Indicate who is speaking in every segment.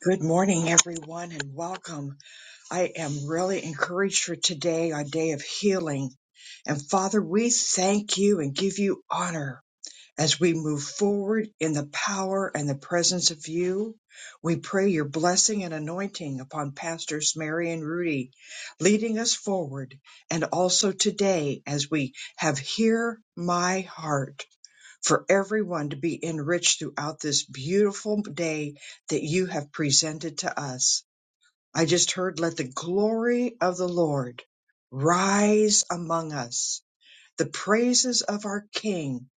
Speaker 1: Good morning, everyone, and welcome. I am really encouraged for today, a day of healing. And Father, we thank you and give you honor as we move forward in the power and the presence of you. We pray your blessing and anointing upon Pastors Mary and Rudy, leading us forward. And also today, as we have Hear My Heart for everyone to be enriched throughout this beautiful day that you have presented to us. I just heard, let the glory of the Lord rise among us. The praises of our King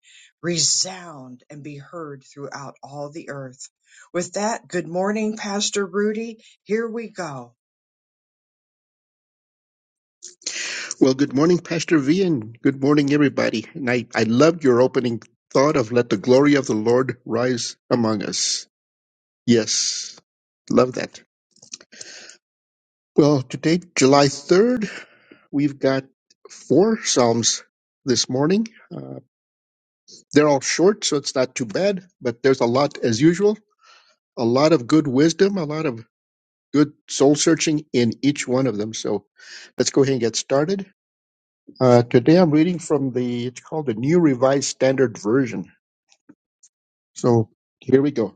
Speaker 1: resound and be heard throughout all the earth. With that, good morning, Pastor Rudy. Here we go.
Speaker 2: Well, good morning, Pastor V, and good morning, everybody. And I, I loved your opening thought of let the glory of the Lord rise among us. Yes, love that. Well, today, July 3rd, we've got four Psalms this morning. Uh, they're all short, so it's not too bad, but there's a lot, as usual, a lot of good wisdom, a lot of good soul searching in each one of them. So let's go ahead and get started. Uh, today, I'm reading from the, it's called the New Revised Standard Version So here we go.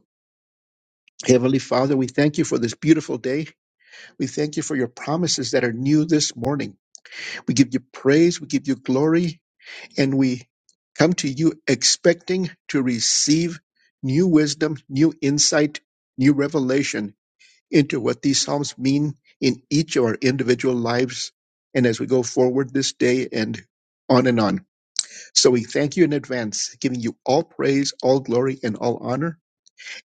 Speaker 2: Heavenly Father, we thank you for this beautiful day. We thank you for your promises that are new this morning. We give you praise, we give you glory, and we come to you expecting to receive new wisdom, new insight, new revelation into what these Psalms mean in each of our individual lives and as we go forward this day and on and on. So we thank you in advance, giving you all praise, all glory, and all honor.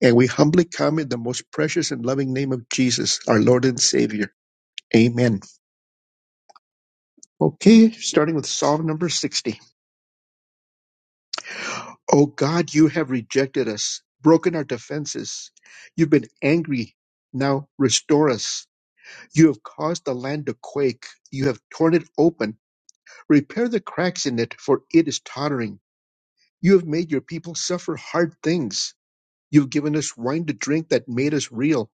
Speaker 2: And we humbly come in the most precious and loving name of Jesus, our Lord and Savior. Amen. Okay, starting with Psalm number 60. O God, you have rejected us, broken our defenses. You've been angry. Now restore us. You have caused the land to quake. You have torn it open. Repair the cracks in it, for it is tottering. You have made your people suffer hard things. You've given us wine to drink that made us reel.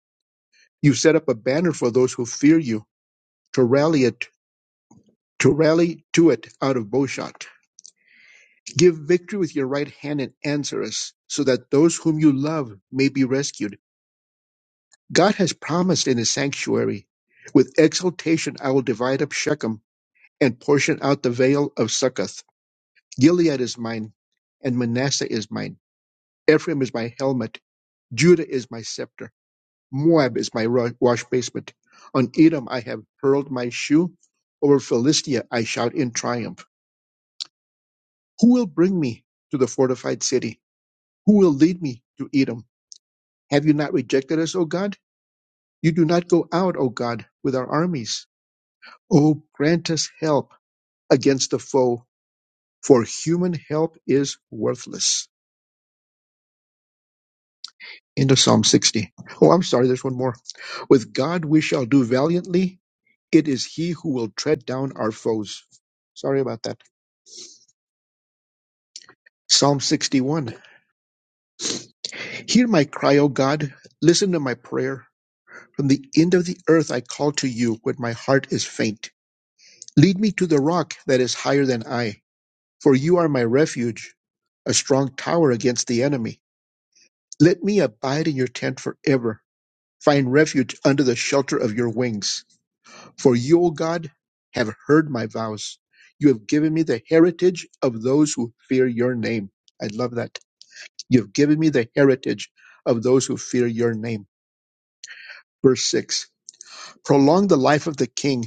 Speaker 2: You've set up a banner for those who fear you, to rally it To rally, to it out of bowshot. Give victory with your right hand and answer us, so that those whom you love may be rescued. God has promised in his sanctuary. With exultation I will divide up Shechem and portion out the vale of Succoth. Gilead is mine, and Manasseh is mine. Ephraim is my helmet. Judah is my scepter. Moab is my ro- wash basement. On Edom I have hurled my shoe. Over Philistia I shout in triumph. Who will bring me to the fortified city? Who will lead me to Edom? Have you not rejected us, O God? You do not go out, O God, with our armies. O grant us help against the foe, for human help is worthless. End of Psalm 60. Oh, I'm sorry, there's one more. With God we shall do valiantly. It is He who will tread down our foes. Sorry about that. Psalm 61. Hear my cry, O God. Listen to my prayer. From the end of the earth I call to you when my heart is faint. Lead me to the rock that is higher than I, for you are my refuge, a strong tower against the enemy. Let me abide in your tent forever, find refuge under the shelter of your wings. For you, O God, have heard my vows. You have given me the heritage of those who fear your name. I love that. You have given me the heritage of those who fear your name. Verse 6 Prolong the life of the king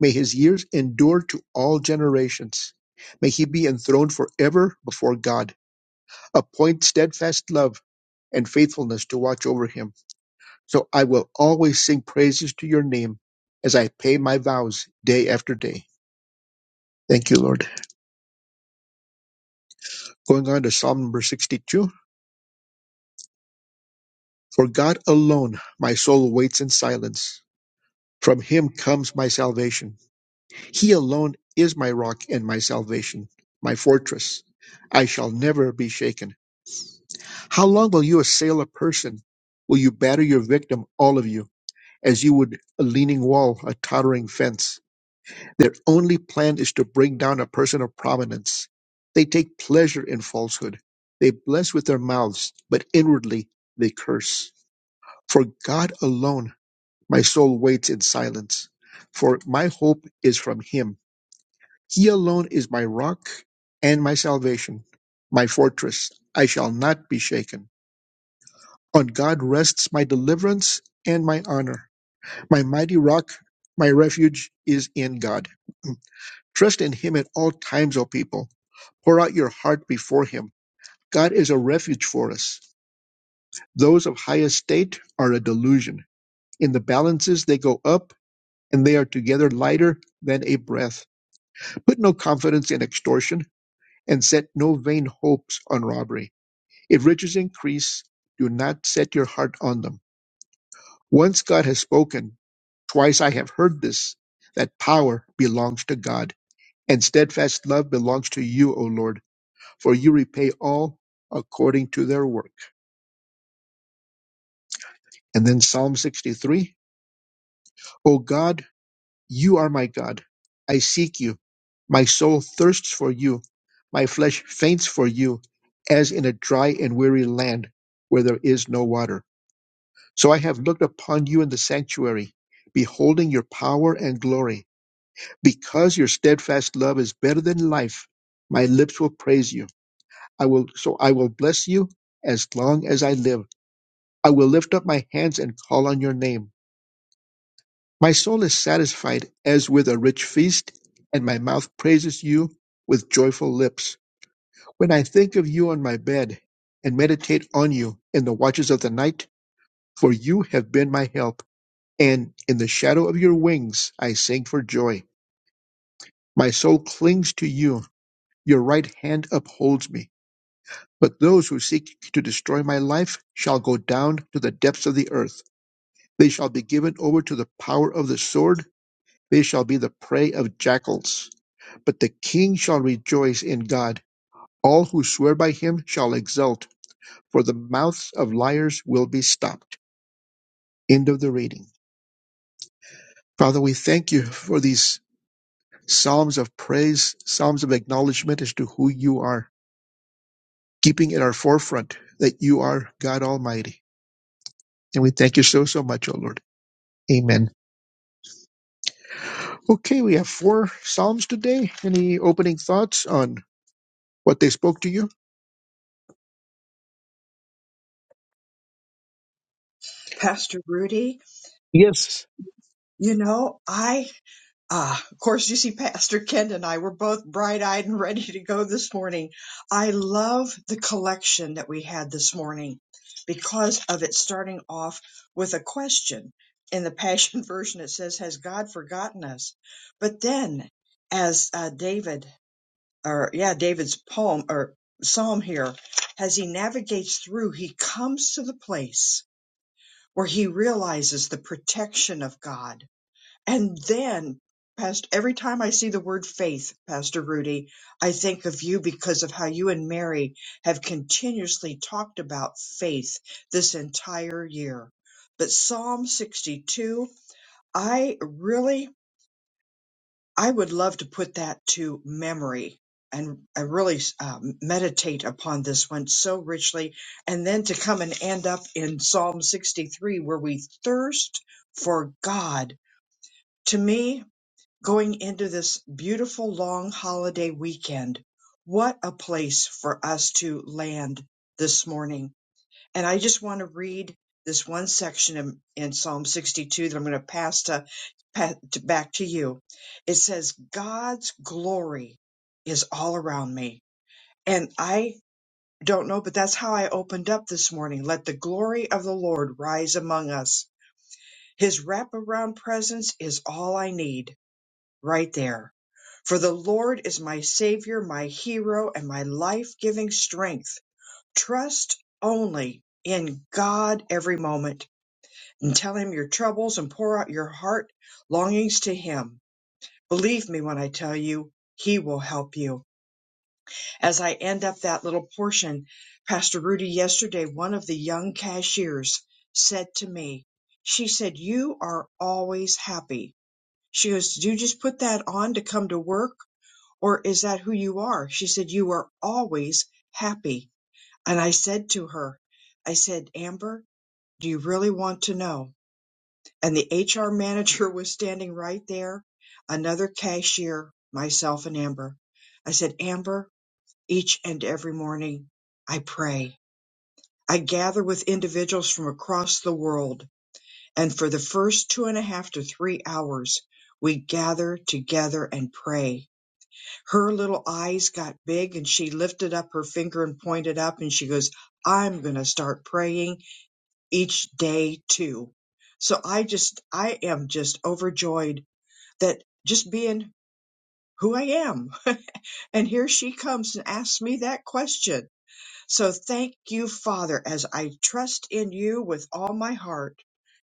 Speaker 2: May his years endure to all generations. May he be enthroned forever before God. Appoint steadfast love and faithfulness to watch over him. So I will always sing praises to your name as I pay my vows day after day. Thank you, Lord. Going on to Psalm number 62. For God alone my soul waits in silence. From him comes my salvation. He alone is my rock and my salvation, my fortress. I shall never be shaken. How long will you assail a person? Will you batter your victim, all of you, as you would a leaning wall, a tottering fence? Their only plan is to bring down a person of prominence. They take pleasure in falsehood. They bless with their mouths, but inwardly they curse. For God alone my soul waits in silence, for my hope is from Him. He alone is my rock and my salvation, my fortress. I shall not be shaken. On God rests my deliverance and my honor. My mighty rock, my refuge is in God. Trust in Him at all times, O people. Pour out your heart before Him. God is a refuge for us. Those of high estate are a delusion. In the balances they go up, and they are together lighter than a breath. Put no confidence in extortion, and set no vain hopes on robbery. If riches increase, do not set your heart on them Once God has spoken, twice I have heard this, that power belongs to God, and steadfast love belongs to you, O Lord, for you repay all according to their work. And then Psalm 63 O God, you are my God. I seek you. My soul thirsts for you. My flesh faints for you, as in a dry and weary land where there is no water. So I have looked upon you in the sanctuary, beholding your power and glory. because your steadfast love is better than life my lips will praise you i will so i will bless you as long as i live i will lift up my hands and call on your name my soul is satisfied as with a rich feast and my mouth praises you with joyful lips when i think of you on my bed and meditate on you in the watches of the night for you have been my help and in the shadow of your wings i sing for joy my soul clings to you your right hand upholds me But those who seek to destroy my life shall go down to the depths of the earth. They shall be given over to the power of the sword. They shall be the prey of jackals. But the king shall rejoice in God. All who swear by him shall exult, for the mouths of liars will be stopped. End of the reading. Father, we thank you for these psalms of praise, psalms of acknowledgement as to who you are, keeping in our forefront that you are God Almighty. And we thank you so, so much, O Lord. Amen. Okay, we have four Psalms today. Any opening thoughts on what they spoke to you?
Speaker 1: Pastor Rudy,
Speaker 2: Yes.
Speaker 1: you know, I Ah, of course, you see, Pastor Ken and I were both bright eyed and ready to go this morning. I love the collection that we had this morning because of it starting off with a question. In the Passion Version, it says, Has God forgotten us? But then, as uh, David, or yeah, David's poem or psalm here, as he navigates through, he comes to the place where he realizes the protection of God and then, Pastor, every time I see the word faith, Pastor Rudy, I think of you because of how you and Mary have continuously talked about faith this entire year. But Psalm 62, I really, I would love to put that to memory and I really um, meditate upon this one so richly. And then to come and end up in Psalm 63, where we thirst for God. To me, going into this beautiful long holiday weekend. What a place for us to land this morning. And I just want to read this one section in, in Psalm 62 that I'm going to pass to, pa- to back to you. It says, God's glory is all around me. And I don't know, but that's how I opened up this morning. Let the glory of the Lord rise among us. His wraparound presence is all I need right there. For the Lord is my Savior, my hero, and my life giving strength. Trust only in God every moment and tell Him your troubles and pour out your heart longings to Him. Believe me when I tell you, He will help you. As I end up that little portion, Pastor Rudy, yesterday, one of the young cashiers said to me, She said, You are always happy. She goes, Did you just put that on to come to work? or is that who you are? She said, you are always happy. And I said to her, I said, Amber, do you really want to know? And the HR manager was standing right there, another cashier, myself and Amber. I said, Amber, each and every morning I pray. I gather with individuals from across the world. And for the first two and a half to three hours, we gather together and pray her little eyes got big and she lifted up her finger and pointed up and she goes, I'm going to start praying each day too. So I just, I am just overjoyed that just being who I am. And here she comes and asks me that question. So thank you, Father, as I trust in you with all my heart.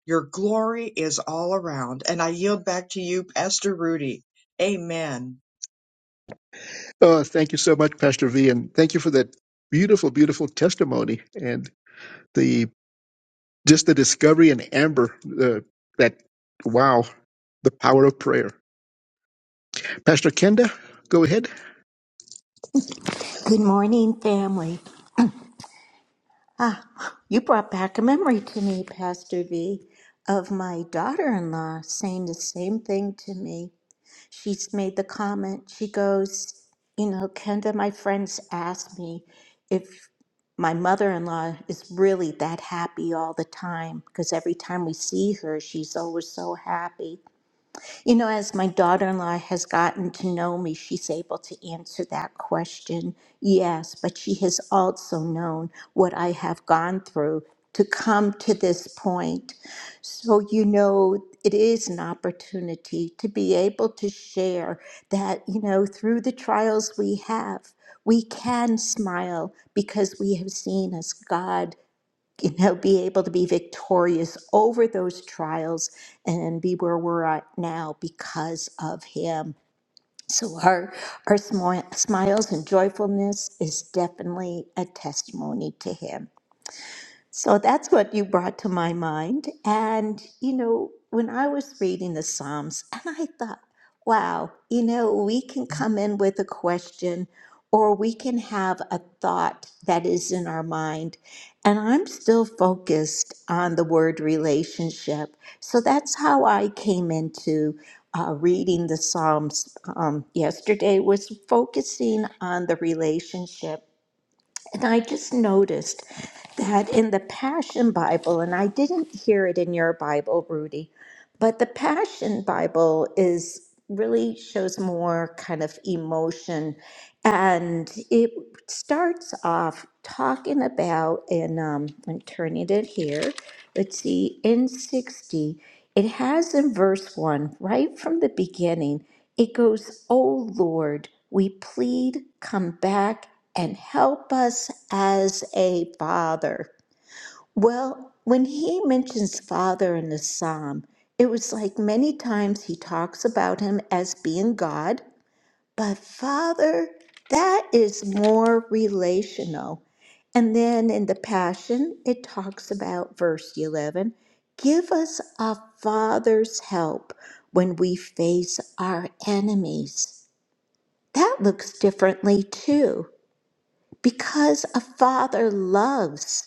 Speaker 1: Your glory is all around. And I yield back to you, Pastor Rudy. Amen.
Speaker 2: Uh, thank you so much, Pastor V, and thank you for that beautiful, beautiful testimony and the just the discovery in Amber. Uh, that wow, the power of prayer. Pastor Kenda, go ahead.
Speaker 3: Good morning, family. Ah, you brought back a memory to me, Pastor V, of my daughter in law saying the same thing to me. She's made the comment, she goes, You know, Kenda, my friends ask me if my mother in law is really that happy all the time, because every time we see her, she's always so happy. You know, as my daughter in law has gotten to know me, she's able to answer that question. Yes, but she has also known what I have gone through to come to this point. So, you know, it is an opportunity to be able to share that, you know, through the trials we have, we can smile because we have seen as God you know, be able to be victorious over those trials and be where we're at now because of Him. So our our smi- smiles and joyfulness is definitely a testimony to Him. So that's what you brought to my mind. And, you know, when I was reading the Psalms, and I thought, wow, you know, we can come in with a question or we can have a thought that is in our mind. And I'm still focused on the word relationship. So that's how I came into uh, reading the Psalms um, yesterday, was focusing on the relationship. And I just noticed that in the Passion Bible, and I didn't hear it in your Bible, Rudy, but the Passion Bible is really shows more kind of emotion. And it starts off talking about, and um, I'm turning it here. Let's see, in 60, it has in verse 1, right from the beginning, it goes, "O Lord, we plead, come back and help us as a father. Well, when he mentions father in the psalm, it was like many times he talks about him as being God, but father, that is more relational. And then in the Passion, it talks about verse 11 give us a father's help when we face our enemies. That looks differently too because a father loves.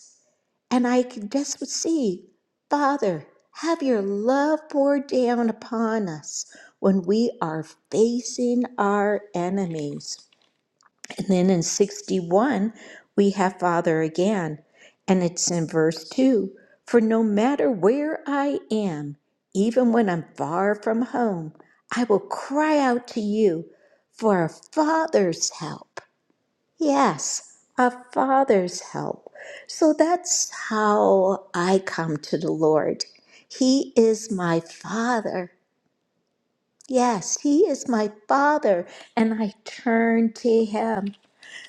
Speaker 3: And I can just see, Father, have your love pour down upon us when we are facing our enemies. And then in 61, we have Father again, and it's in verse 2 For no matter where I am, even when I'm far from home, I will cry out to you for a father's help. Yes, a father's help. So that's how I come to the Lord. He is my father. Yes, He is my father, and I turn to Him.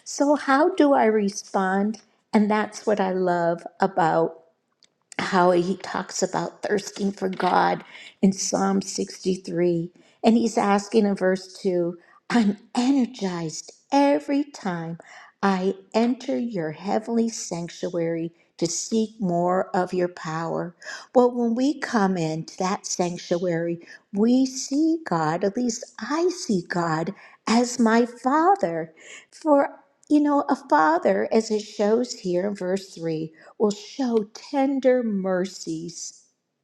Speaker 3: So, how do I respond? And that's what I love about how he talks about thirsting for God in Psalm 63. And he's asking in verse 2 I'm energized every time I enter your heavenly sanctuary to seek more of your power. Well, when we come into that sanctuary, we see God, at least I see God, as my Father. For, you know, a Father, as it shows here in verse 3, will show tender mercies.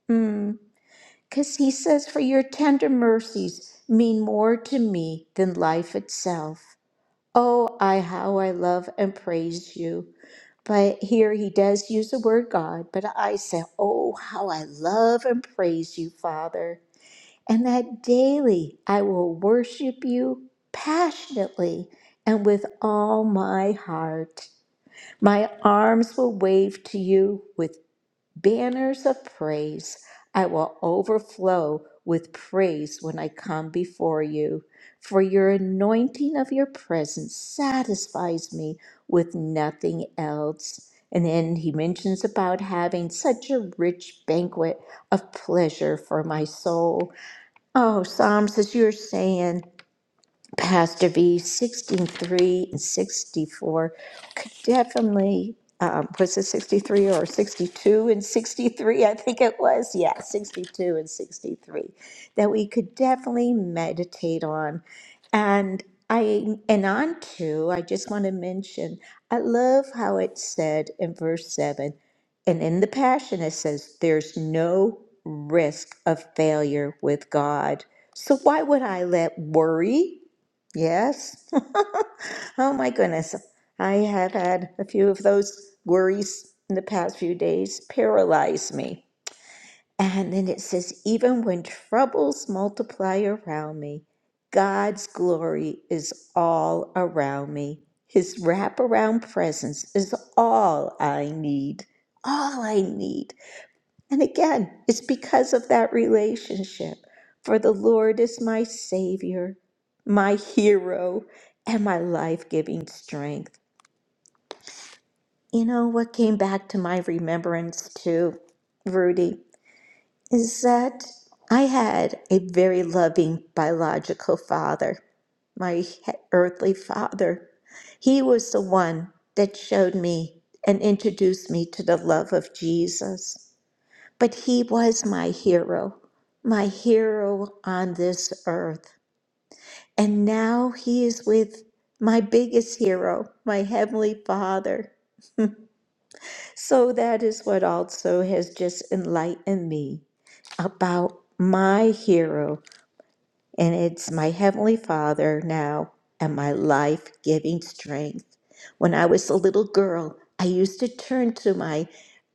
Speaker 3: Because he says, For your tender mercies mean more to me than life itself. Oh, I, how I love and praise you. But here he does use the word God, but I say, Oh, how I love and praise you, Father. And that daily I will worship you passionately and with all my heart. My arms will wave to you with banners of praise. I will overflow with praise when I come before you, for your anointing of your presence satisfies me with nothing else. And then he mentions about having such a rich banquet of pleasure for my soul. Oh, Psalms, as you're saying, Pastor V, 63 and 64 could definitely, um, was it 63 or 62 and 63? I think it was, yeah, 62 and 63, that we could definitely meditate on. And I, and on to, I just want to mention, I love how it said in verse 7, and in the Passion it says, there's no risk of failure with God. So why would I let worry? Yes. Oh my goodness. I have had a few of those worries in the past few days paralyze me. And then it says, even when troubles multiply around me, God's glory is all around me. His wraparound presence is all I need. All I need. And again, it's because of that relationship. For the Lord is my Savior, my hero, and my life giving strength. You know what came back to my remembrance too, Rudy, is that I had a very loving biological father, my he- earthly father. He was the one that showed me and introduced me to the love of Jesus. But he was my hero, my hero on this earth. And now he is with my biggest hero, my Heavenly Father. So that is what also has just enlightened me about my hero. And it's my Heavenly Father now and my life giving strength. When I was a little girl, I used to turn to my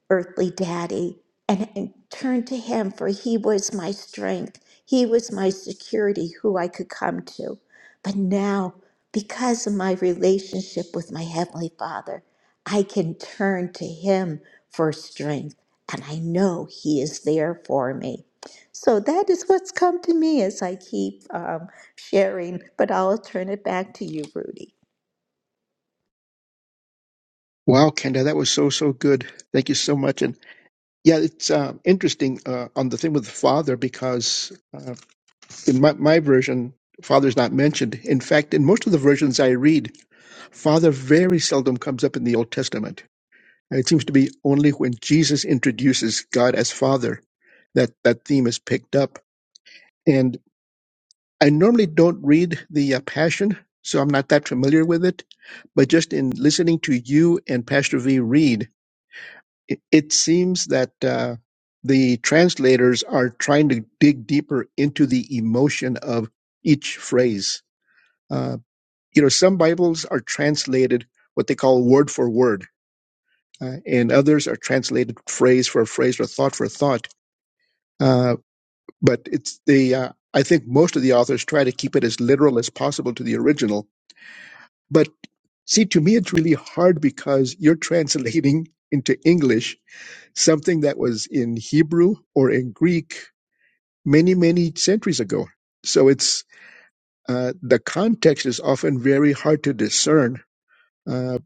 Speaker 3: earthly daddy and, and turned to him, for he was my strength. He was my security, who I could come to. But now, because of my relationship with my Heavenly Father, I can turn to him for strength, and I know he is there for me. So that is what's come to me as I keep um, sharing, but I'll turn it back to you, Rudy.
Speaker 2: Wow, Kenda, that was so so good. Thank you so much, and Yeah, it's uh, interesting uh, on the thing with the father because uh, in my, my version, father's not mentioned. In fact, in most of the versions I read, father very seldom comes up in the Old Testament. And it seems to be only when Jesus introduces God as father that that theme is picked up. And I normally don't read the uh, Passion, so I'm not that familiar with it. But just in listening to you and Pastor V read, it, it seems that uh, the translators are trying to dig deeper into the emotion of each phrase. Uh, you know, some Bibles are translated what they call word for word, uh, and others are translated phrase for phrase or thought for thought. Uh, but it's the uh, I think most of the authors try to keep it as literal as possible to the original. But see, to me, it's really hard because you're translating into English something that was in Hebrew or in Greek many, many centuries ago. So it's uh, the context is often very hard to discern. Uh,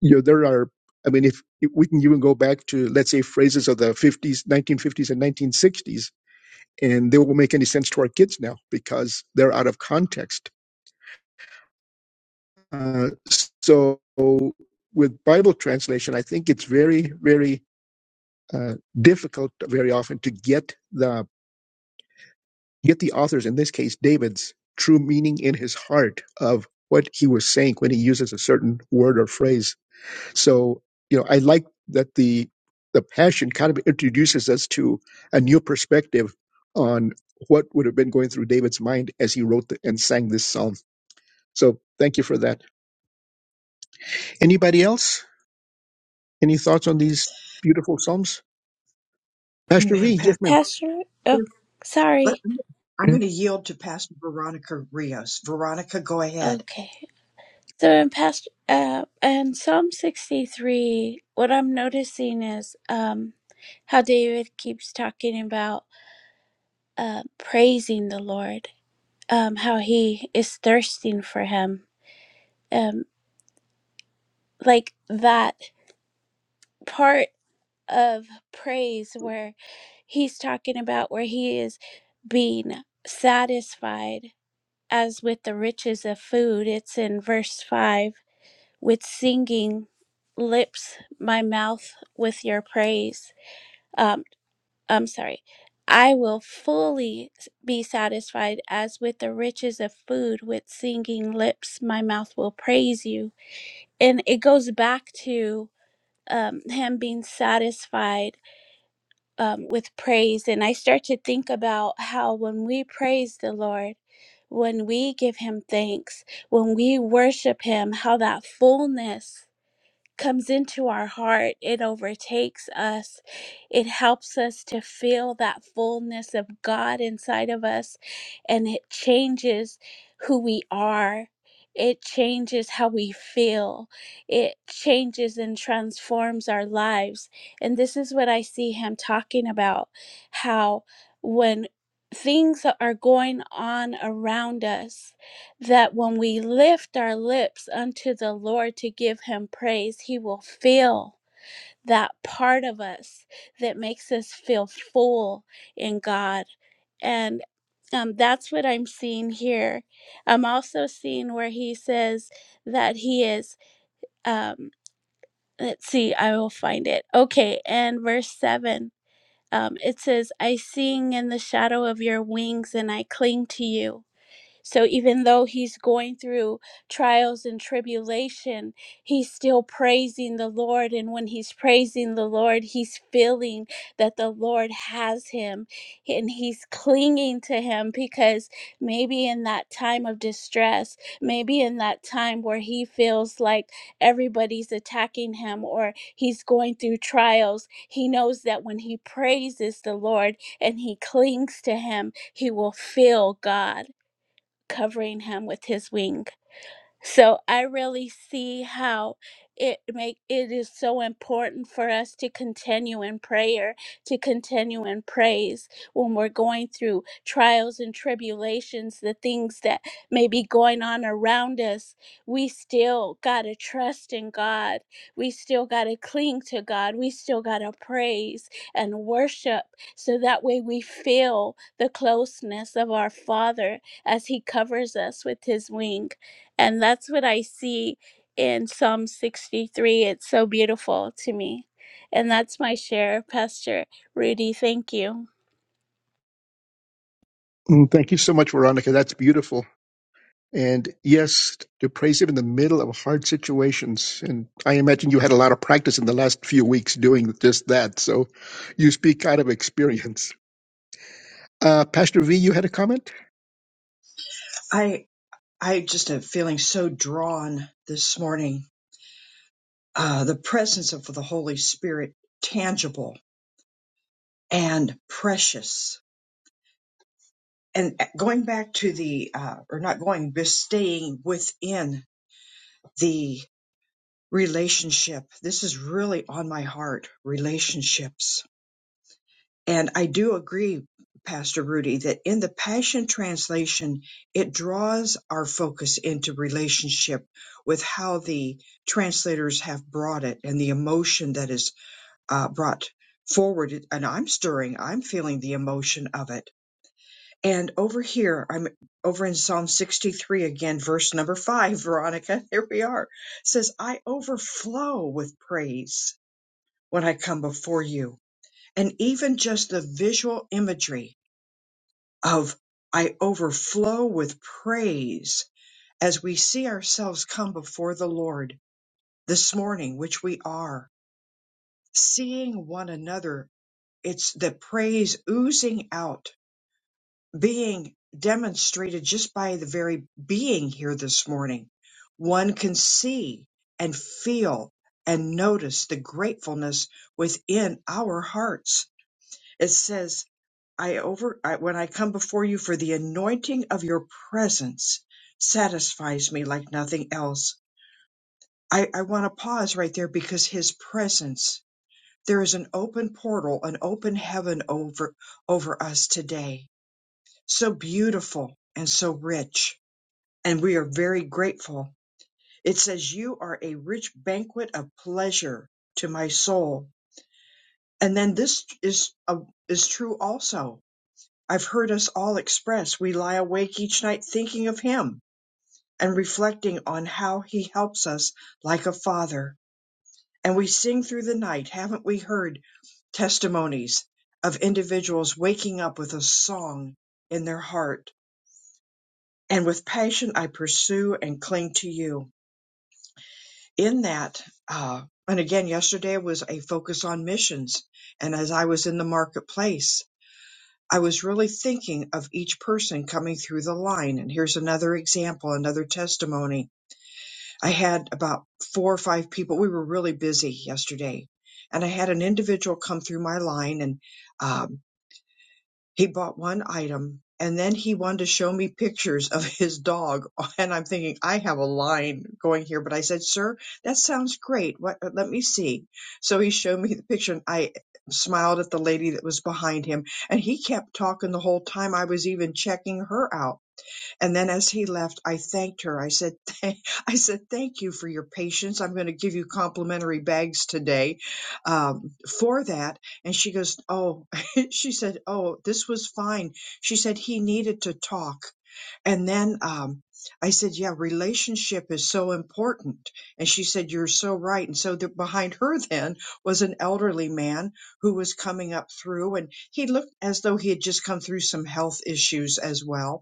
Speaker 2: you know, there are, I mean, if, if we can even go back to, let's say, phrases of the 50s, 1950s, and 1960s, and they won't make any sense to our kids now because they're out of context. Uh, so with Bible translation, I think it's very, very uh, difficult very often to get the get the author's, in this case, David's true meaning in his heart of what he was saying when he uses a certain word or phrase. So, you know, I like that the the passion kind of introduces us to a new perspective on what would have been going through David's mind as he wrote the, and sang this psalm. So, thank you for that. Anybody else? Any thoughts on these beautiful psalms? Pastor
Speaker 1: Amen,
Speaker 2: V, yes,
Speaker 1: Pastor.
Speaker 2: ma'am.
Speaker 4: Pastor, oh,
Speaker 1: But
Speaker 4: sorry.
Speaker 1: I'm going to yield to Pastor Veronica Rios. Veronica, go ahead.
Speaker 4: Okay. So in past, uh, in Psalm 63, what I'm noticing is, um, how David keeps talking about, uh, praising the Lord, um, how he is thirsting for him. Um, like that part of praise where he's talking about where he is being satisfied as with the riches of food. It's in verse 5 with singing lips my mouth with your praise. Um, I'm sorry. I will fully be satisfied as with the riches of food with singing lips my mouth will praise you. And it goes back to um, him being satisfied um, with praise. And I start to think about how when we praise the Lord, when we give him thanks, when we worship him, how that fullness comes into our heart, it overtakes us. It helps us to feel that fullness of God inside of us, and it changes who we are. It changes how we feel. It changes and transforms our lives. And this is what I see him talking about how when things are going on around us, that when we lift our lips unto the Lord to give him praise, he will fill that part of us that makes us feel full in God. And um, that's what I'm seeing here. I'm also seeing where he says that he is, um, let's see, I will find it. Okay, and verse 7. Um, it says, I sing in the shadow of your wings and I cling to you. So even though he's going through trials and tribulation, he's still praising the Lord. And when he's praising the Lord, he's feeling that the Lord has him and he's clinging to him because maybe in that time of distress, maybe in that time where he feels like everybody's attacking him or he's going through trials, he knows that when he praises the Lord and he clings to him, he will feel God covering him with his wings. So I really see how it make it is so important for us to continue in prayer, to continue in praise when we're going through trials and tribulations, the things that may be going on around us. We still gotta trust in God. We still gotta cling to God. We still gotta praise and worship so that way we feel the closeness of our Father as He covers us with His wing. And that's what I see in Psalm 63. It's so beautiful to me. And that's my share, Pastor Rudy. Thank you.
Speaker 2: Mm, Thank you so much, Veronica. That's beautiful. And yes, to praise Him in the middle of hard situations. And I imagine you had a lot of practice in the last few weeks doing just that. So you speak out of experience. Uh, Pastor V, you had a comment?
Speaker 1: I I just am feeling so drawn this morning. Uh, the presence of the Holy Spirit, tangible and precious. And uh, going back to the, uh, or not going, but staying within the relationship. This is really on my heart. Relationships And I do agree, Pastor Rudy, that in the Passion Translation, it draws our focus into relationship with how the translators have brought it and the emotion that is uh, brought forward. And I'm stirring, I'm feeling the emotion of it. And over here, I'm over in Psalm 63 again, verse number five, Veronica, here we are, says, I overflow with praise when I come before you. And even just the visual imagery of I overflow with praise as we see ourselves come before the Lord this morning, which we are, seeing one another. It's the praise oozing out, being demonstrated just by the very being here this morning. One can see and feel and notice the gratefulness within our hearts. It says I over I, when I come before you for the anointing of your presence satisfies me like nothing else. I, I want to pause right there because his presence there is an open portal, an open heaven over over us today. So beautiful and so rich. And we are very grateful. It says you are a rich banquet of pleasure to my soul. And then this is a, is true also I've heard us all express we lie awake each night thinking of Him and reflecting on how He helps us like a father. And we sing through the night. Haven't we heard testimonies of individuals waking up with a song in their heart? And with passion, I pursue and cling to you. In that, uh, and again, yesterday was a focus on missions. And as I was in the marketplace, I was really thinking of each person coming through the line. And here's another example, another testimony. I had about four or five people. We were really busy yesterday. And I had an individual come through my line and um, he bought one item and then he wanted to show me pictures of his dog. And I'm thinking, I have a line going here. But I said, sir, that sounds great. What, uh, let me see. So he showed me the picture and I smiled at the lady that was behind him and he kept talking the whole time I was even checking her out. And then as he left, I thanked her. I said, "Thank- I said, thank you for your patience. I'm going to give you complimentary bags today um, for that. And she goes, oh, she said, oh, this was fine. She said he needed to talk. And then um, I said, yeah, relationship is so important. And she said, you're so right. And so the, behind her then was an elderly man who was coming up through and he looked as though he had just come through some health issues as well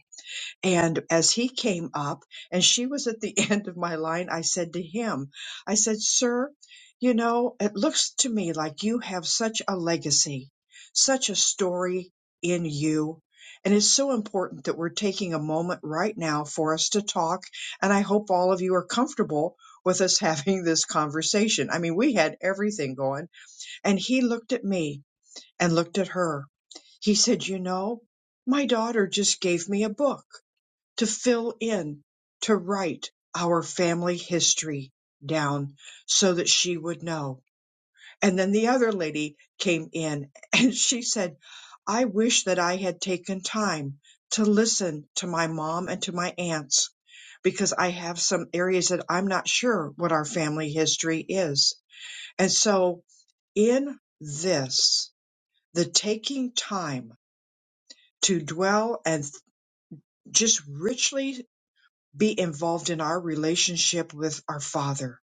Speaker 1: and as he came up and she was at the end of my line, I said to him, I said, Sir, you know, it looks to me like you have such a legacy, such a story in you. And it's so important that we're taking a moment right now for us to talk. And I hope all of you are comfortable with us having this conversation. I mean, we had everything going. And he looked at me and looked at her. He said, You know, my daughter just gave me a book to fill in, to write our family history down so that she would know. And then the other lady came in and she said, I wish that I had taken time to listen to my mom and to my aunts because I have some areas that I'm not sure what our family history is. And so in this, the taking time to dwell and just richly be involved in our relationship with our Father.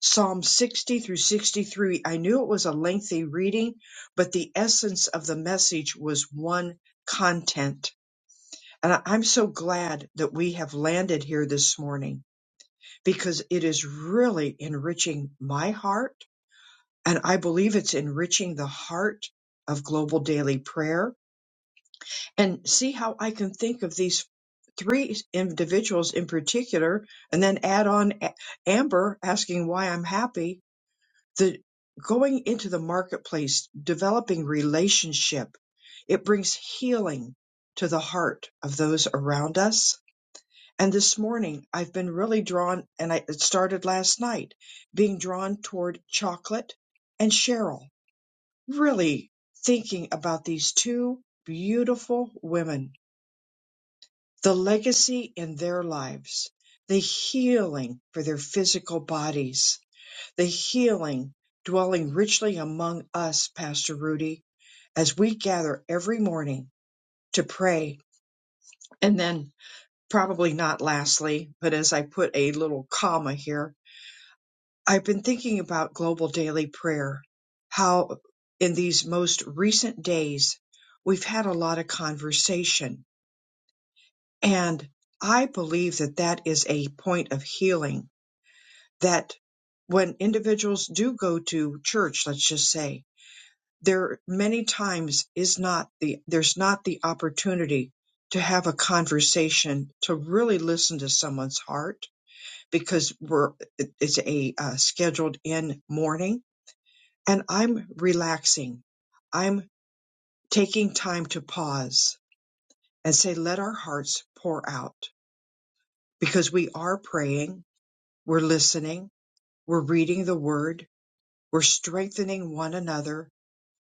Speaker 1: Psalm 60 through 63. I knew it was a lengthy reading, but the essence of the message was one content. And I- I'm so glad that we have landed here this morning because it is really enriching my heart. And I believe it's enriching the heart of global daily prayer and see how I can think of these three individuals in particular, and then add on A- Amber asking why I'm happy. The going into the marketplace, developing relationship, it brings healing to the heart of those around us. And this morning, I've been really drawn, and I, it started last night, being drawn toward chocolate and Cheryl. Really thinking about these two beautiful women the legacy in their lives, the healing for their physical bodies, the healing dwelling richly among us, Pastor Rudy, as we gather every morning to pray. And then, probably not lastly, but as I put a little comma here, I've been thinking about global daily prayer, how in these most recent days, we've had a lot of conversation And I believe that that is a point of healing that when individuals do go to church, let's just say, there many times is not the, there's not the opportunity to have a conversation, to really listen to someone's heart because we're, it's a uh, scheduled in morning and I'm relaxing. I'm taking time to pause and say, let our hearts pour out because we are praying We're listening. We're reading the word. We're strengthening one another.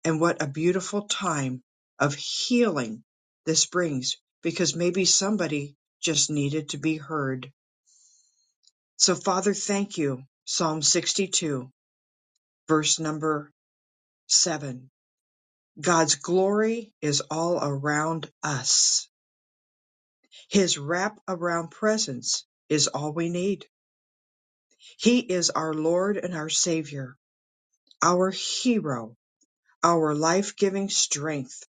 Speaker 1: And what a beautiful time of healing this brings because maybe somebody just needed to be heard. So Father, thank you. Psalm 62 verse number seven. God's glory is all around us. His wrap around presence is all we need. He is our Lord and our Savior, our hero, our life giving strength,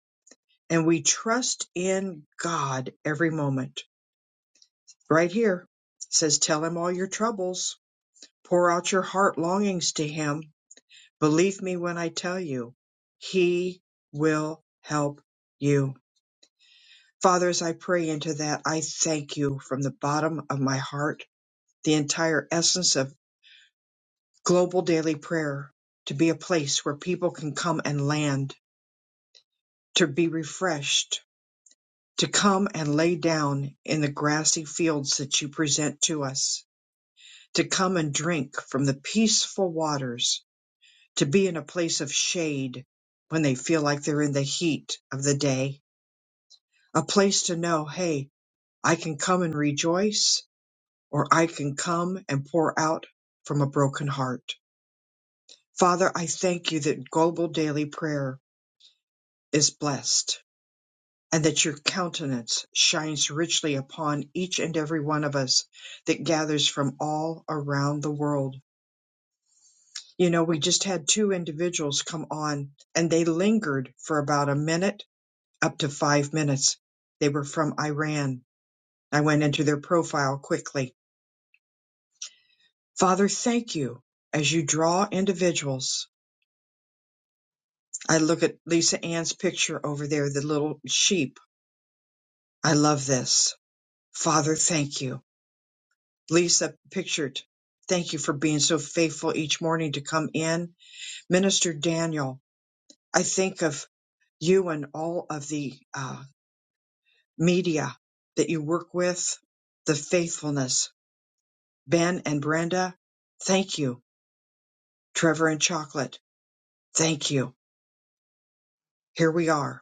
Speaker 1: and we trust in God every moment. Right here it says, Tell him all your troubles, pour out your heart longings to him. Believe me when I tell you, he will help you. Father, as I pray into that, I thank you from the bottom of my heart, the entire essence of global daily prayer to be a place where people can come and land, to be refreshed, to come and lay down in the grassy fields that you present to us, to come and drink from the peaceful waters, to be in a place of shade when they feel like they're in the heat of the day, a place to know, hey, I can come and rejoice, or I can come and pour out from a broken heart. Father, I thank you that global daily prayer is blessed and that your countenance shines richly upon each and every one of us that gathers from all around the world. You know, we just had two individuals come on and they lingered for about a minute up to five minutes. They were from Iran. I went into their profile quickly. Father, thank you as you draw individuals. I look at Lisa Ann's picture over there, the little sheep. I love this. Father, thank you Lisa pictured. Thank you for being so faithful each morning to come in. Minister Daniel, I think of you and all of the uh, media that you work with, the faithfulness. Ben and Brenda, thank you. Trevor and Chocolate, thank you. Here we are.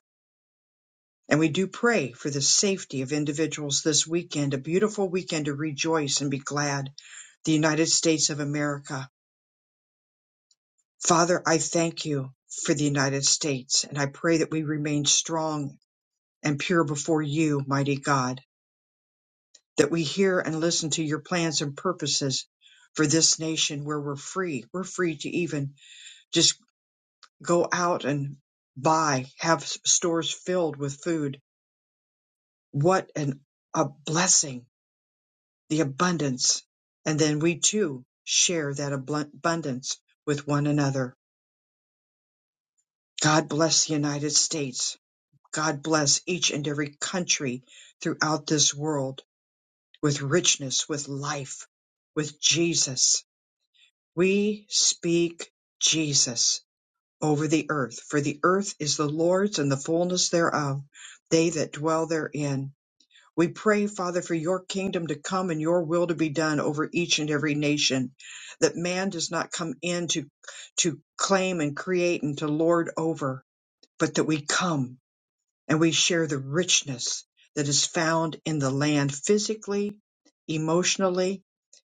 Speaker 1: And we do pray for the safety of individuals this weekend, a beautiful weekend to rejoice and be glad. The United States of America. Father, I thank you for the United States, and I pray that we remain strong and pure before you, mighty God, that we hear and listen to your plans and purposes for this nation where we're free. We're free to even just go out and buy, have s- stores filled with food. What an, a blessing, the abundance. And then we too share that abl- abundance with one another. God bless the United States. God bless each and every country throughout this world with richness, with life, with Jesus. We speak Jesus over the earth, for the earth is the Lord's and the fullness thereof, they that dwell therein. We pray, Father, for your kingdom to come and your will to be done over each and every nation, that man does not come in to, to claim and create and to lord over, but that we come and we share the richness that is found in the land physically, emotionally,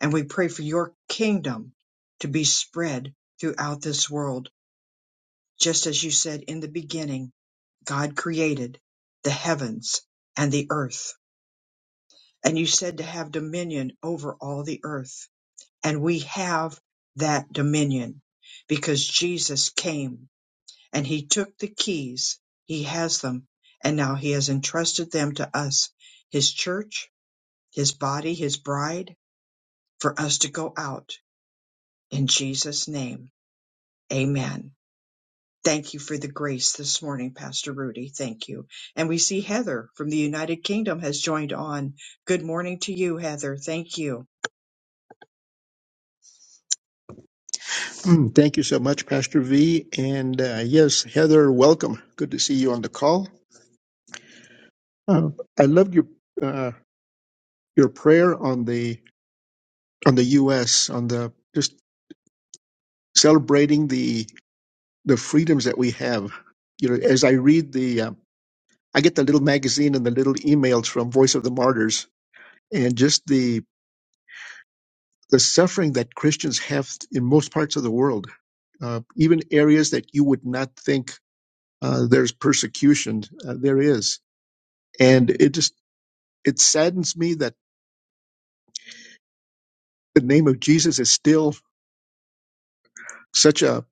Speaker 1: and we pray for your kingdom to be spread throughout this world. Just as you said in the beginning, God created the heavens and the earth, and you said to have dominion over all the earth, and we have that dominion because Jesus came and he took the keys. He has them, and now he has entrusted them to us, his church, his body, his bride, for us to go out in Jesus' name. Amen. Thank you for the grace this morning, Pastor Rudy. Thank you. And we see Heather from the United Kingdom has joined on. Good morning to you, Heather. Thank you.
Speaker 2: Mm, Thank you so much, Pastor V. And uh, yes, Heather, welcome. Good to see you on the call. Uh, I loved your uh, your prayer on the on the U.S. on the just celebrating the the freedoms that we have. You know, as I read the, uh, I get the little magazine and the little emails from Voice of the Martyrs, and just the the suffering that Christians have in most parts of the world, uh, even areas that you would not think uh, there's persecution, uh, there is and it just it saddens me that the name of Jesus is still such a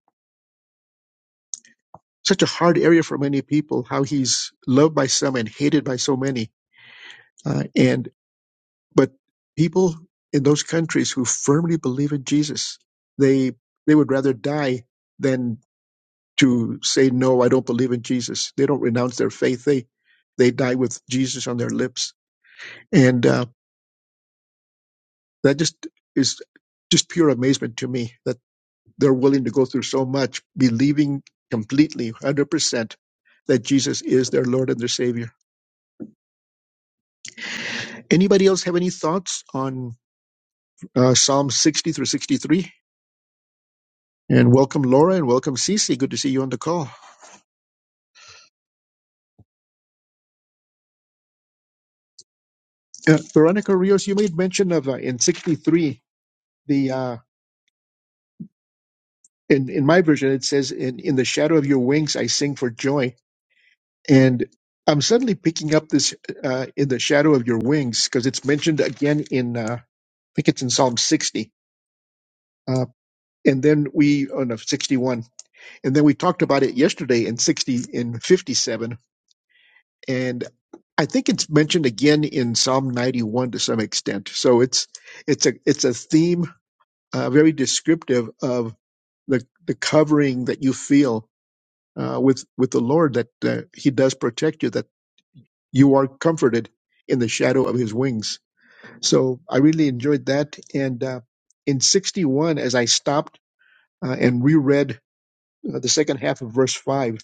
Speaker 2: such a hard area for many people. How he's loved by some and hated by so many, uh, and but people in those countries who firmly believe in Jesus, they they would rather die than to say no, I don't believe in Jesus. They don't renounce their faith. They they die with Jesus on their lips, and uh, that just is just pure amazement to me that. they're willing to go through so much, believing completely, 100%, that Jesus is their Lord and their Savior. Anybody else have any thoughts on uh, Psalm 60 through 63? And welcome, Laura, and welcome, Cece. Good to see you on the call. Uh, Veronica Rios, you made mention of uh, in 63, the uh, in, in my version, it says, in, in the shadow of your wings, I sing for joy. And I'm suddenly picking up this uh, in the shadow of your wings because it's mentioned again in, uh, I think it's in Psalm 60. uh, and then we on no, 61 and then we talked about it yesterday in 60 in 57 and i think it's mentioned again in psalm 91 to some extent so it's it's a it's a theme uh, very descriptive of the the covering that you feel uh, with with the lord that uh, he does protect you that you are comforted in the shadow of his wings so i really enjoyed that and uh, in 61 as i stopped uh, and reread uh, the second half of verse 5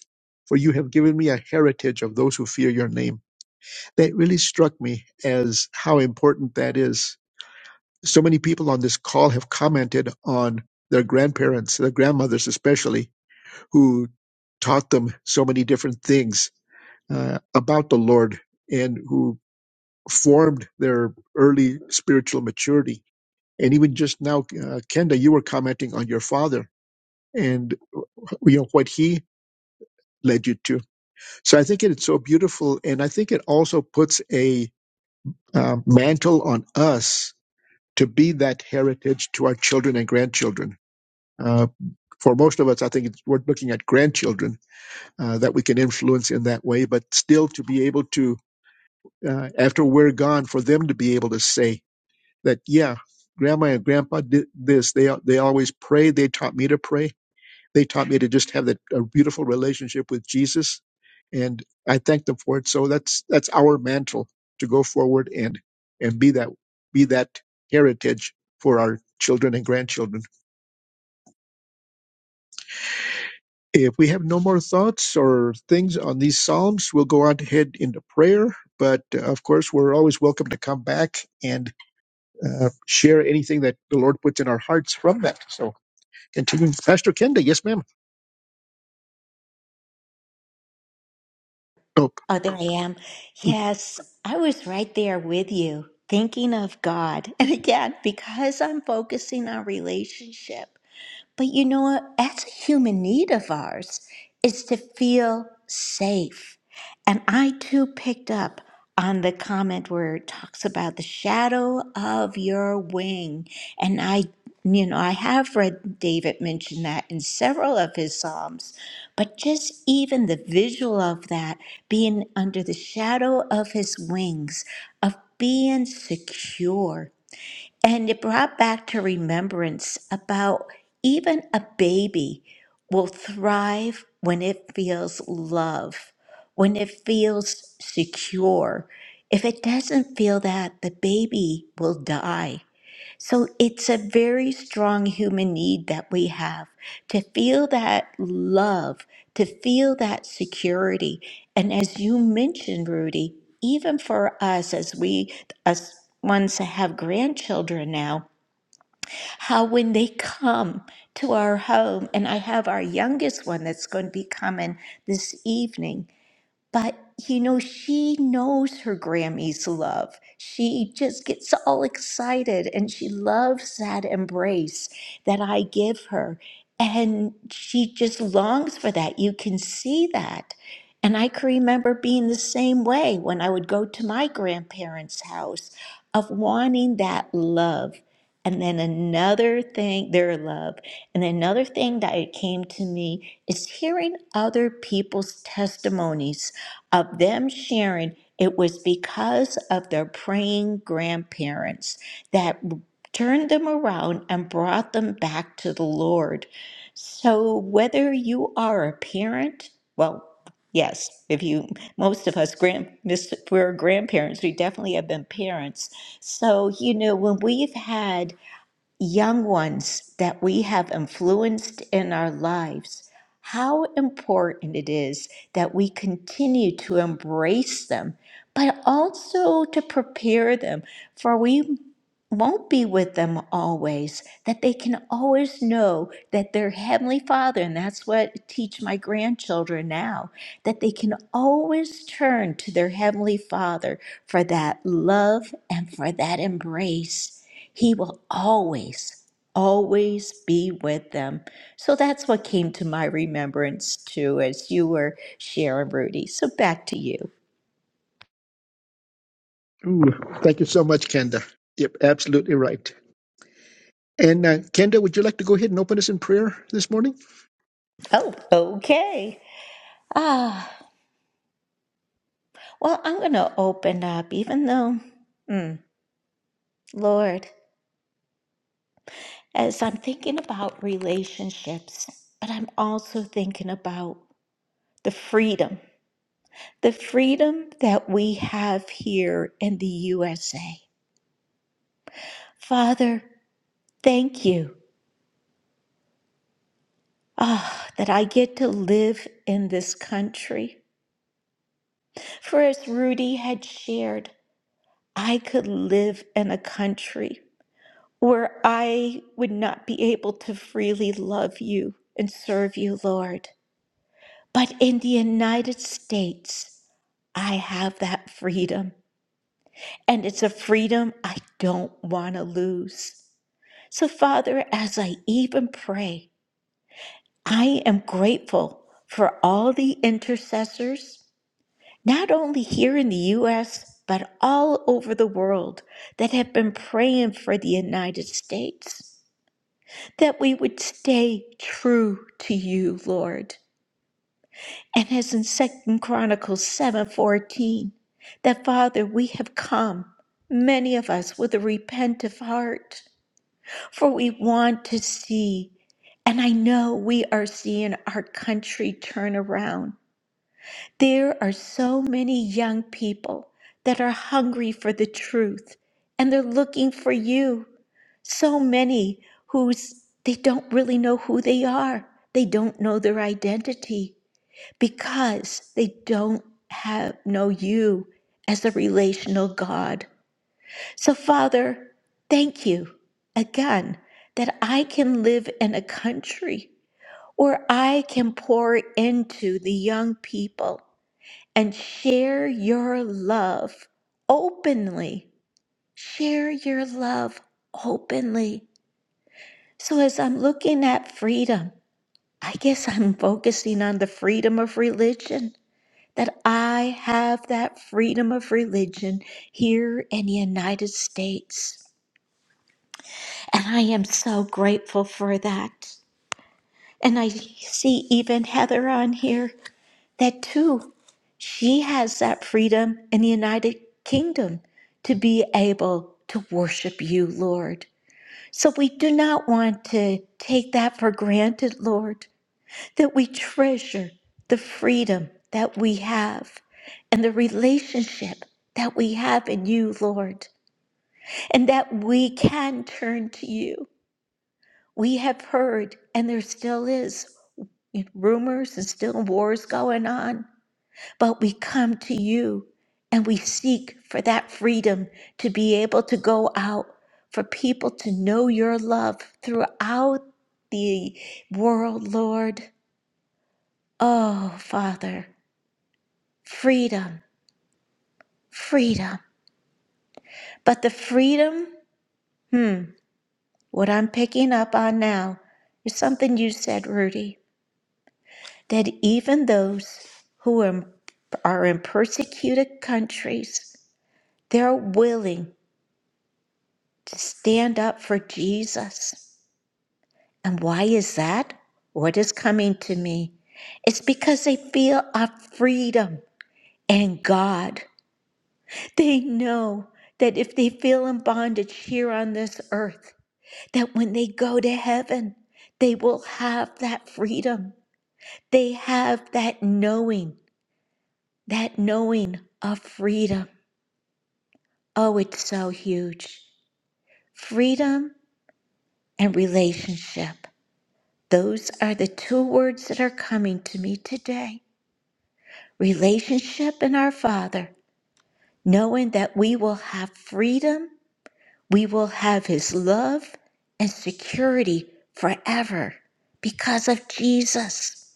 Speaker 2: for you have given me a heritage of those who fear your name that really struck me as how important that is so many people on this call have commented on their grandparents their grandmothers especially who taught them so many different things uh, about the lord and who formed their early spiritual maturity and even just now uh, kenda you were commenting on your father and you know what he led you to So I think it's so beautiful, and I think it also puts a um, mantle on us to be that heritage to our children and grandchildren. Uh, for most of us, I think it's, we're looking at grandchildren uh, that we can influence in that way, but still to be able to, uh, after we're gone, for them to be able to say that, yeah, grandma and grandpa did this. They they always prayed. They taught me to pray They taught me to just have that a beautiful relationship with Jesus, and I thank them for it. So that's that's our mantle to go forward and and be that be that heritage for our children and grandchildren. If we have no more thoughts or things on these psalms, we'll go on ahead into prayer. But uh, of course, we're always welcome to come back and uh, share anything that the Lord puts in our hearts from that. So, continuing, Pastor Kenda, yes, ma'am. Oh,
Speaker 3: Oh, there I am. Yes, I was right there with you, thinking of God. And again, because I'm focusing on relationship, but you know what? That's a human need of ours is to feel safe. And I too picked up on the comment where it talks about the shadow of your wing. And I, you know, I have read David mention that in several of his Psalms, but just even the visual of that being under the shadow of his wings, of being secure and it brought back to remembrance about even a baby will thrive when it feels love, when it feels secure. If it doesn't feel that, the baby will die. So it's a very strong human need that we have to feel that love, to feel that security. And as you mentioned, Rudy, even for us as we us ones that have grandchildren now, how when they come to our home, and I have our youngest one that's going to be coming this evening, but you know, she knows her Grammy's love. She just gets all excited and she loves that embrace that I give her. And she just longs for that. You can see that. And I can remember being the same way when I would go to my grandparents' house of wanting that love. And then another thing, their love. And another thing that it came to me is hearing other people's testimonies of them sharing it was because of their praying grandparents that turned them around and brought them back to the Lord. So whether you are a parent, well, yes, if you most of us grand miss, we're grandparents, we definitely have been parents. So you know when we've had young ones that we have influenced in our lives, how important it is that we continue to embrace them, but also to prepare them. For we won't be with them always, that they can always know that their Heavenly Father, and that's what I teach my grandchildren now, that they can always turn to their Heavenly Father for that love and for that embrace. He will always, always be with them. So that's what came to my remembrance too as you were sharing, Rudy. So back to you.
Speaker 2: Ooh, thank you so much, Kenda. Yep, absolutely right. And uh, Kenda, would you like to go ahead and open us in prayer this morning?
Speaker 3: Oh, okay. Ah. Well, I'm going to open up, even though, mm, Lord, as I'm thinking about relationships, but I'm also thinking about the freedom, the freedom that we have here in the USA. Father, thank you ah, that I get to live in this country. For as Rudy had shared, I could live in a country. where I would not be able to freely love you and serve you, Lord. But in the United States, I have that freedom, and it's a freedom I don't want to lose. So, Father, as I even pray, I am grateful for all the intercessors, not only here in the U.S., but all over the world that have been praying for the United States. that we would stay true to you, Lord. And as in Second Chronicles 7:14, that Father, we have come, many of us with a repentant heart, for we want to see, and I know we are seeing our country turn around. There are so many young people that are hungry for the truth and they're looking for you. So many who's they don't really know who they are. They don't know their identity because they don't have know you as a relational God. So Father, thank you again that I can live in a country where I can pour into the young people and share your love openly. Share your love openly. So, as I'm looking at freedom, I guess I'm focusing on the freedom of religion, that I have that freedom of religion here in the United States. And I am so grateful for that. And I see even Heather on here. that too, she has that freedom in the United Kingdom to be able to worship you, Lord. So we do not want to take that for granted, Lord, that we treasure the freedom that we have and the relationship that we have in you, Lord, and that we can turn to you. We have heard, and there still is rumors and still wars going on but we come to you and we seek for that freedom to be able to go out, for people to know your love throughout the world, Lord. Oh, Father, freedom, freedom. But the freedom, hmm, what I'm picking up on now is something you said, Rudy, that even those who are, are in persecuted countries, they're willing. to stand up for Jesus. And why is that? What is coming to me? It's because they feel a freedom in God. They know that if they feel in bondage here on this earth, that when they go to heaven, they will have that freedom. They have that knowing, that knowing of freedom. Oh, it's so huge. Freedom and relationship. Those are the two words that are coming to me today relationship and our Father, knowing that we will have freedom, we will have His love and security forever because of Jesus.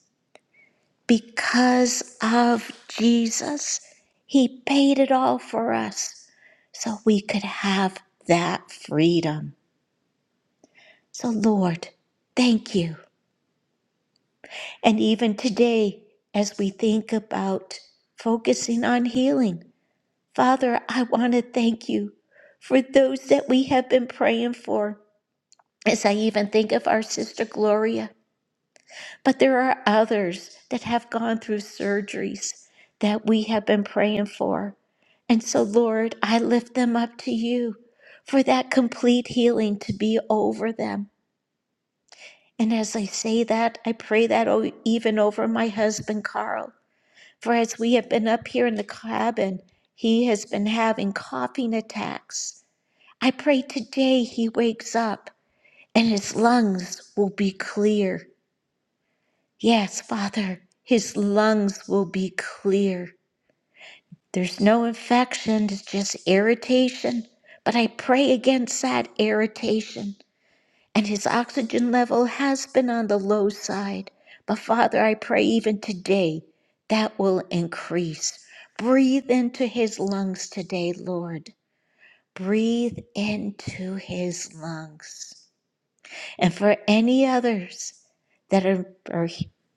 Speaker 3: Because of Jesus, He paid it all for us so we could have that freedom. So, Lord, thank you. And even today, as we think about focusing on healing, Father, I want to thank you for those that we have been praying for. As I even think of our sister Gloria, but there are others that have gone through surgeries that we have been praying for. And so, Lord, I lift them up to you for that complete healing to be over them. And as I say that, I pray that o- even over my husband, Carl. For as we have been up here in the cabin, he has been having coughing attacks. I pray today he wakes up and his lungs will be clear. Yes, Father, his lungs will be clear. There's no infection, it's just irritation. But I pray against that irritation. and his oxygen level has been on the low side. But Father, I pray even today that will increase. Breathe into his lungs today, Lord. Breathe into his lungs. And for any others that are, are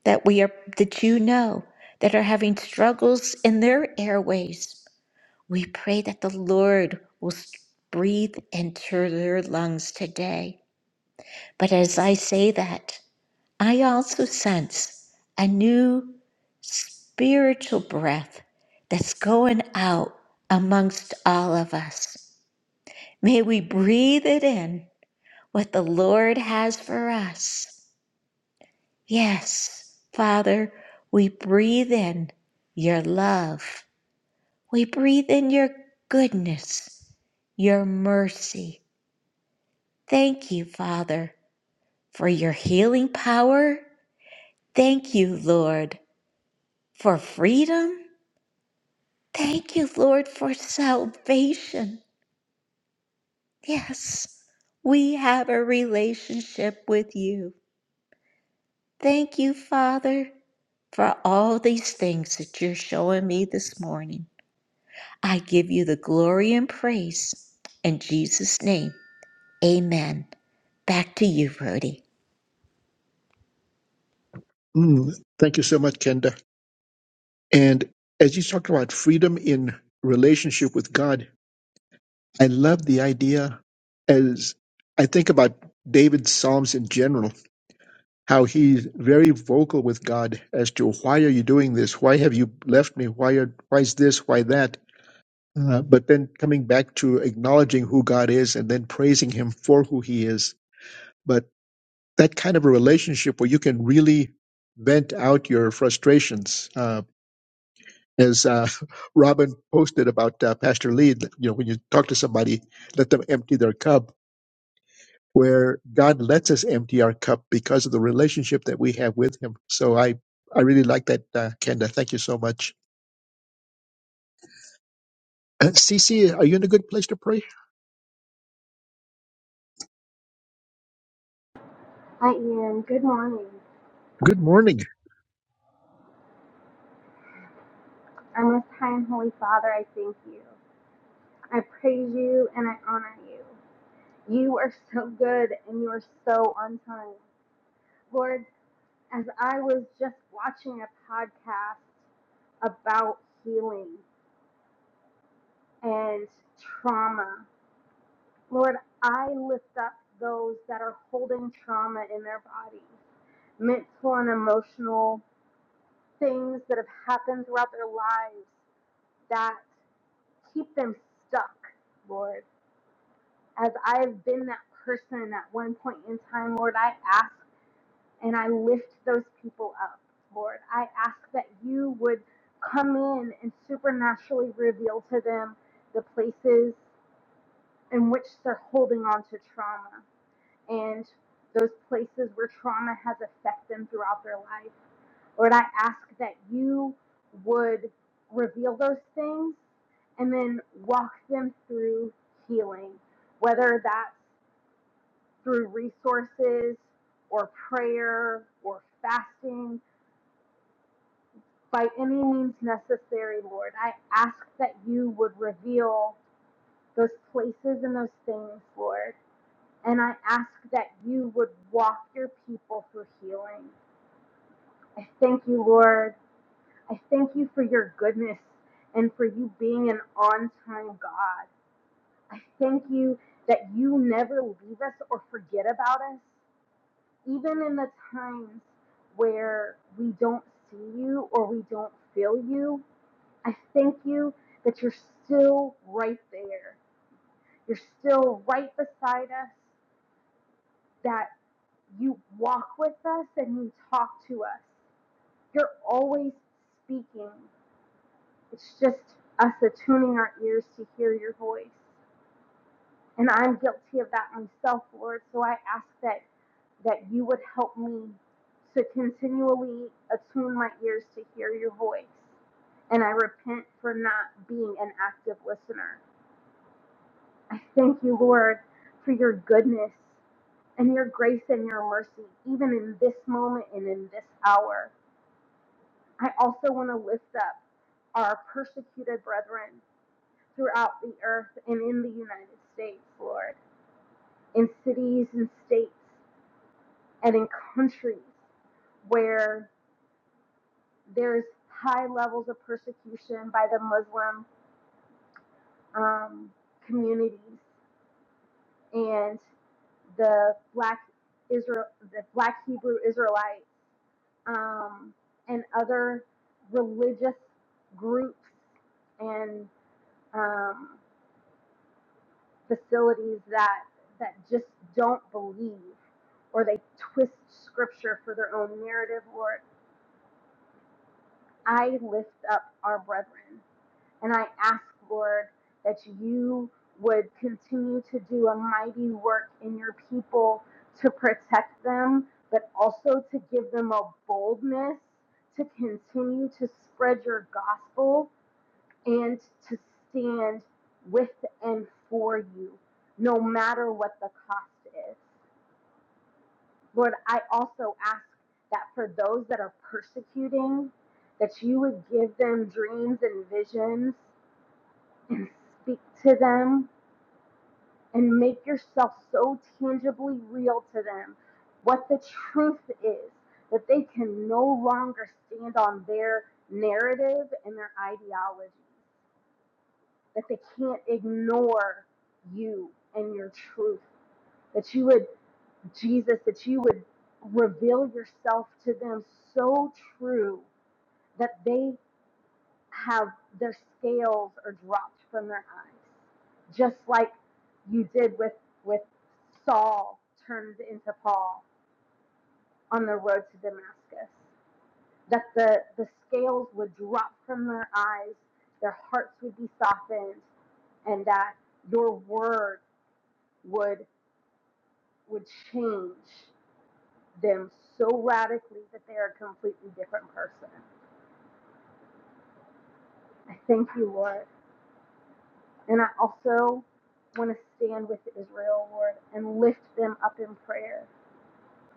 Speaker 3: that we are that you know that are having struggles in their airways, we pray that the Lord will breathe into their lungs today. But as I say that, I also sense a new spiritual breath that's going out amongst all of us. May we breathe it in, what the Lord has for us. Yes, Father, we breathe in your love. We breathe in your goodness, your mercy. Thank you, Father, for your healing power. Thank you, Lord, for freedom. Thank you, Lord, for salvation. Yes, we have a relationship with you. Thank you, Father, for all these things that you're showing me this morning. I give you the glory and praise. In Jesus' name, amen. Back to you, Rhoda.
Speaker 2: Mm, thank you so much, Kenda. And as you talked about freedom in relationship with God, I love the idea as I think about David's Psalms in general, how he's very vocal with God as to why are you doing this? Why have you left me? Why, are, why is this? Why that? Uh, but then coming back to acknowledging who God is and then praising him for who he is But that kind of a relationship where you can really vent out your frustrations, uh, as uh, Robin posted about uh, Pastor Lee, that, you know, when you talk to somebody, let them empty their cup. Where God lets us empty our cup because of the relationship that we have with Him. So I, I really like that, uh, Kenda. Thank you so much. Uh, Cece, are you in a good place to pray?
Speaker 5: Hi, Ian. Good morning.
Speaker 2: Good morning.
Speaker 5: Our most high and holy Father, I thank you. I praise you and I honor you. You are so good and you are so on time. Lord, as I was just watching a podcast about healing and trauma, Lord, I lift up those that are holding trauma in their body, mental and emotional things that have happened throughout their lives that. keep them stuck, Lord. As I've been that person at one point in time, Lord, I ask and I lift those people up, Lord. I ask that you would come in and supernaturally reveal to them the places in which they're holding on to trauma and those places where trauma has affected them throughout their life. Lord, I ask that you would reveal those things and then walk them through healing, whether that's through resources or prayer or fasting, by any means necessary, Lord. I ask that you would reveal those places and those things, Lord. And I ask that you would walk your people through healing. I thank you, Lord I thank you for your goodness and for you being an on time God. I thank you that you never leave us or forget about us, even in the times where we don't see you or we don't feel you. I thank you that you're still right there. You're still right beside us, that you walk with us and you talk to us. You're always speaking. It's just us attuning our ears to hear your voice. And I'm guilty of that myself, Lord. So I ask that that you would help me to continually attune my ears to hear your voice. And I repent for not being an active listener. I thank you, Lord, for your goodness and your grace and your mercy, even in this moment and in this hour. I also want to lift up our persecuted brethren. throughout the earth and in the United States, Lord, in cities and states and in countries where there's high levels of persecution by the Muslim um, communities and the black Israel, the black Hebrew Israelites, um, and other religious groups and um, facilities that that just don't believe or they twist scripture for their own narrative lord i lift up our brethren and i ask lord that you would continue to do a mighty work in your people to protect them but also to give them a boldness to continue to spread your gospel and to stand with and for you, no matter what the cost is. Lord, I also ask that for those that are persecuting, that you would give them dreams and visions and speak to them and make yourself so tangibly real to them what the truth is that they can no longer stand on their narrative and their ideology that they can't ignore you and your truth. That you would, Jesus, that you would reveal yourself to them so true that they have their scales are dropped from their eyes. Just like you did with, with Saul turned into Paul on the road to Damascus. That the, the scales would drop from their eyes, their hearts would be softened, and that your word would would change them so radically that they're a completely different person. I thank you, Lord. And I also want to stand with Israel, Lord, and lift them up in prayer.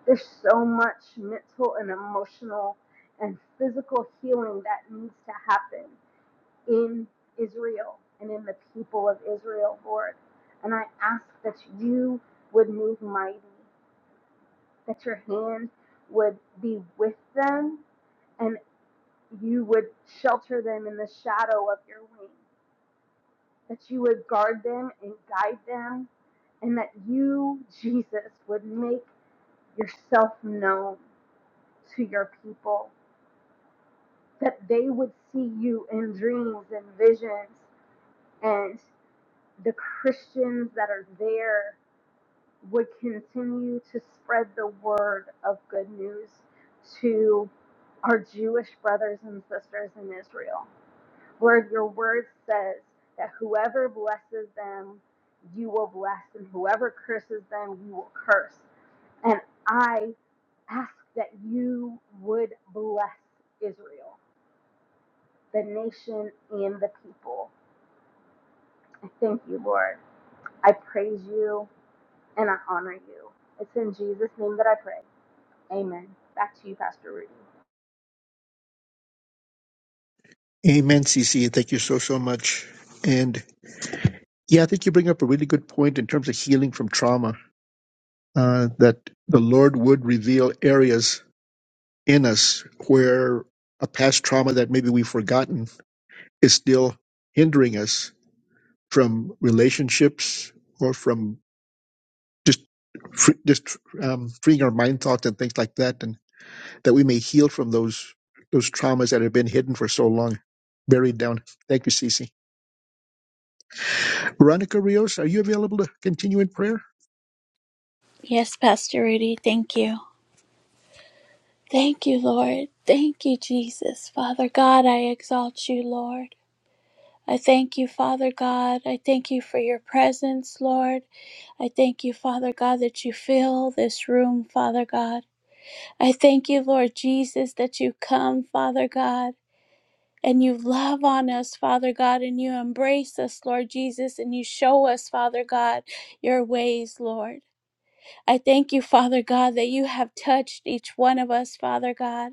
Speaker 5: There's so much mental and emotional and physical healing that needs to happen in Israel and in the people of Israel, Lord. And I ask that you would move mighty, that your hand would be with them and you would shelter them in the shadow of your wing, that you would guard them and guide them, and that you, Jesus, would make yourself known to your people, that they would see you in dreams and visions, and the Christians that are there would continue to spread the word of good news to our Jewish brothers and sisters in Israel Lord, your word says that whoever blesses them, you will bless, and whoever curses them, you will curse. And I ask that you would bless Israel, the nation, and the people. I thank you, Lord. I praise you and I honor you. It's in Jesus' name that I pray. Amen. Back to you, Pastor Rudy.
Speaker 2: Amen, Cece. Thank you so, so much. And yeah, I think you bring up a really good point in terms of healing from trauma uh, that the Lord would reveal areas in us where a past trauma that maybe we've forgotten is still hindering us from relationships or from just fr- just um, freeing our mind thoughts and things like that, and that we may heal from those those traumas that have been hidden for so long, buried down. Thank you, Cece. Veronica Rios, are you available to continue in prayer?
Speaker 4: Yes, Pastor Rudy, thank you. Thank you, Lord. Thank you, Jesus. Father God, I exalt you, Lord. I thank you, Father God. I thank you for your presence, Lord. I thank you, Father God, that you fill this room, Father God. I thank you, Lord Jesus, that you come, Father God. and you love on us, Father God, and you embrace us, Lord Jesus, and you show us, Father God, your ways, Lord. I thank you, Father God, that you have touched each one of us, Father God,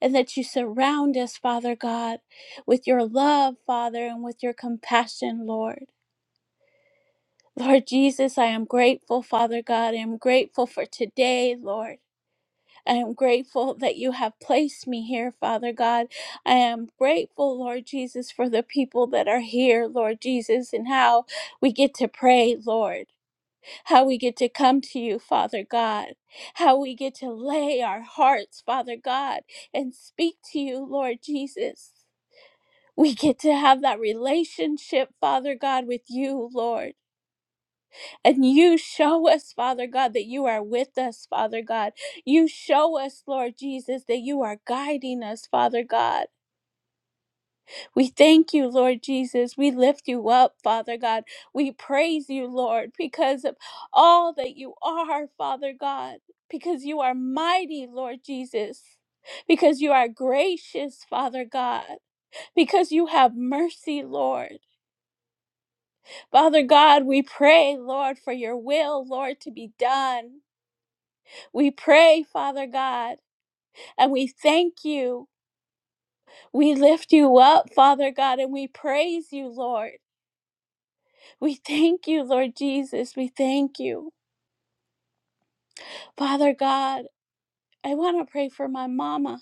Speaker 4: and that you surround us, Father God, with your love, Father, and with your compassion, Lord. Lord Jesus, I am grateful, Father God. I am grateful for today, Lord. I am grateful that you have placed me here, Father God. I am grateful, Lord Jesus, for the people that are here, Lord Jesus, and how we get to pray, Lord, how we get to come to you, Father God, how we get to lay our hearts, Father God, and speak to you, Lord Jesus. We get to have that relationship, Father God, with you, Lord. And you show us, Father God, that you are with us, Father God. You show us, Lord Jesus, that you are guiding us, Father God. We thank you, Lord Jesus. We lift you up, Father God. We praise you, Lord, because of all that you are, Father God, because you are mighty, Lord Jesus. Because you are gracious, Father God, because you have mercy, Lord. Father God, we pray, Lord, for your will, Lord, to be done. We pray, Father God, and we thank you. We lift you up, Father God, and we praise you, Lord. We thank you, Lord Jesus. We thank you. Father God, I want to pray for my mama.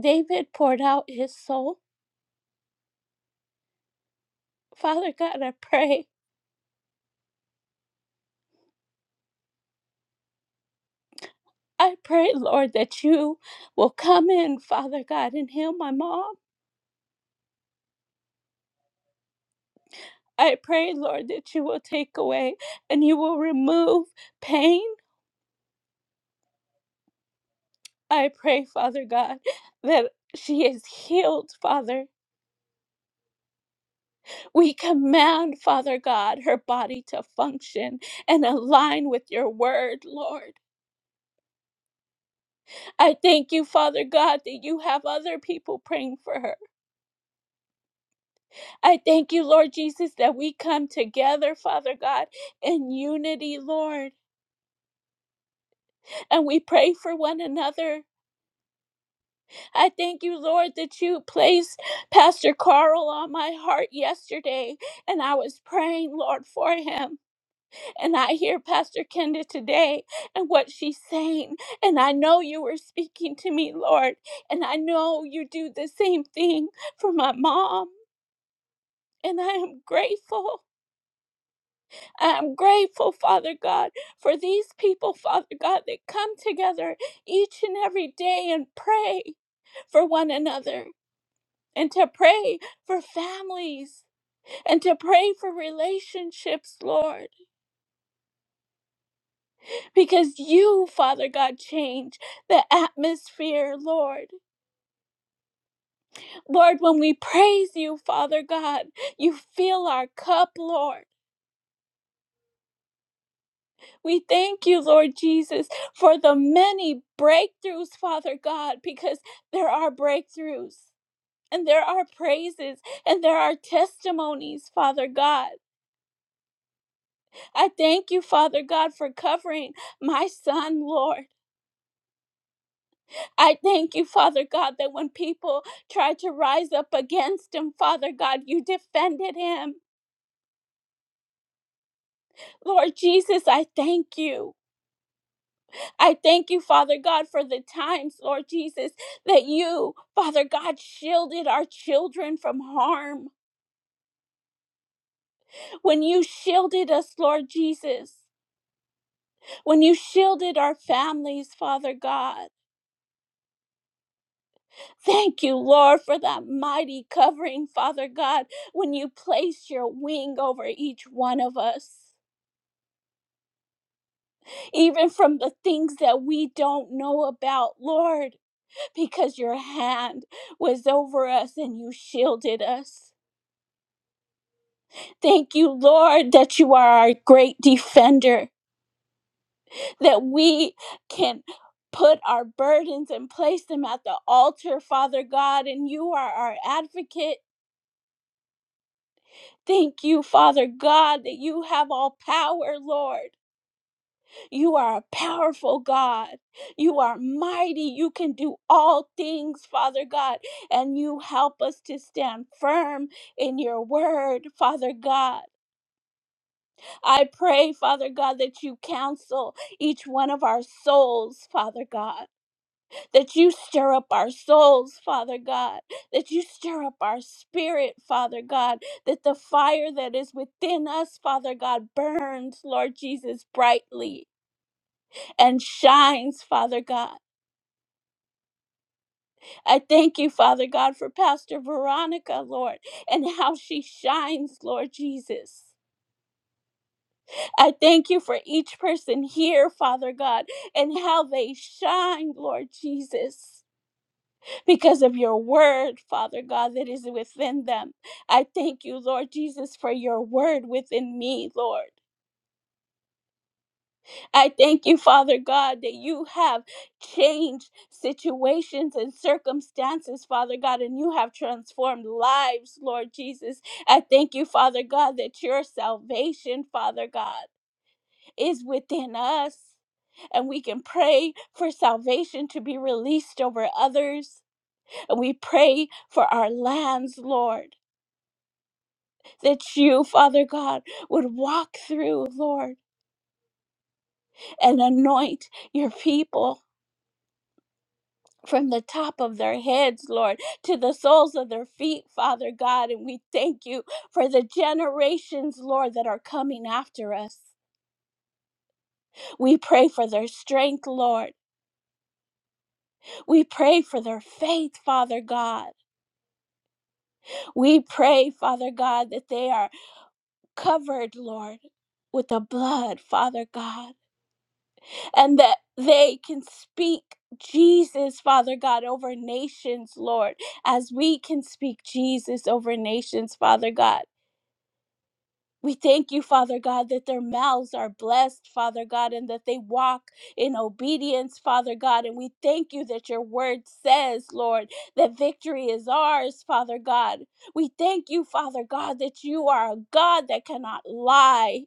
Speaker 4: David poured out his soul. Father God, I pray. I pray, Lord, that you will come in, Father God, and heal my mom. I pray, Lord, that you will take away and you will remove pain. I pray, Father God, that she is healed, Father. We command, Father God, her body to function and align with your word, Lord. I thank you, Father God, that you have other people praying for her. I thank you, Lord Jesus, that we come together, Father God, in unity, Lord, and we pray for one another. I thank you, Lord, that you placed Pastor Carl on my heart yesterday, and I was praying, Lord, for him. And I hear Pastor Kenda today and what she's saying. And I know you were speaking to me, Lord. And I know you do the same thing for my mom. And I am grateful. I am grateful, Father God, for these people, Father God, that come together each and every day and pray for one another and to pray for families and to pray for relationships, Lord. because you, Father God, change the atmosphere, Lord. Lord, when we praise you, Father God, you fill our cup, Lord. We thank you, Lord Jesus, for the many breakthroughs, Father God, because there are breakthroughs. And there are praises and there are testimonies, Father God. I thank you, Father God, for covering my son, Lord. I thank you, Father God, that when people tried to rise up against him, Father God, you defended him. Lord Jesus, I thank you. I thank you, Father God, for the times, Lord Jesus, that you, Father God, shielded our children from harm. When you shielded us, Lord Jesus. When you shielded our families, Father God. Thank you, Lord, for that mighty covering, Father God, when you placed your wing over each one of us. even from the things that we don't know about, Lord, because your hand was over us and you shielded us. Thank you, Lord, that you are our great defender, that we can put our burdens and place them at the altar, Father God, and you are our advocate. Thank you, Father God, that you have all power, Lord. You are a powerful God. You are mighty. You can do all things, Father God. And you help us to stand firm in your word, Father God. I pray, Father God, that you counsel each one of our souls, Father God. That you stir up our souls, Father God. That you stir up our spirit, Father God. That the fire that is within us, Father God, burns, Lord Jesus, brightly and shines, Father God. I thank you, Father God, for Pastor Veronica, Lord, and how she shines, Lord Jesus. I thank you for each person here, Father God, and how they shine, Lord Jesus, because of your word, Father God, that is within them. I thank you, Lord Jesus, for your word within me, Lord. I thank you, Father God, that you have changed situations and circumstances, Father God, and you have transformed lives, Lord Jesus. I thank you, Father God, that your salvation, Father God, is within us. And we can pray for salvation to be released over others. And we pray for our lands, Lord, that you, Father God, would walk through, Lord, and anoint your people. from the top of their heads, Lord, to the soles of their feet, Father God. And we thank you for the generations, Lord, that are coming after us. We pray for their strength, Lord. We pray for their faith, Father God. We pray, Father God, that they are covered, Lord, with the blood, Father God, and that they can speak Jesus, Father God, over nations, Lord, as we can speak Jesus over nations, Father God. We thank you, Father God, that their mouths are blessed, Father God, and that they walk in obedience, Father God. And we thank you that your word says, Lord, that victory is ours, Father God. We thank you, Father God, that you are a God that cannot lie.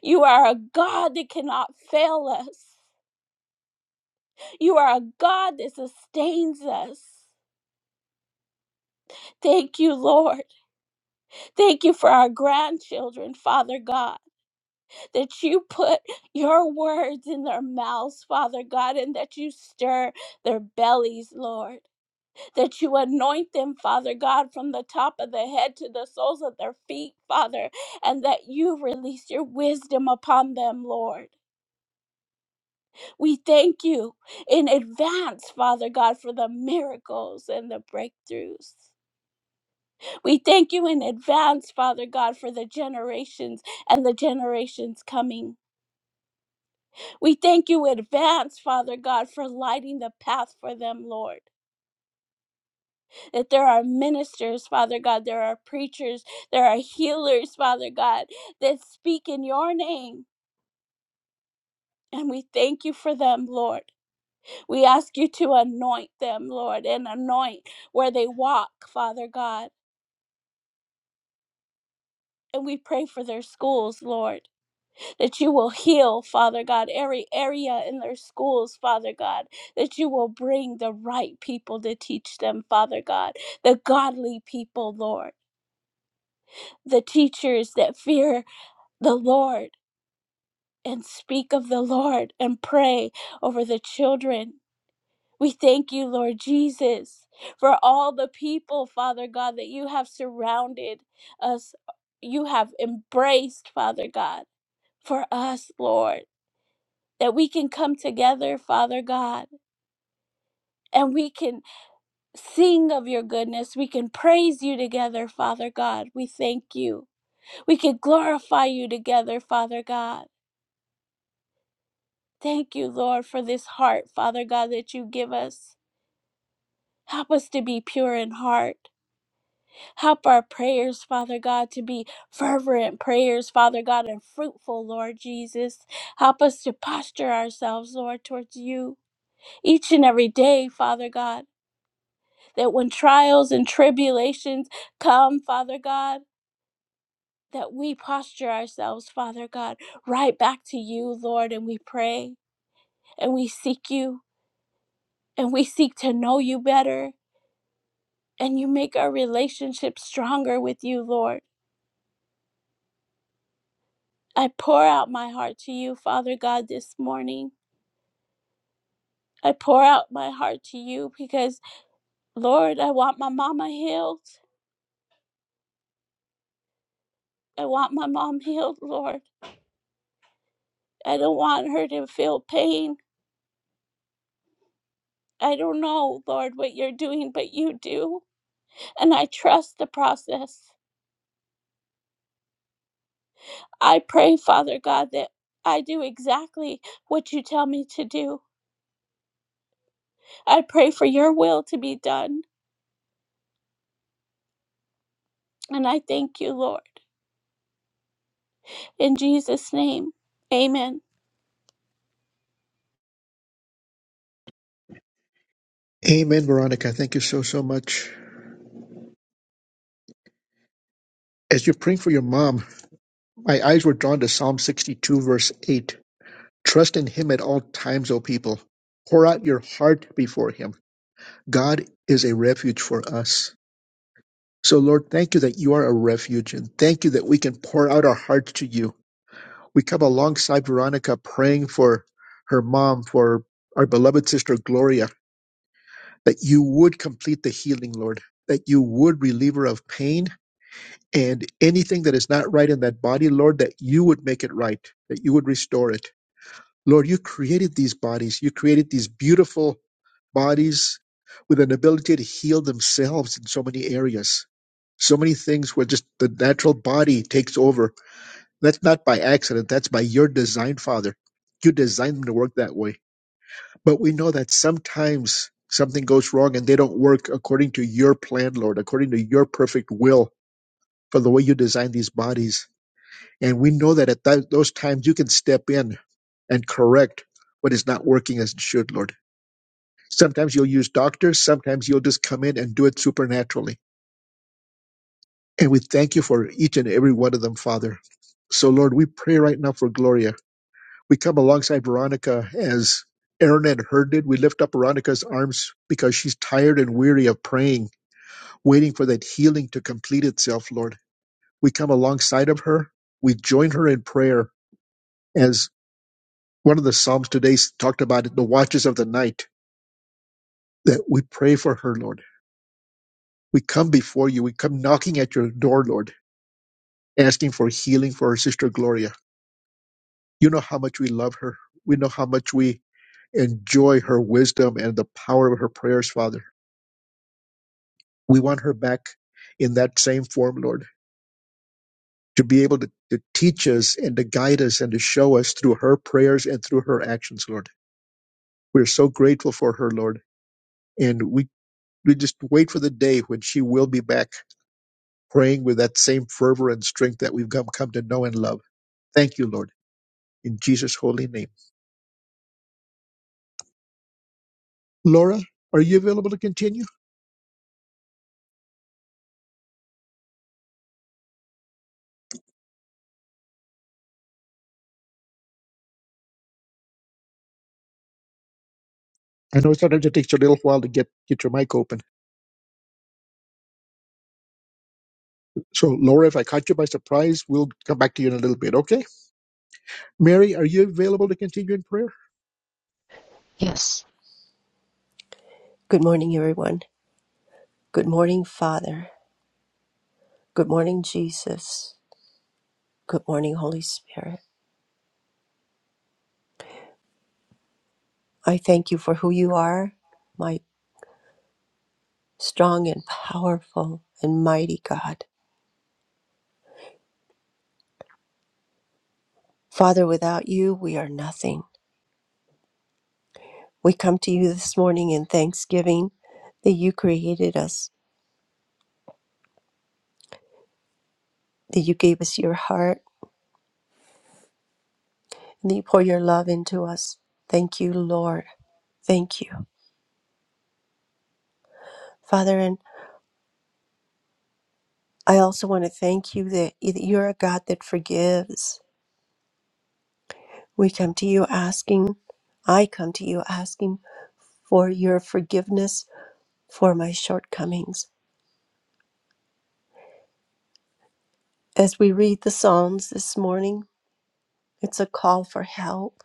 Speaker 4: You are a God that cannot fail us. You are a God that sustains us. Thank you, Lord. Thank you for our grandchildren, Father God. that you put your words in their mouths, Father God, and that you stir their bellies, Lord. That you anoint them, Father God, from the top of the head to the soles of their feet, Father, and that you release your wisdom upon them, Lord. We thank you in advance, Father God, for the miracles and the breakthroughs. We thank you in advance, Father God, for the generations and the generations coming. We thank you in advance, Father God, for lighting the path for them, Lord. That there are ministers, Father God, there are preachers, there are healers, Father God, that speak in your name. And we thank you for them, Lord. We ask you to anoint them, Lord, and anoint where they walk, Father God. And we pray for their schools, Lord. that you will heal, Father God, every area in their schools, Father God, that you will bring the right people to teach them, Father God, the godly people, Lord, the teachers that fear the Lord and speak of the Lord and pray over the children. We thank you, Lord Jesus, for all the people, Father God, that you have surrounded us, you have embraced, Father God, for us, Lord. that we can come together, Father God, and we can sing of your goodness. We can praise you together, Father God. We thank you. We can glorify you together, Father God. Thank you, Lord, for this heart, Father God, that you give us. Help us to be pure in heart. Help our prayers, Father God, to be fervent prayers, Father God, and fruitful, Lord Jesus. Help us to posture ourselves, Lord, towards you each and every day, Father God. that when trials and tribulations come, Father God, that we posture ourselves, Father God, right back to you, Lord, and we pray and we seek you and we seek to know you better and you make our relationship stronger with you, Lord. I pour out my heart to you, Father God, this morning. I pour out my heart to you because, Lord, I want my mama healed. I want my mom healed, Lord. I don't want her to feel pain. I don't know, Lord, what you're doing, but you do. And I trust the process. I pray, Father God, that I do exactly what you tell me to do. I pray for your will to be done. And I thank you, Lord. In Jesus' name, amen.
Speaker 2: Amen, Veronica. Thank you so so much. As you're praying for your mom, My eyes were drawn to Psalm 62, verse 8. Trust in him at all times, O people. Pour out your heart before him. God is a refuge for us. So, Lord, thank you that you are a refuge, and thank you that we can pour out our hearts to you. We come alongside Veronica praying for her mom, for our beloved sister Gloria, that you would complete the healing, Lord, that you would relieve her of pain and anything that is not right in that body, Lord, that you would make it right, that you would restore it. Lord, you created these bodies. You created these beautiful bodies with an ability to heal themselves in so many areas. So many things where just the natural body takes over. That's not by accident. That's by your design, Father. You designed them to work that way. But we know that sometimes something goes wrong and they don't work according to your plan, Lord, according to your perfect will for the way you designed these bodies. And we know that at that, those times you can step in and correct what is not working as it should, Lord. Sometimes you'll use doctors, sometimes you'll just come in and do it supernaturally. And we thank you for each and every one of them, Father. So, Lord, we pray right now for Gloria. We come alongside Veronica as Aaron and her did. We lift up Veronica's arms because she's tired and weary of praying, waiting for that healing to complete itself, Lord. We come alongside of her. We join her in prayer as. One of the Psalms today talked about it, the watches of the night that we pray for her, Lord. We come before you. We come knocking at your door, Lord, asking for healing for our sister Gloria. You know how much we love her. We know how much we enjoy her wisdom and the power of her prayers, Father. We want her back in that same form, Lord, to be able to, to teach us and to guide us and to show us through her prayers and through her actions, Lord. We're so grateful for her, Lord. And we, we just wait for the day when she will be back praying with that same fervor and strength that we've come, come to know and love. Thank you, Lord, in Jesus' holy name. Laura, are you available to continue? I know sometimes it takes a little while to get, get your mic open. So, Laura, if I caught you by surprise, we'll come back to you in a little bit, okay? Mary, are you available to continue in prayer?
Speaker 6: Yes. Good morning, everyone. Good morning, Father. Good morning, Jesus. Good morning, Holy Spirit. I thank you for who you are, my strong and powerful and mighty God. Father, without you, we are nothing. We come to you this morning in thanksgiving that you created us, that you gave us your heart, and that you pour your love into us. Thank you, Lord. Thank you. Father, and I also want to thank you that that you're a God that forgives. We come to you asking, I come to you asking for your forgiveness for my shortcomings. As we read the Psalms this morning, it's a call for help.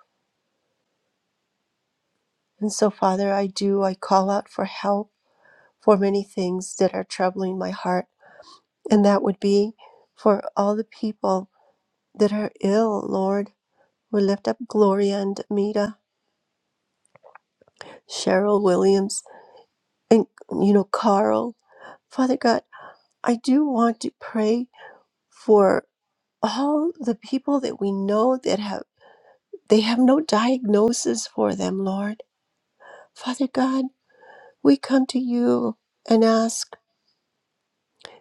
Speaker 6: And so, Father, I do, I call out for help for many things that are troubling my heart. And that would be for all the people that are ill, Lord. We lift up Gloria and Amita, Cheryl Williams, and, you know, Carl. Father God, I do want to pray for. all the people that we know that have they have no diagnosis for them lord father god we come to you and ask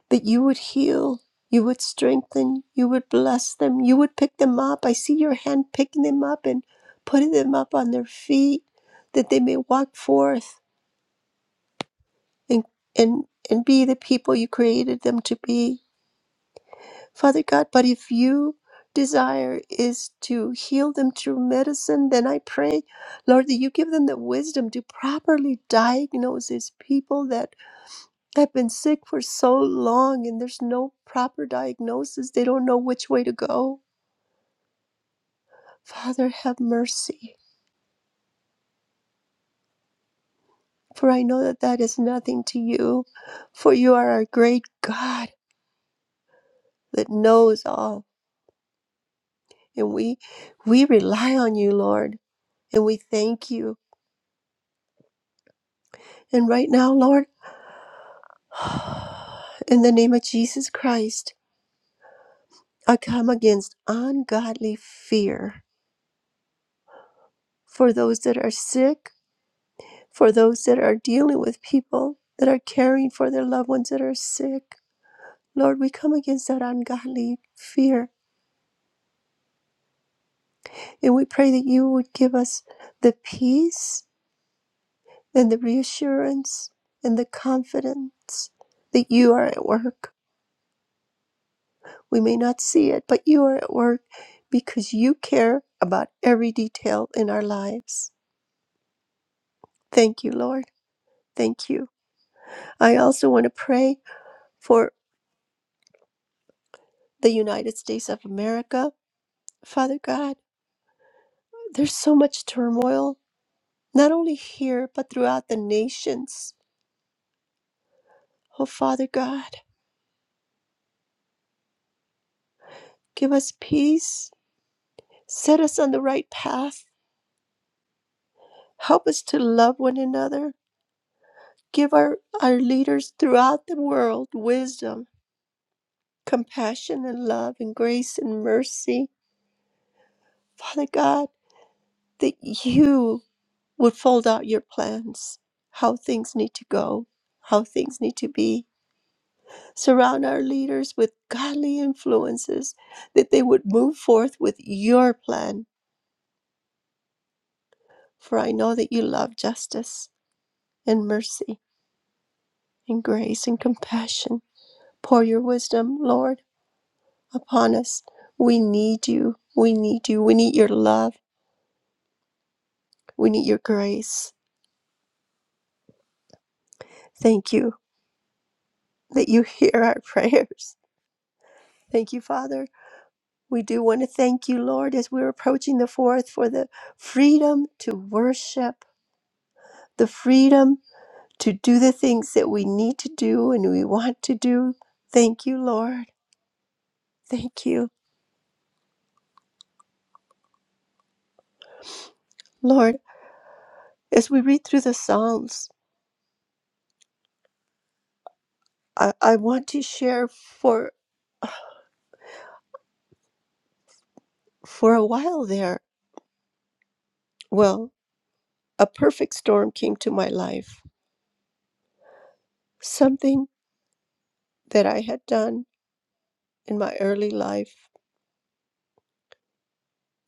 Speaker 6: that you would heal you would strengthen you would bless them you would pick them up i see your hand picking them up and putting them up on their feet that they may walk forth and and and be the people you created them to be Father God, but if you desire is to heal them through medicine, then I pray, Lord, that you give them the wisdom to properly diagnose these people that have been sick for so long and there's no proper diagnosis. They don't know which way to go. Father, have mercy, for I know that that is nothing to you, for you are our great God that knows all. And we we rely on you, Lord, and we thank you. And right now, Lord, In the name of Jesus Christ, I come against ungodly fear for those that are sick, for those that are dealing with people that are caring for their loved ones that are sick. Lord, we come against that ungodly fear and we pray that you would give us the peace and the reassurance and the confidence that you are at work We may not see it, but you are at work because you care about every detail in our lives. Thank you, Lord. Thank you. I also want to pray for the United States of America. Father God, there's so much turmoil, not only here, but throughout the nations. Oh, Father God, give us peace. Set us on the right path. Help us to love one another. Give our, our leaders throughout the world wisdom compassion and love and grace and mercy. Father God, that you would fold out your plans, how things need to go, how things need to be. Surround our leaders with godly influences, that they would move forth with your plan. For I know that you love justice and mercy and grace and compassion. Pour your wisdom, Lord, upon us. We need you. We need you. We need your love. We need your grace. Thank you that you hear our prayers. Thank you, Father. We do want to thank you, Lord, as we're approaching the fourth for the freedom to worship, the freedom to do the things that we need to do and we want to do. Thank you, Lord. Thank you, Lord. As we read through the Psalms, I, I want to share for for a while there. Well, a perfect storm came to my life. Something that I had done in my early life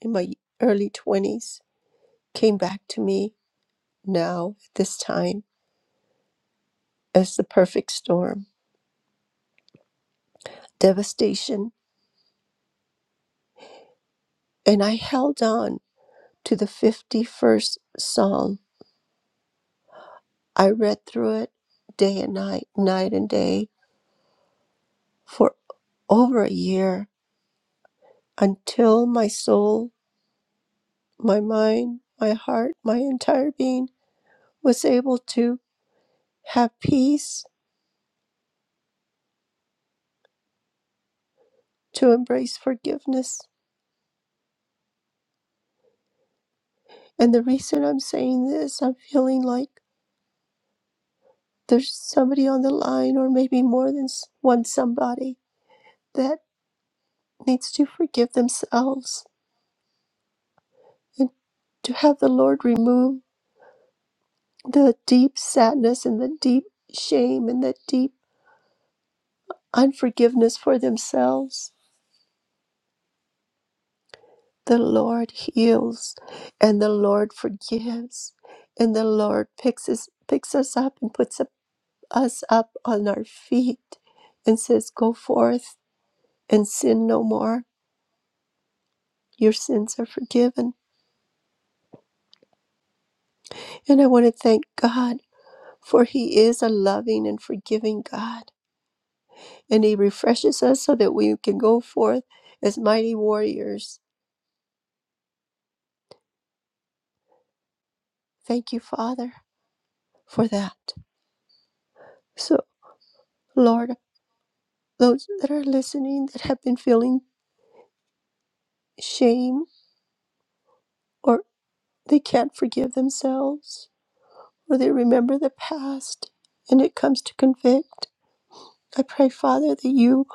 Speaker 6: in my early 20s came back to me now at this time as the perfect storm, devastation. And I held on to the 51st Psalm. I read through it day and night, night and day for over a year until my soul, my mind, my heart, my entire being was able to have peace, to embrace forgiveness. And the reason I'm saying this, I'm feeling like there's somebody on the line, or maybe more than one somebody, that needs to forgive themselves and to have the Lord remove the deep sadness and the deep shame and the deep unforgiveness for themselves. The Lord heals and the Lord forgives, and the Lord picks us, picks us up and puts up, us up on our feet and says, Go forth and sin no more. Your sins are forgiven And I want to thank God for He is a loving and forgiving God. And He refreshes us so that we can go forth as mighty warriors. Thank you, Father, for that. So, Lord, those that are listening that have been feeling shame or they can't forgive themselves or they remember the past and it comes to convict, I pray, Father, that you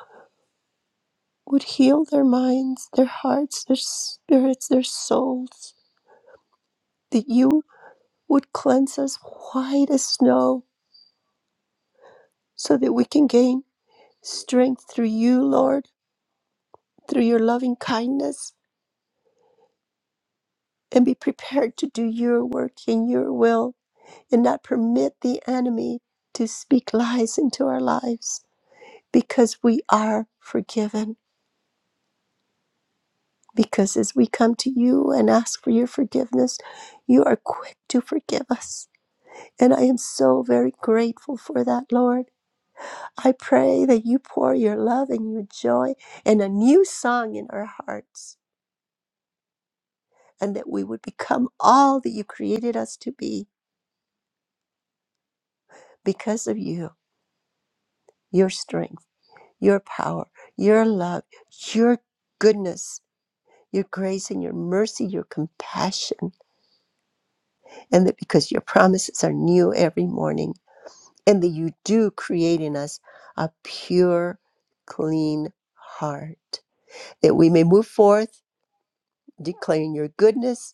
Speaker 6: would heal their minds, their hearts, their spirits, their souls, that you would cleanse us white as snow so that we can gain strength through you, Lord, through your loving kindness, and be prepared to do your work in your will and not permit the enemy to speak lies into our lives because we are forgiven. Because as we come to you and ask for your forgiveness, you are quick to forgive us. And I am so very grateful for that, Lord. I pray that you pour your love and your joy and a new song in our hearts, and that we would become all that you created us to be because of you, your strength, your power, your love, your goodness, your grace, and your mercy, your compassion, and that because your promises are new every morning, and that you do create in us a pure, clean heart, that we may move forth declaring your goodness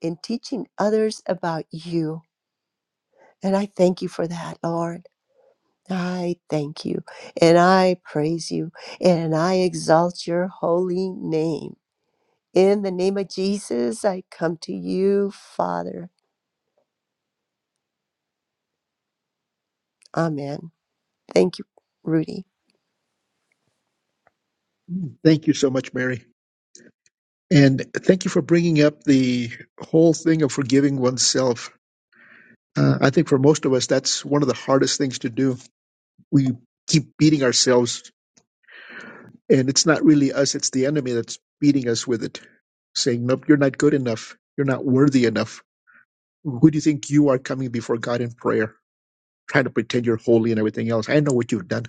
Speaker 6: in teaching others about you. And I thank you for that, Lord. I thank you and I praise you and I exalt your holy name. In the name of Jesus, I come to you, Father. Amen. Thank you, Rudy.
Speaker 2: Thank you so much, Mary. And thank you for bringing up the whole thing of forgiving oneself. Uh, I think for most of us, that's one of the hardest things to do. We keep beating ourselves And it's not really us, it's the enemy that's beating us with it, saying, Nope, you're not good enough. You're not worthy enough. Who do you think you are coming before God in prayer, trying to pretend you're holy and everything else? I know what you've done.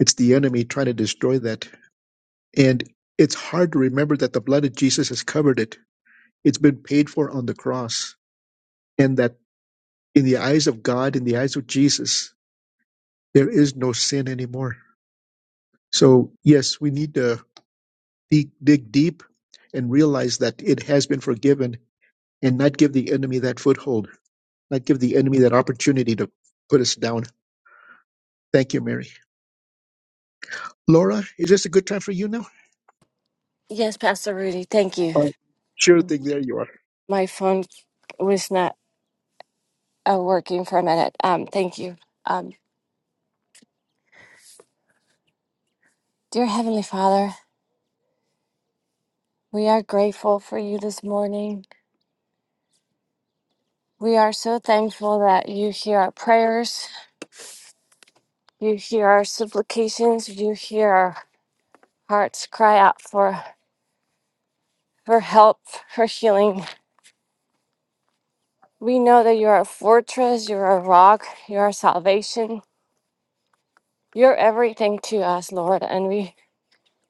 Speaker 2: It's the enemy trying to destroy that. And it's hard to remember that the blood of Jesus has covered it. It's been paid for on the cross. And that in the eyes of God, in the eyes of Jesus, there is no sin anymore. So, yes, we need to dig, dig deep and realize that it has been forgiven and not give the enemy that foothold, not give the enemy that opportunity to put us down. Thank you, Mary. Laura, is this a good time for you now?
Speaker 7: Yes, Pastor Rudy, thank you.
Speaker 2: Uh, sure thing. There you are.
Speaker 7: My phone was not uh, working for a minute. Um, thank you. Um, dear Heavenly Father, we are grateful for you this morning. We are so thankful that you hear our prayers, you hear our supplications, you hear our hearts cry out for for help, for healing. We know that you are a fortress, you're a rock, you're our salvation. You're everything to us, Lord, and we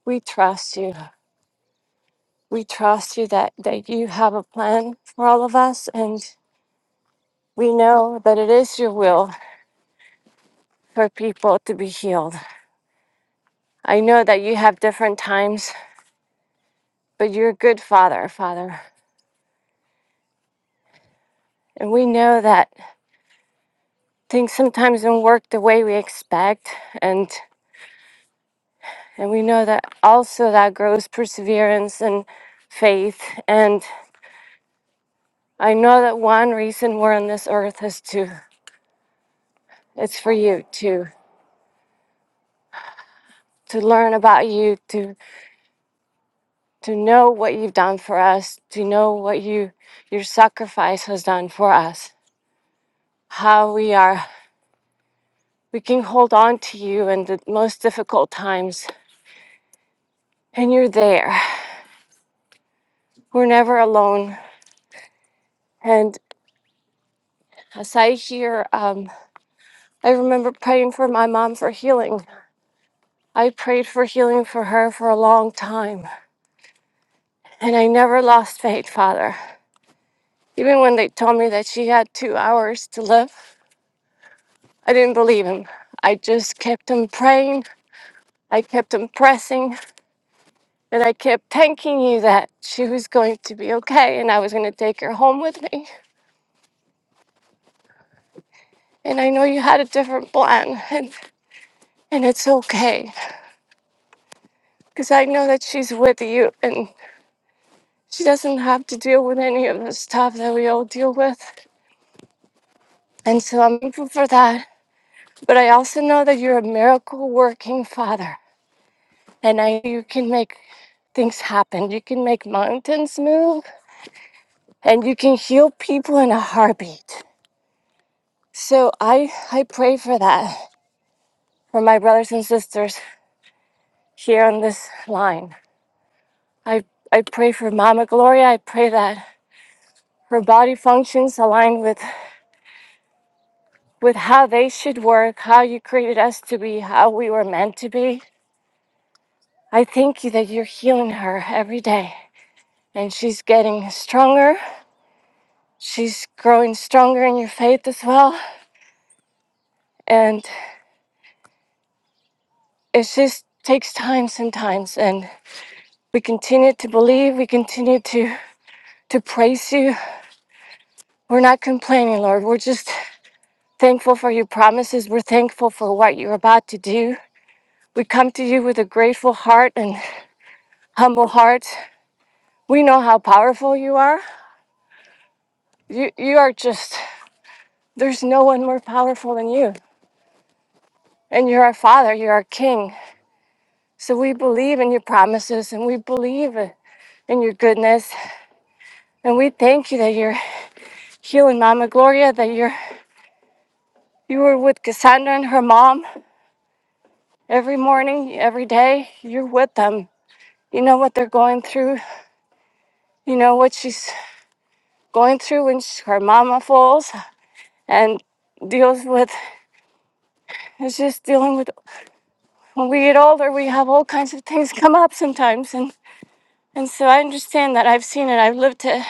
Speaker 7: we trust you. we trust you that, that you have a plan for all of us and we know that it is your will for people to be healed. I know that you have different times, but you're a good father, Father. And we know that things sometimes don't work the way we expect and and we know that also that grows perseverance and faith and I know that one reason we're on this earth is to it's for you to to learn about you, to. to know what you've done for us, to know what you your sacrifice has done for us. How we are we can hold on to you in the most difficult times and you're there. We're never alone. And as I hear um I remember praying for my mom for healing. I prayed for healing for her for a long time. And I never lost faith, Father. Even when they told me that she had two hours to live, I didn't believe him. I just kept on praying I kept impressing and I kept thanking you that she was going to be okay and I was going to take her home with me. And I know you had a different plan and, and it's okay because I know that she's with you and she doesn't have to deal with any of the stuff that we all deal with. And so I'm thankful for that. But I also know that you're a miracle working father and I you can make things happen. You can make mountains move and you can heal people in a heartbeat. So I I pray for that for my brothers and sisters here on this line. I I pray for Mama Gloria. I pray that her body functions align with with how they should work, how you created us to be, how we were meant to be. I thank you that you're healing her every day and she's getting stronger. She's growing stronger in your faith as well. And it just takes time sometimes and we continue to believe, we continue to to praise you We're not complaining, Lord. We're just thankful for your promises. We're thankful for what you're about to do. We come to you with a grateful heart and humble heart. We know how powerful you are. You, you are just, there's no one more powerful than you. And you're our Father, you're our King. So we believe in your promises and we believe in your goodness. And we thank you that you're healing Mama Gloria, that you're you were with Cassandra and her mom every morning, every day. You're with them You know what they're going through. You know what she's going through when she, her mama falls and deals with. It's just dealing with. When we get older, we have all kinds of things come up sometimes, and and so I understand that. I've seen it. I've lived it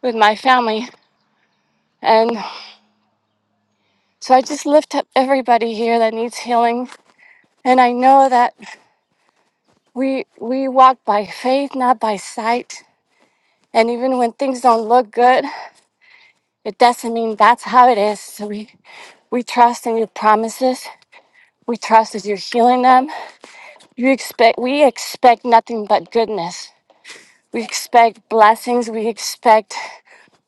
Speaker 7: with my family, and so I just lift up everybody here that needs healing. And I know that we we walk by faith, not by sight. And even when things don't look good, it doesn't mean that's how it is. So we, we trust in your promises. We trust that you're healing them. You expect we expect nothing but goodness. We expect blessings. We expect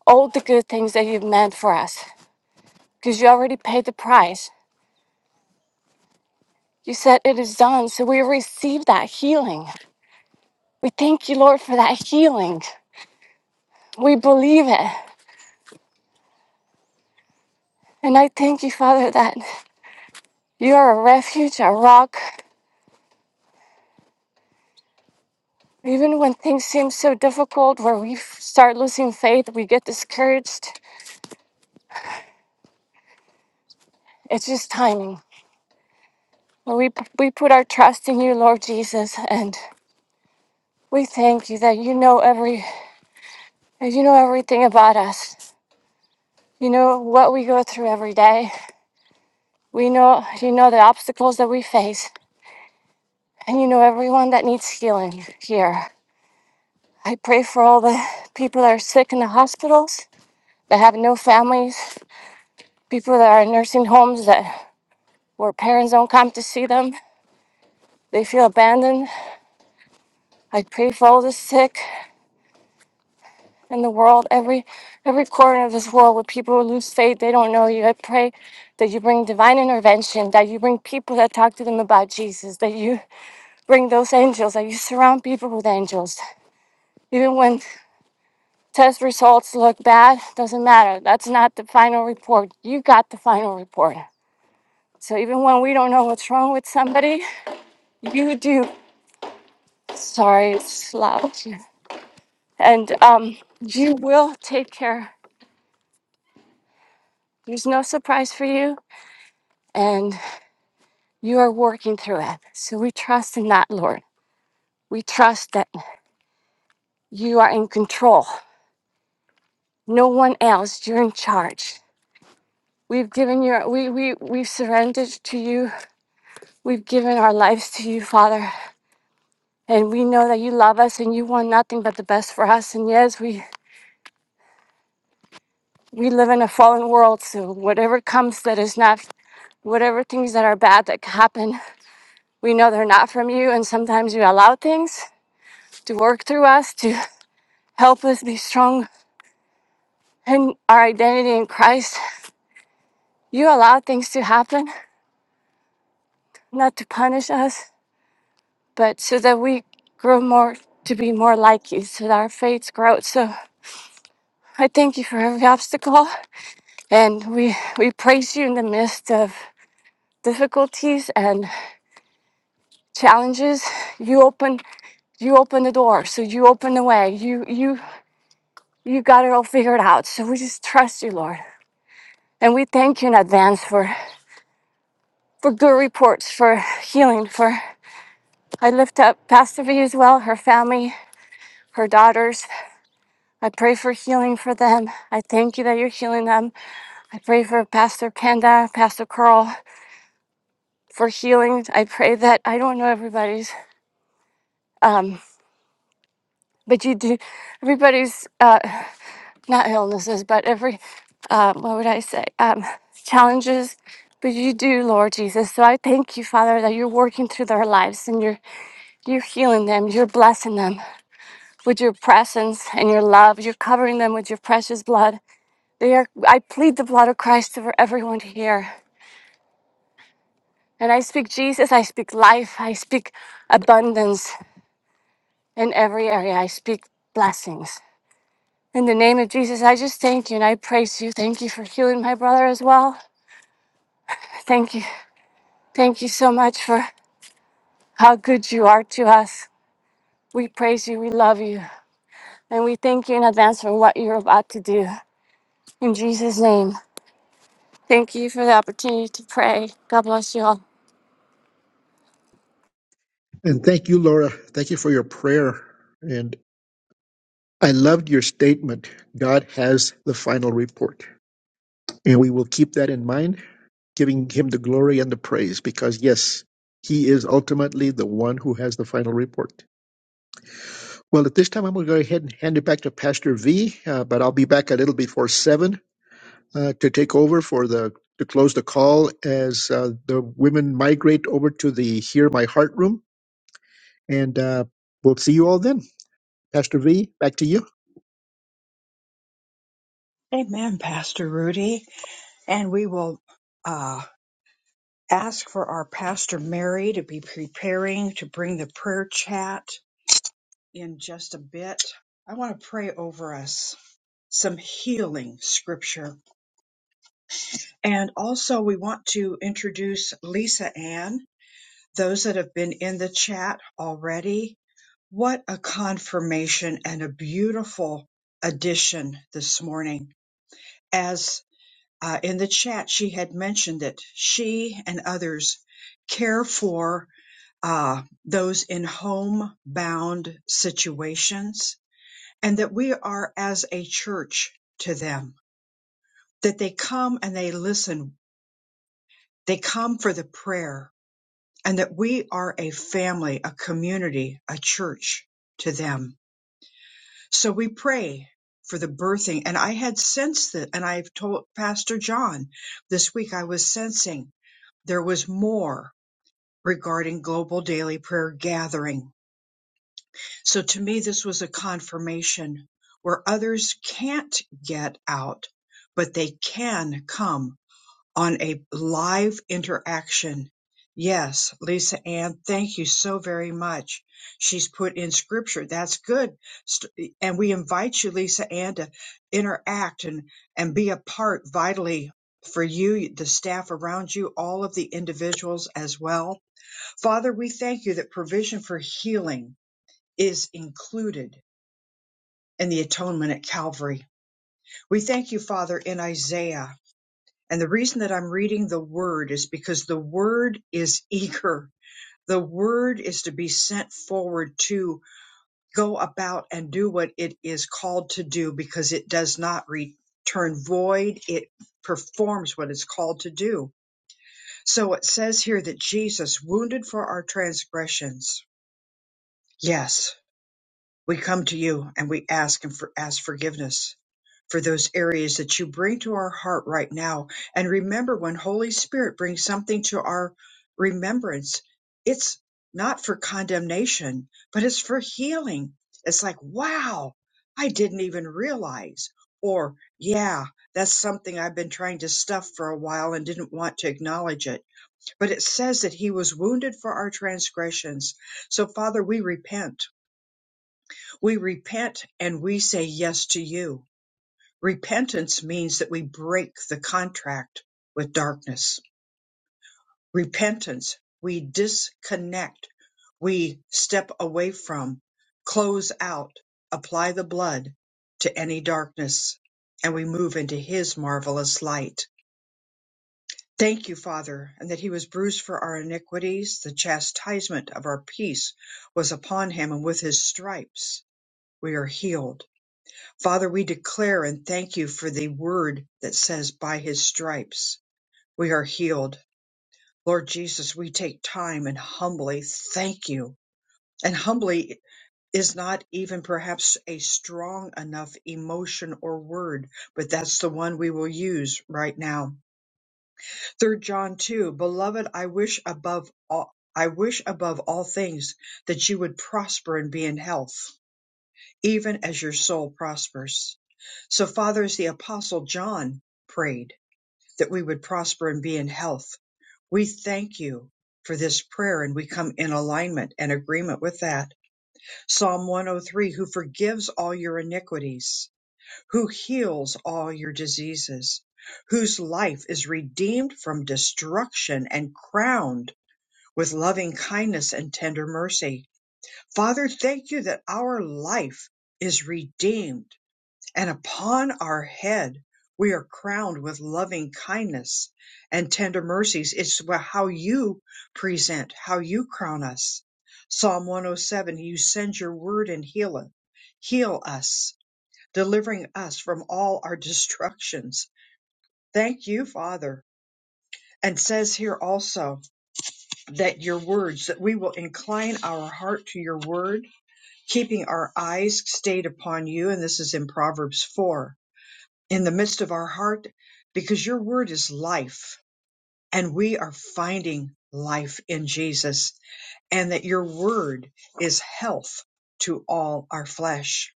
Speaker 7: all the good things that you've meant for us. Because you already paid the price. You said it is done. So we receive that healing. We thank you, Lord, for that healing. We believe it. And I thank you, Father, that you are a refuge, a rock. Even when things seem so difficult, where we f- start losing faith, we get discouraged. It's just timing. Lord, we, we put our trust in you, Lord Jesus, and we thank you that you know every that you know everything about us. You know what we go through every day. We know you know the obstacles that we face, and you know everyone that needs healing here. I pray for all the people that are sick in the hospitals, that have no families, people that are in nursing homes that where parents don't come to see them. They feel abandoned. I pray for all the sick. in the world, every every corner of this world where people lose faith, they don't know you. I pray that you bring divine intervention, that you bring people that talk to them about Jesus, that you bring those angels, that you surround people with angels. Even when test results look bad, doesn't matter. That's not the final report. You got the final report. So even when we don't know what's wrong with somebody, you do. Sorry, it's loud. here. And um, you will take care. There's no surprise for you. And You are working through it. So we trust in that, Lord. We trust that you are in control. No one else, you're in charge. We've given your we we we've surrendered to you. We've given our lives to you, Father. And we know that you love us and you want nothing but the best for us. And yes, we we live in a fallen world, so whatever comes that is not whatever things that are bad that happen, we know they're not from you and sometimes you allow things to work through us to help us be strong and our identity in Christ, you allow things to happen, not to punish us, but so that we grow more to be more like you, so that our faith grows. So I thank you for every obstacle, and we we praise you in the midst of difficulties and challenges. You open you open the door, so you open the way. You you you got it all figured out. So we just trust you, Lord. And we thank you in advance for, for good reports, for healing, for I lift up Pastor V as well, her family, her daughters. I pray for healing for them. I thank you that you're healing them. I pray for Pastor Panda, Pastor Carl for healing. I pray that I don't know everybody's, um, but you do everybody's uh, not illnesses, but every uh, what would I say um, challenges. But you do, Lord Jesus. So I thank you, Father, that you're working through their lives and you're you're healing them, you're blessing them. with your presence and your love. You're covering them with your precious blood. They are, I plead the blood of Christ over everyone here. And I speak Jesus, I speak life, I speak abundance in every area, I speak blessings. In the name of Jesus, I just thank you and I praise you. Thank you for healing my brother as well. Thank you. Thank you so much for how good you are to us. We praise you, we love you, and we thank you in advance for what you're about to do. In Jesus' name. Thank you for the opportunity to pray. God bless you all.
Speaker 2: And thank you, Laura. Thank you for your prayer. And I loved your statement God has the final report. And we will keep that in mind, giving him the glory and the praise, because yes, he is ultimately the one who has the final report. Well, at this time, I'm going to go ahead and hand it back to Pastor V, uh, but I'll be back a little before 7 uh, to take over for the to close the call as uh, the women migrate over to the Hear My Heart room, and uh, we'll see you all then. Pastor V, back to you.
Speaker 1: Amen, Pastor Rudy. And we will uh, ask for our Pastor Mary to be preparing to bring the prayer chat. in just a bit. I want to pray over us some healing scripture. And also, we want to introduce Lisa Ann, those that have been in the chat already. What a confirmation and a beautiful addition this morning. As uh, in the chat, she had mentioned that she and others care for uh, those in homebound situations and that we are as a church to them, that they come and they listen. They come for the prayer and that we are a family, a community, a church to them. So we pray for the birthing. And I had sensed that, and I've told Pastor John this week, I was sensing there was more regarding global daily prayer gathering So to me, this was a confirmation where others can't get out, but they can come on a live interaction. Yes, Lisa Ann, thank you so very much. She's put in scripture. That's good. St- And we invite you, Lisa Ann, to interact and, and be a part vitally for you, the staff around you, all of the individuals as well. Father, we thank you that provision for healing is included in the atonement at Calvary. We thank you, Father, in Isaiah. And the reason that I'm reading the word is because the word is eager. The word is to be sent forward to go about and do what it is called to do because it does not return void. It performs what it's called to do. So it says here that Jesus wounded for our transgressions. Yes, we come to you and we ask and for, ask forgiveness for those areas that you bring to our heart right now. And remember, when Holy Spirit brings something to our remembrance, it's not for condemnation, but it's for healing. It's like, wow, I didn't even realize. Or, yeah, that's something I've been trying to stuff for a while and didn't want to acknowledge it. But it says that he was wounded for our transgressions. So, Father, we repent. We repent and we say yes to you Repentance means that we break the contract with darkness. Repentance, we disconnect, we step away from, close out, apply the blood to any darkness, and we move into His marvelous light. Thank you, Father, and that He was bruised for our iniquities. The chastisement of our peace was upon Him, and with His stripes we are healed. Father, we declare and thank you for the word that says, by his stripes we are healed. Lord Jesus, we take time and humbly thank you. And humbly is not even perhaps a strong enough emotion or word, but that's the one we will use right now. Third John 2, beloved, I wish above all, I wish above all things that you would prosper and be in health even as your soul prospers. So, Father, as the Apostle John prayed that we would prosper and be in health, we thank you for this prayer and we come in alignment and agreement with that. Psalm 103 Who forgives all your iniquities, who heals all your diseases, whose life is redeemed from destruction and crowned with loving kindness and tender mercy. Father, thank you that our life is redeemed and upon our head we are crowned with loving kindness and tender mercies. It's how you present, how you crown us. Psalm 107, you send your word and heal us, heal us, delivering us from all our destructions. Thank you, Father. And says here also that your words, that we will incline our heart to your word, keeping our eyes stayed upon you. And this is in Proverbs 4 in the midst of our heart because your word is life and we are finding life in Jesus and that your word is health to all our flesh.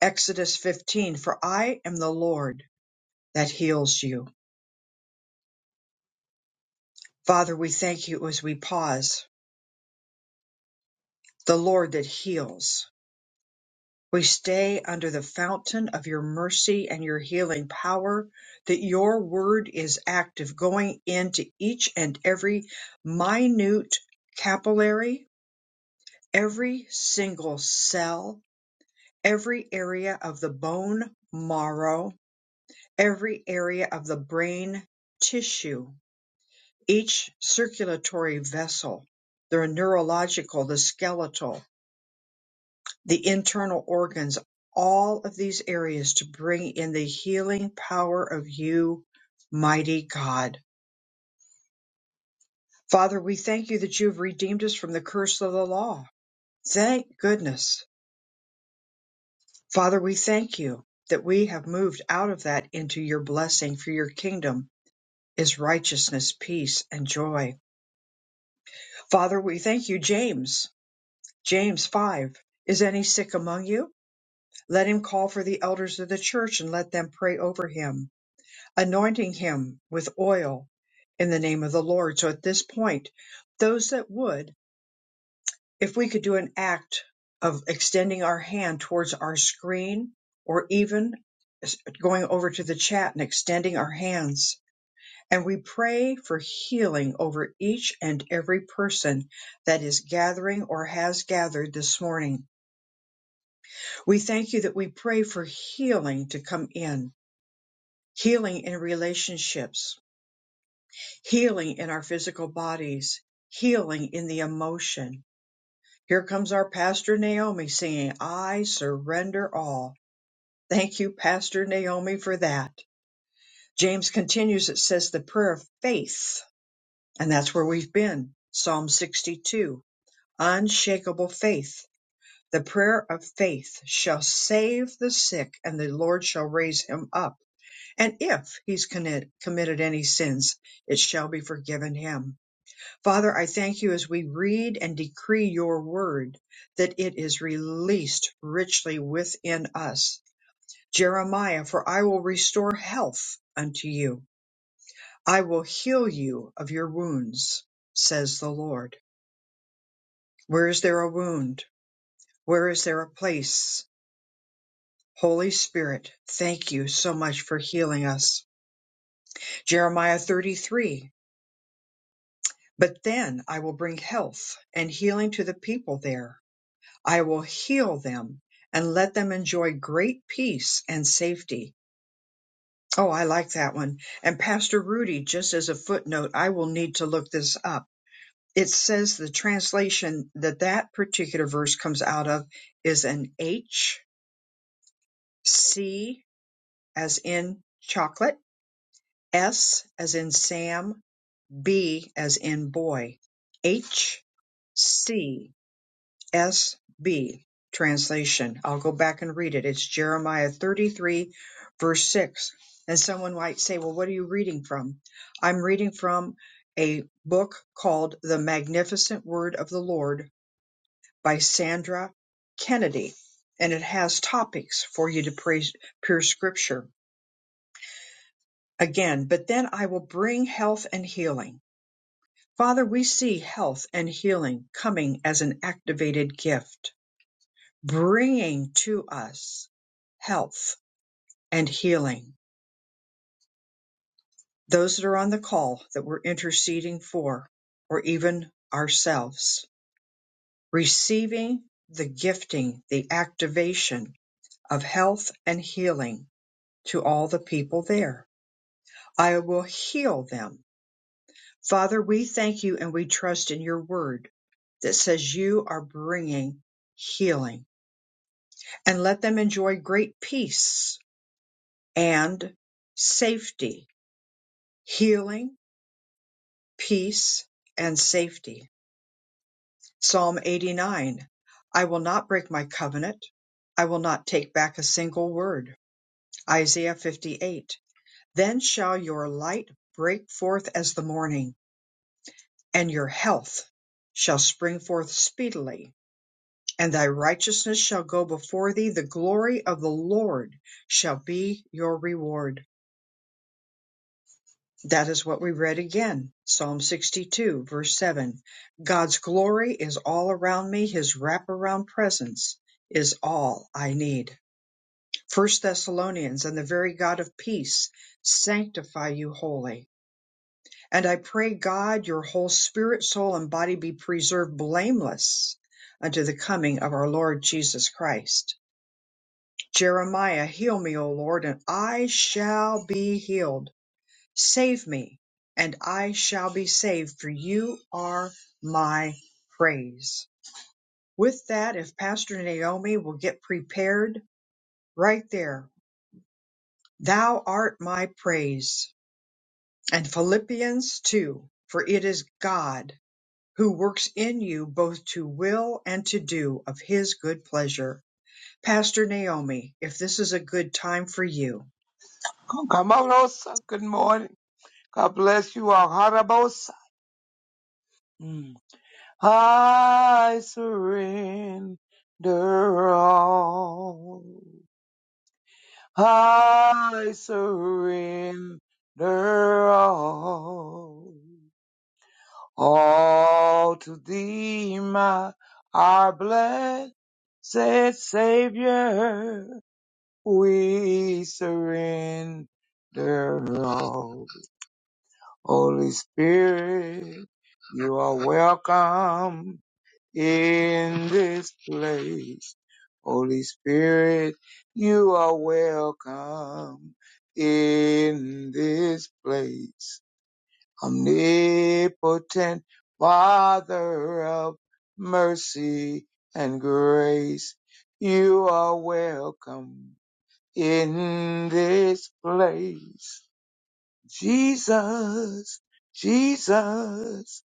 Speaker 1: Exodus 15, for I am the Lord that heals you. Father, we thank you as we pause, the Lord that heals. We stay under the fountain of your mercy and your healing power, that your word is active, going into each and every minute capillary, every single cell, every area of the bone marrow, every area of the brain tissue, each circulatory vessel, the neurological, the skeletal the internal organs, all of these areas to bring in the healing power of you, mighty God. Father, we thank you that you have redeemed us from the curse of the law. Thank goodness. Father, we thank you that we have moved out of that into your blessing for your kingdom is righteousness, peace, and joy. Father, we thank you, James. James 5. Is any sick among you? Let him call for the elders of the church and let them pray over him anointing him with oil in the name of the Lord. So at this point, those that would, if we could do an act of extending our hand towards our screen or even going over to the chat and extending our hands. And we pray for healing over each and every person that is gathering or has gathered this morning. We thank you that we pray for healing to come in, healing in relationships, healing in our physical bodies, healing in the emotion. Here comes our Pastor Naomi singing, I surrender all. Thank you, Pastor Naomi, for that. James continues, it says the prayer of faith, and that's where we've been. Psalm 62, unshakable faith. The prayer of faith shall save the sick, and the Lord shall raise him up. And if he's commit- committed any sins, it shall be forgiven him Father, I thank you as we read and decree your word that it is released richly within us. Jeremiah, for I will restore health unto you. I will heal you of your wounds, says the Lord. Where is there a wound? Where is there a place? Holy Spirit, thank you so much for healing us. Jeremiah 33. But then I will bring health and healing to the people there I will heal them and let them enjoy great peace and safety. Oh, I like that one. And Pastor Rudy, just as a footnote, I will need to look this up. It says the translation that that particular verse comes out of is an H C as in chocolate, S as in Sam, B as in boy. H C. N S. B. translation. I'll go back and read it. It's Jeremiah 33, verse 6. And someone might say, Well, what are you reading from? I'm reading from a book called The Magnificent Word of the Lord by Sandra Kennedy. And it has topics for you to praise, pure scripture again. But then I will bring health and healing. Father, we see health and healing coming as an activated gift bringing to us health and healing. Those that are on the call that we're interceding for, or even ourselves, receiving the gifting, the activation of health and healing to all the people there. I will heal them. Father, we thank you and we trust in your word that says you are bringing healing and let them enjoy great peace and safety healing, peace, and safety. Psalm 89 I will not break my covenant. I will not take back a single word. Isaiah 58 Then shall your light break forth as the morning, and your health shall spring forth speedily, and thy righteousness shall go before thee. The glory of the Lord shall be your reward. That is what we read again. Psalm 62, verse 7. God's glory is all around me. His wraparound presence is all I need. First Thessalonians, and the very God of peace sanctify you wholly. And I pray God your whole spirit, soul, and body be preserved blameless unto the coming of our Lord Jesus Christ. Jeremiah, heal me, O Lord, and I shall be healed. Save me, and I shall be saved, for you are my praise. With that, if Pastor Naomi will get prepared right there, thou art my praise. And Philippians 2, for it is God who works in you both to will and to do of his good pleasure. Pastor Naomi, if this is a good time for you.
Speaker 8: Kamarosa, good morning. God bless you all. Harabosa. Mm. I surrender all. I surrender all. All to thee, my our blessed Savior, we surrender all. Holy Spirit, you are welcome in this place. Holy Spirit, you are welcome in this place. Omnipotent Father of mercy and grace, you are welcome in this place. Jesus, Jesus,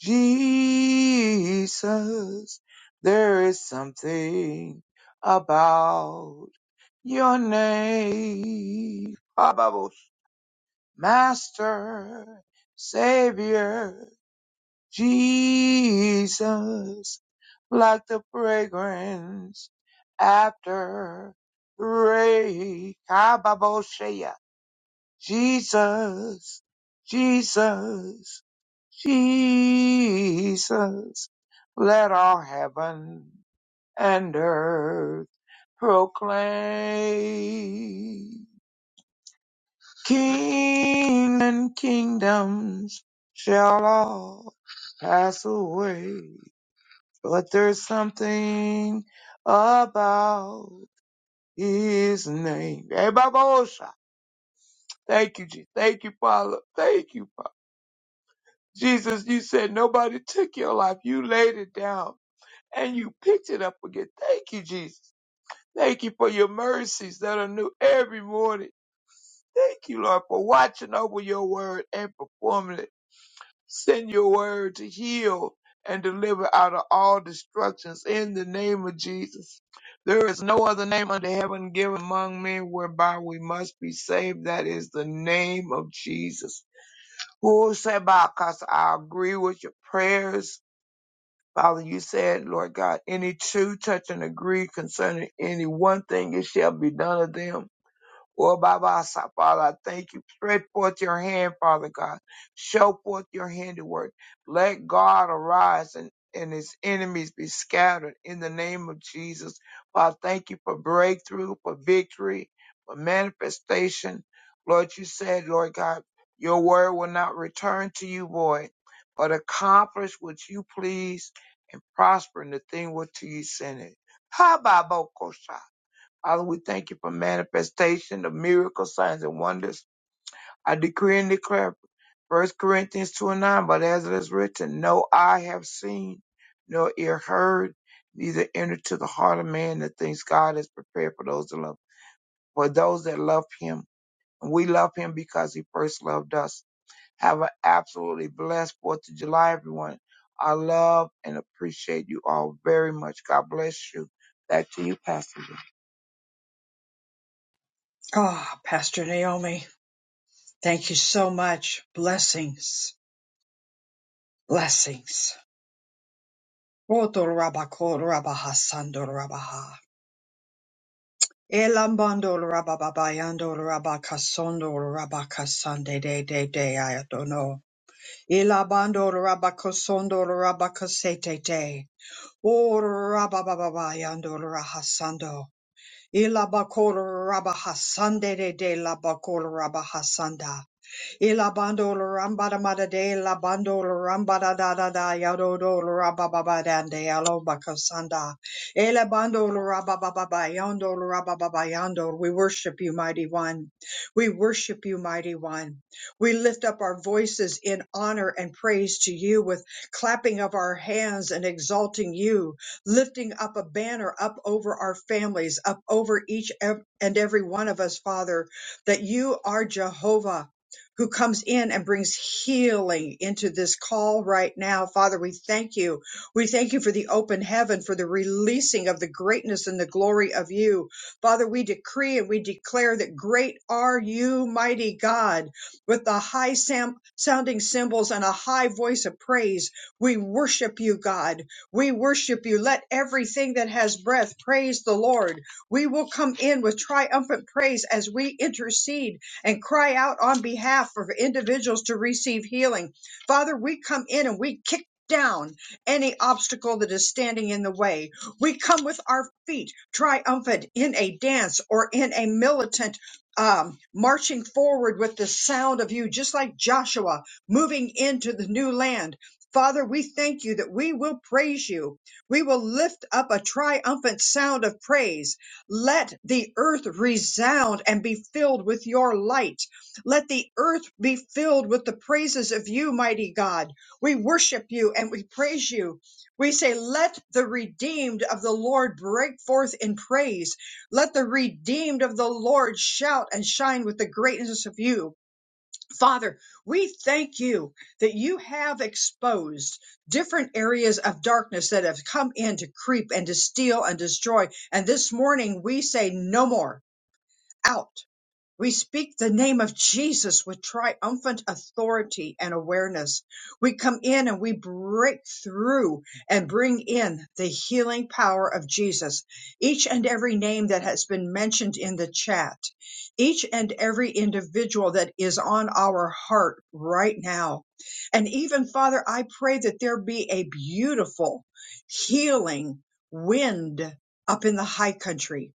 Speaker 8: Jesus. There is something about your name. Ah, Bubbles. Master, Savior, Jesus, like the fragrance after the rain. Kababosha. Jesus, Jesus, Jesus. Let all heaven and earth proclaim. King and kingdoms shall all pass away, but there's something about his name. Hey, Babosha. Thank you, Jesus. Thank you, Father. Thank you, Father. Jesus, you said nobody took your life. You laid it down and you picked it up again. Thank you, Jesus. Thank you for your mercies that are new every morning. Thank you, Lord, for watching over your word and performing it. Send your word to heal and deliver out of all destructions in the name of Jesus. There is no other name under heaven given among men whereby we must be saved. That is the name of Jesus. Who said, I agree with your prayers Father, you said, Lord God, any two touch and agree concerning any one thing, it shall be done of them. Oh, Baba, Asa, Father, I thank you. Spread forth your hand, Father God. Show forth your handiwork. Let God arise and, and his enemies be scattered in the name of Jesus. Father, thank you for breakthrough, for victory, for manifestation. Lord, you said, Lord God, your word will not return to you void, but accomplish what you please and prosper in the thing what you send it. Ha, Baba, Kosha. Father, we thank you for manifestation of miracles, signs, and wonders. I decree and declare First Corinthians 2 and 9, but as it is written, no eye have seen, nor ear heard, neither entered to the heart of man the things God has prepared for those that love, for those that love him. And we love him because he first loved us. Have an absolutely blessed 4th of July, everyone. I love and appreciate you all very much. God bless you. Back to you, Pastor. Jay.
Speaker 1: Ah, Pastor Naomi, thank you so much. Blessings, blessings. Roto raba ko raba hasando raba ha. Elambando raba babayando raba de de de ayatono, don't know. Elabando raba kosondo te. O raba babayando raba hasando. Ilabako raba de de labako raba hasanda. Ilabando Lurambada Mada De Labando rambada Da Da Da Yadodo Lurababa Dande Aloba Kasanda Elabando Lurababa Yondo Lurababa Yando. We worship you, Mighty One. We worship you, Mighty One. We lift up our voices in honor and praise to you with clapping of our hands and exalting you, lifting up a banner up over our families, up over each ev- and every one of us, Father, that you are Jehovah who comes in and brings healing into this call right now. Father, we thank you. We thank you for the open heaven, for the releasing of the greatness and the glory of you. Father, we decree and we declare that great are you, mighty God, with the high sam- sounding cymbals and a high voice of praise. We worship you, God. We worship you. Let everything that has breath praise the Lord. We will come in with triumphant praise as we intercede and cry out on behalf of individuals to receive healing. Father, we come in and we kick down any obstacle that is standing in the way. We come with our feet triumphant in a dance or in a militant um, marching forward with the sound of you, just like Joshua moving into the new land. Father, we thank you that we will praise you. We will lift up a triumphant sound of praise let the earth resound and be filled with your light. Let the earth be filled with the praises of you, mighty God. We worship you and we praise you. We say, Let the redeemed of the Lord break forth in praise. Let the redeemed of the Lord shout and shine with the greatness of you. Father, we thank you that you have exposed different areas of darkness that have come in to creep and to steal and destroy. And this morning we say, no more, out. We speak the name of Jesus with triumphant authority and awareness. We come in and we break through and bring in the healing power of Jesus. Each and every name that has been mentioned in the chat, each and every individual that is on our heart right now. And even Father, I pray that there be a beautiful healing wind up in the high country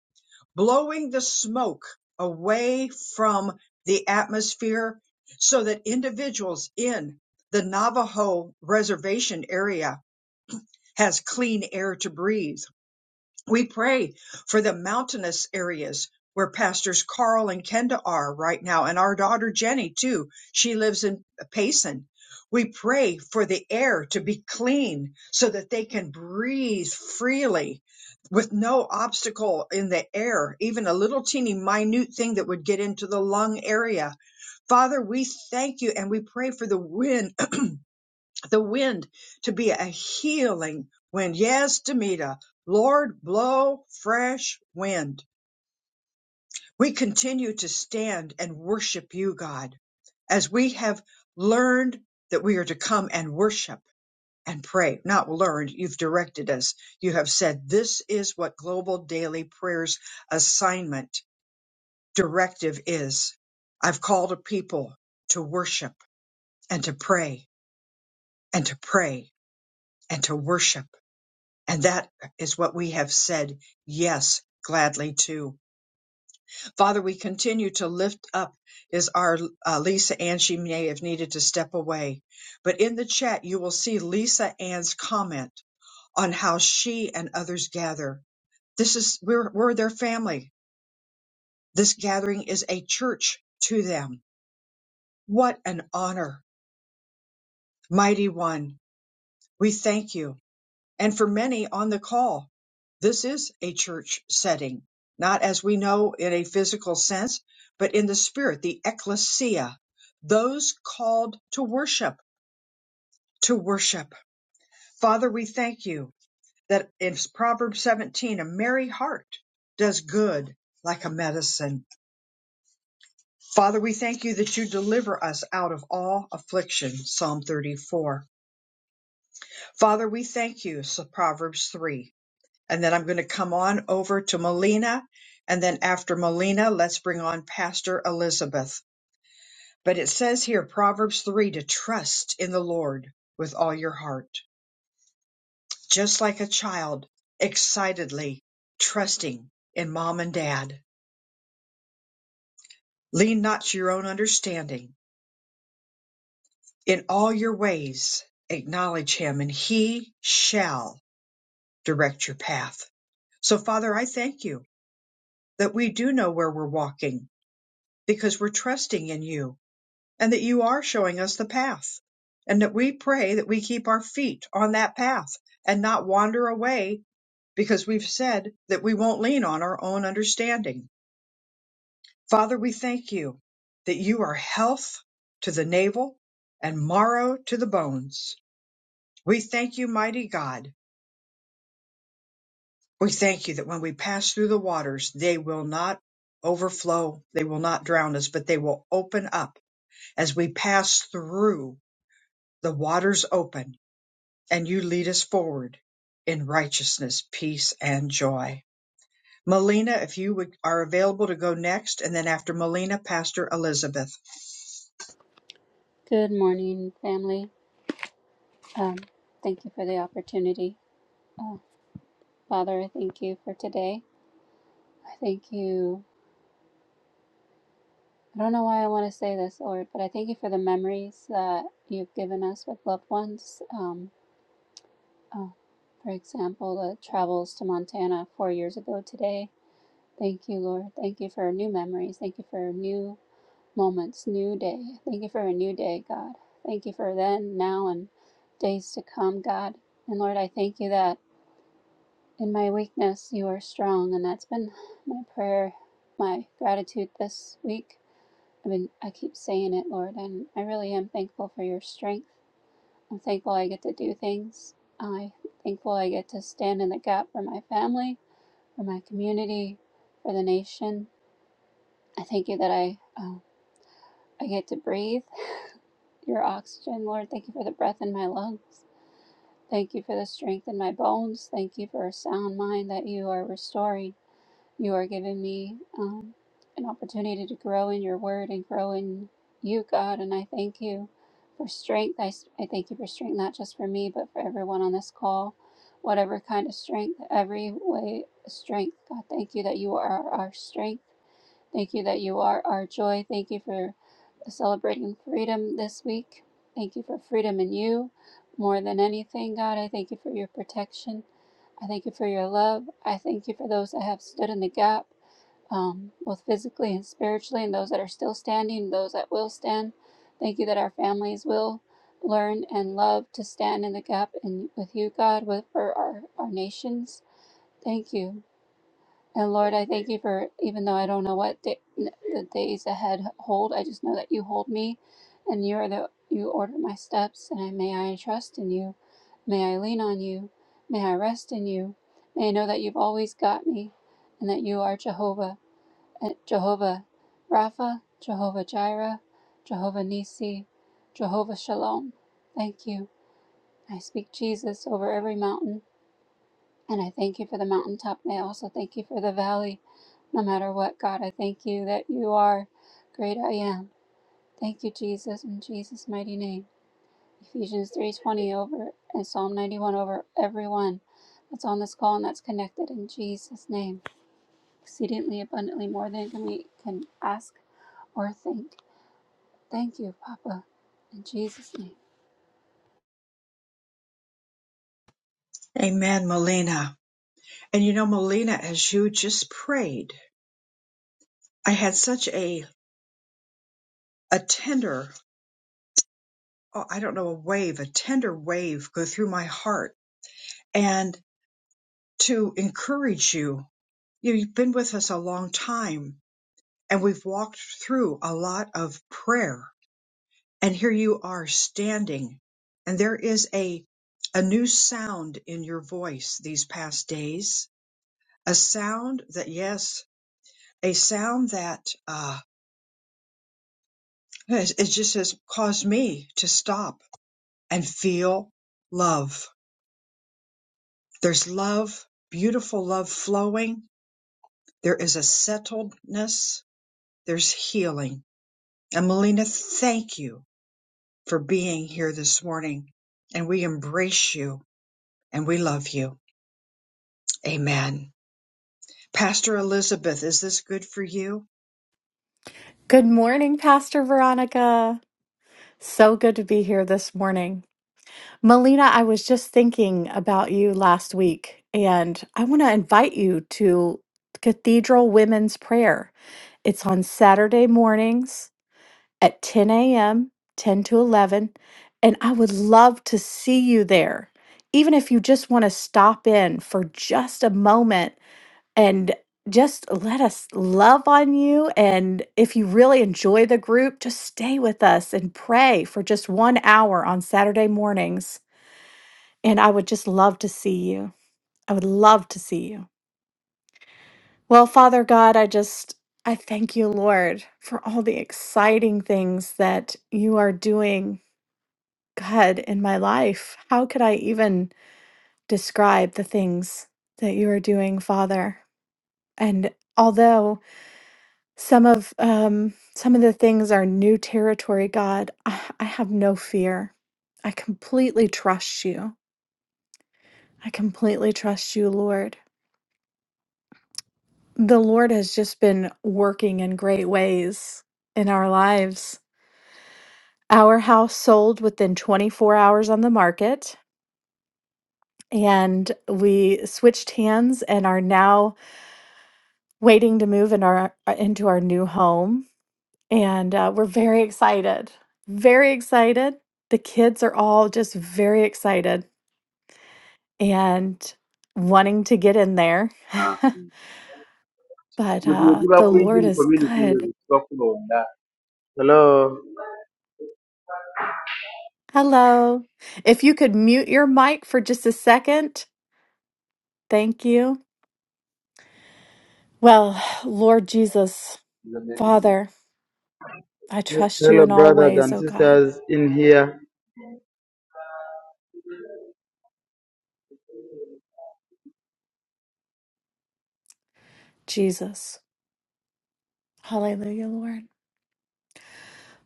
Speaker 1: blowing the smoke away from the atmosphere so that individuals in the Navajo reservation area has clean air to breathe. We pray for the mountainous areas where pastors Carl and Kenda are right now, and our daughter Jenny too. She lives in Payson. We pray for the air to be clean so that they can breathe freely with no obstacle in the air, even a little teeny minute thing that would get into the lung area. Father, we thank you and we pray for the wind the wind to be a healing wind. Yes, Demita, Lord, blow fresh wind. We continue to stand and worship you, God, as we have learned that we are to come and worship and pray. Not learned, you've directed us. You have said this is what Global Daily Prayers assignment directive is. I've called a people to worship and to pray and to pray and to worship And that is what we have said, yes, gladly to. Father, we continue to lift up is our uh, Lisa Ann. She may have needed to step away, but in the chat, you will see Lisa Ann's comment on how she and others gather. This is, we're, we're their family. This gathering is a church to them. What an honor. Mighty one, we thank you And for many on the call, this is a church setting, not as we know in a physical sense, but in the spirit, the ecclesia, those called to worship, to worship. Father, we thank you that in Proverbs 17, a merry heart does good like a medicine. Father, we thank you that you deliver us out of all affliction, Psalm 34. Father, we thank you, so Proverbs 3 and then I'm going to come on over to Melina. And then after Melina, let's bring on Pastor Elizabeth. But it says here, Proverbs 3, to trust in the Lord with all your heart, just like a child excitedly trusting in mom and dad. Lean not to your own understanding. In all your ways, acknowledge him, and he shall direct your path. So, Father, I thank you that we do know where we're walking because we're trusting in you and that you are showing us the path. And that we pray that we keep our feet on that path and not wander away because we've said that we won't lean on our own understanding. Father, we thank you that you are health to the navel and marrow to the bones. We thank you, mighty God. We thank you that when we pass through the waters, they will not overflow. They will not drown us, but they will open up as we pass through the waters open and you lead us forward in righteousness, peace, and joy. Melina, if you would, are available to go next, and then after Melina, Pastor Elizabeth.
Speaker 9: Good morning, family. Um, thank you for the opportunity. Uh, Father, I thank you for today. I thank you. I don't know why I want to say this, Lord, but I thank you for the memories that you've given us with loved ones. Um, uh, for example, the travels to Montana four years ago today. Thank you, Lord. Thank you for new memories. Thank you for new moments, new day. Thank you for a new day, God. Thank you for then, now, and days to come, God. And Lord, I thank you that. In my weakness, you are strong, and that's been my prayer, my gratitude this week. I mean, I keep saying it, Lord, and I really am thankful for your strength. I'm thankful I get to do things. I'm thankful I get to stand in the gap for my family, for my community, for the nation. I thank you that I uh, I get to breathe your oxygen, Lord. Thank you for the breath in my lungs. Thank you for the strength in my bones. Thank you for a sound mind that you are restoring. You are giving me um, an opportunity to grow in your word and grow in you, God. And I thank you for strength. I I thank you for strength, not just for me, but for everyone on this call. Whatever kind of strength, every way, strength. God, thank you that you are our strength. Thank you that you are our joy. Thank you for celebrating freedom this week. Thank you for freedom in you more than anything, God. I thank you for your protection. I thank you for your love. I thank you for those that have stood in the gap, um, both physically and spiritually, and those that are still standing, those that will stand. Thank you that our families will learn and love to stand in the gap and with you, God, with for our, our nations. Thank you. And Lord, I thank you for, even though I don't know what day, the days ahead hold, I just know that you hold me and you are the, you order my steps and I, may I trust in you. May I lean on you. May I rest in you. May I know that you've always got me and that you are Jehovah, eh, Jehovah Rapha, Jehovah Jireh, Jehovah Nisi, Jehovah Shalom. Thank you. I speak Jesus over every mountain. And I thank you for the mountaintop. And I also thank you for the valley. No matter what, God, I thank you that you are great I am. Thank you, Jesus, in Jesus' mighty name. Ephesians 3.20 over and Psalm 91 over everyone that's on this call and that's connected in Jesus' name. Exceedingly abundantly more than can we can ask or think. Thank you, Papa, in Jesus' name.
Speaker 1: Amen, Melina. And you know, Melina, as you just prayed, I had such a a tender, oh, I don't know, a wave, a tender wave go through my heart, and to encourage you. You've been with us a long time, and we've walked through a lot of prayer and here you are standing and there is a a new sound in your voice these past days a sound that yes a sound that uh it it just has caused me to stop and feel love there's love beautiful love flowing there is a settledness there's healing and melina thank you for being here this morning and we embrace you and we love you amen Pastor Elizabeth, is this good for you?
Speaker 10: Good morning, Pastor Veronica. So good to be here this morning. Melina, I was just thinking about you last week, and I want to invite you to Cathedral Women's Prayer. It's on Saturday mornings at 10 a.m., 10 to 11, and I would love to see you there. Even if you just want to stop in for just a moment and just let us love on you. And if you really enjoy the group, just stay with us and pray for just one hour on Saturday mornings. And I would just love to see you. I would love to see you. Well, Father God, I just, I thank you, Lord, for all the exciting things that you are doing, God, in my life. How could I even describe the things that you are doing, Father? And although Some of um, some of the things are new territory, God. I, I have no fear. I completely trust you. I completely trust you, Lord. The Lord has just been working in great ways in our lives. Our house sold within 24 hours on the market, and we switched hands and are now waiting to move in our uh, into our new home. and uh, we're very excited. Very excited. The kids are all just very excited and wanting to get in there.
Speaker 11: Ah.
Speaker 10: but
Speaker 11: But you
Speaker 10: uh,
Speaker 11: give
Speaker 10: the
Speaker 11: up with
Speaker 10: Lord
Speaker 11: him
Speaker 10: is
Speaker 11: community
Speaker 10: good.
Speaker 11: you talk on that. Hello,
Speaker 10: Hello. If you could mute your mic for just a second, thank you. Well, Lord Jesus, Father, I trust you
Speaker 11: hello,
Speaker 10: in all
Speaker 11: brothers
Speaker 10: ways,
Speaker 11: and
Speaker 10: oh God.
Speaker 11: sisters in here.
Speaker 10: Jesus. Hallelujah, Lord.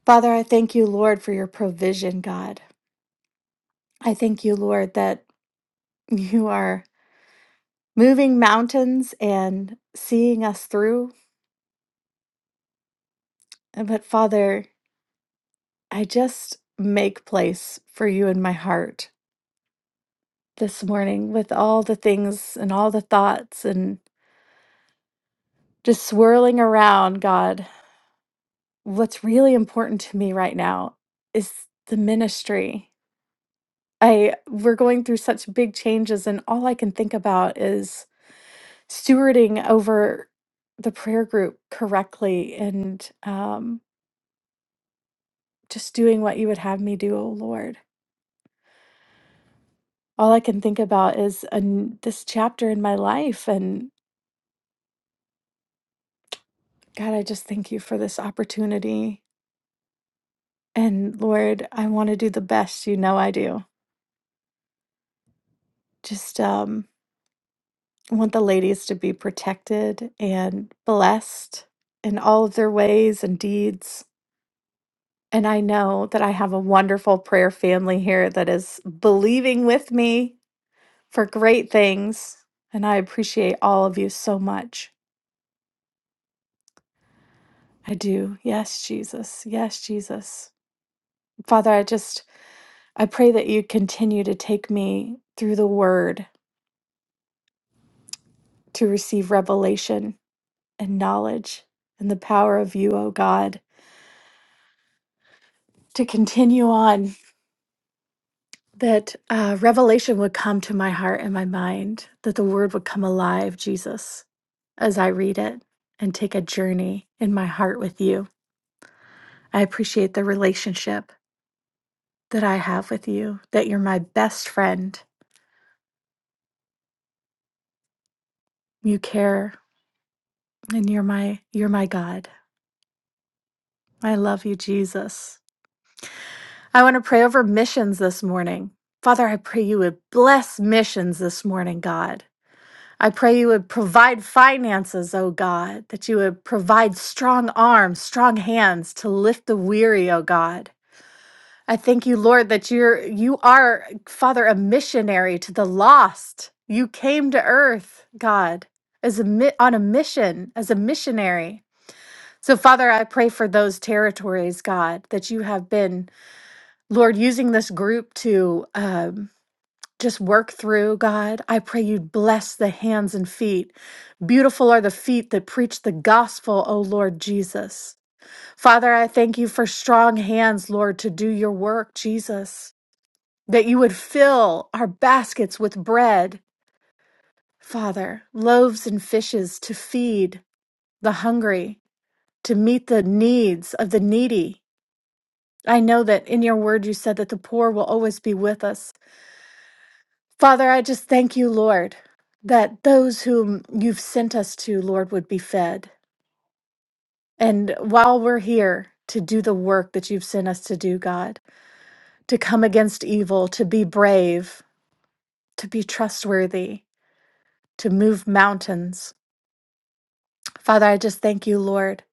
Speaker 10: Father, I thank you, Lord, for your provision, God. I thank you, Lord, that you are. moving mountains and seeing us through. And but Father, I just make place for you in my heart this morning with all the things and all the thoughts and just swirling around, God. What's really important to me right now is the ministry. I we're going through such big changes and all I can think about is stewarding over the prayer group correctly and um just doing what you would have me do, oh Lord. All I can think about is an, this chapter in my life. And God, I just thank you for this opportunity. And Lord, I want to do the best you know I do. Just um, I want the ladies to be protected and blessed in all of their ways and deeds. And I know that I have a wonderful prayer family here that is believing with me for great things. And I appreciate all of you so much. I do. Yes, Jesus. Yes, Jesus. Father, I just I pray that you continue to take me through the word to receive revelation and knowledge and the power of you, oh God, to continue on that uh, revelation would come to my heart and my mind, that the word would come alive, Jesus, as I read it and take a journey in my heart with you. I appreciate the relationship that I have with you, that you're my best friend. You care and you're my you're my god i love you jesus i want to pray over missions this morning father i pray you would bless missions this morning god i pray you would provide finances oh god that you would provide strong arms strong hands to lift the weary oh god i thank you lord that you're you are father a missionary to the lost you came to earth god as a mi- on a mission as a missionary So, Father, I pray for those territories, God, that you have been, Lord, using this group to um, just work through, God. I pray you bless the hands and feet. Beautiful are the feet that preach the gospel, O Lord Jesus. Father, I thank you for strong hands, Lord, to do your work, Jesus, that you would fill our baskets with bread, Father, loaves and fishes to feed the hungry, to meet the needs of the needy. I know that in your word you said that the poor will always be with us. Father, I just thank you, Lord, that those whom you've sent us to, Lord, would be fed. And while we're here to do the work that you've sent us to do, God, to come against evil, to be brave, to be trustworthy, to move mountains. Father, I just thank you, Lord,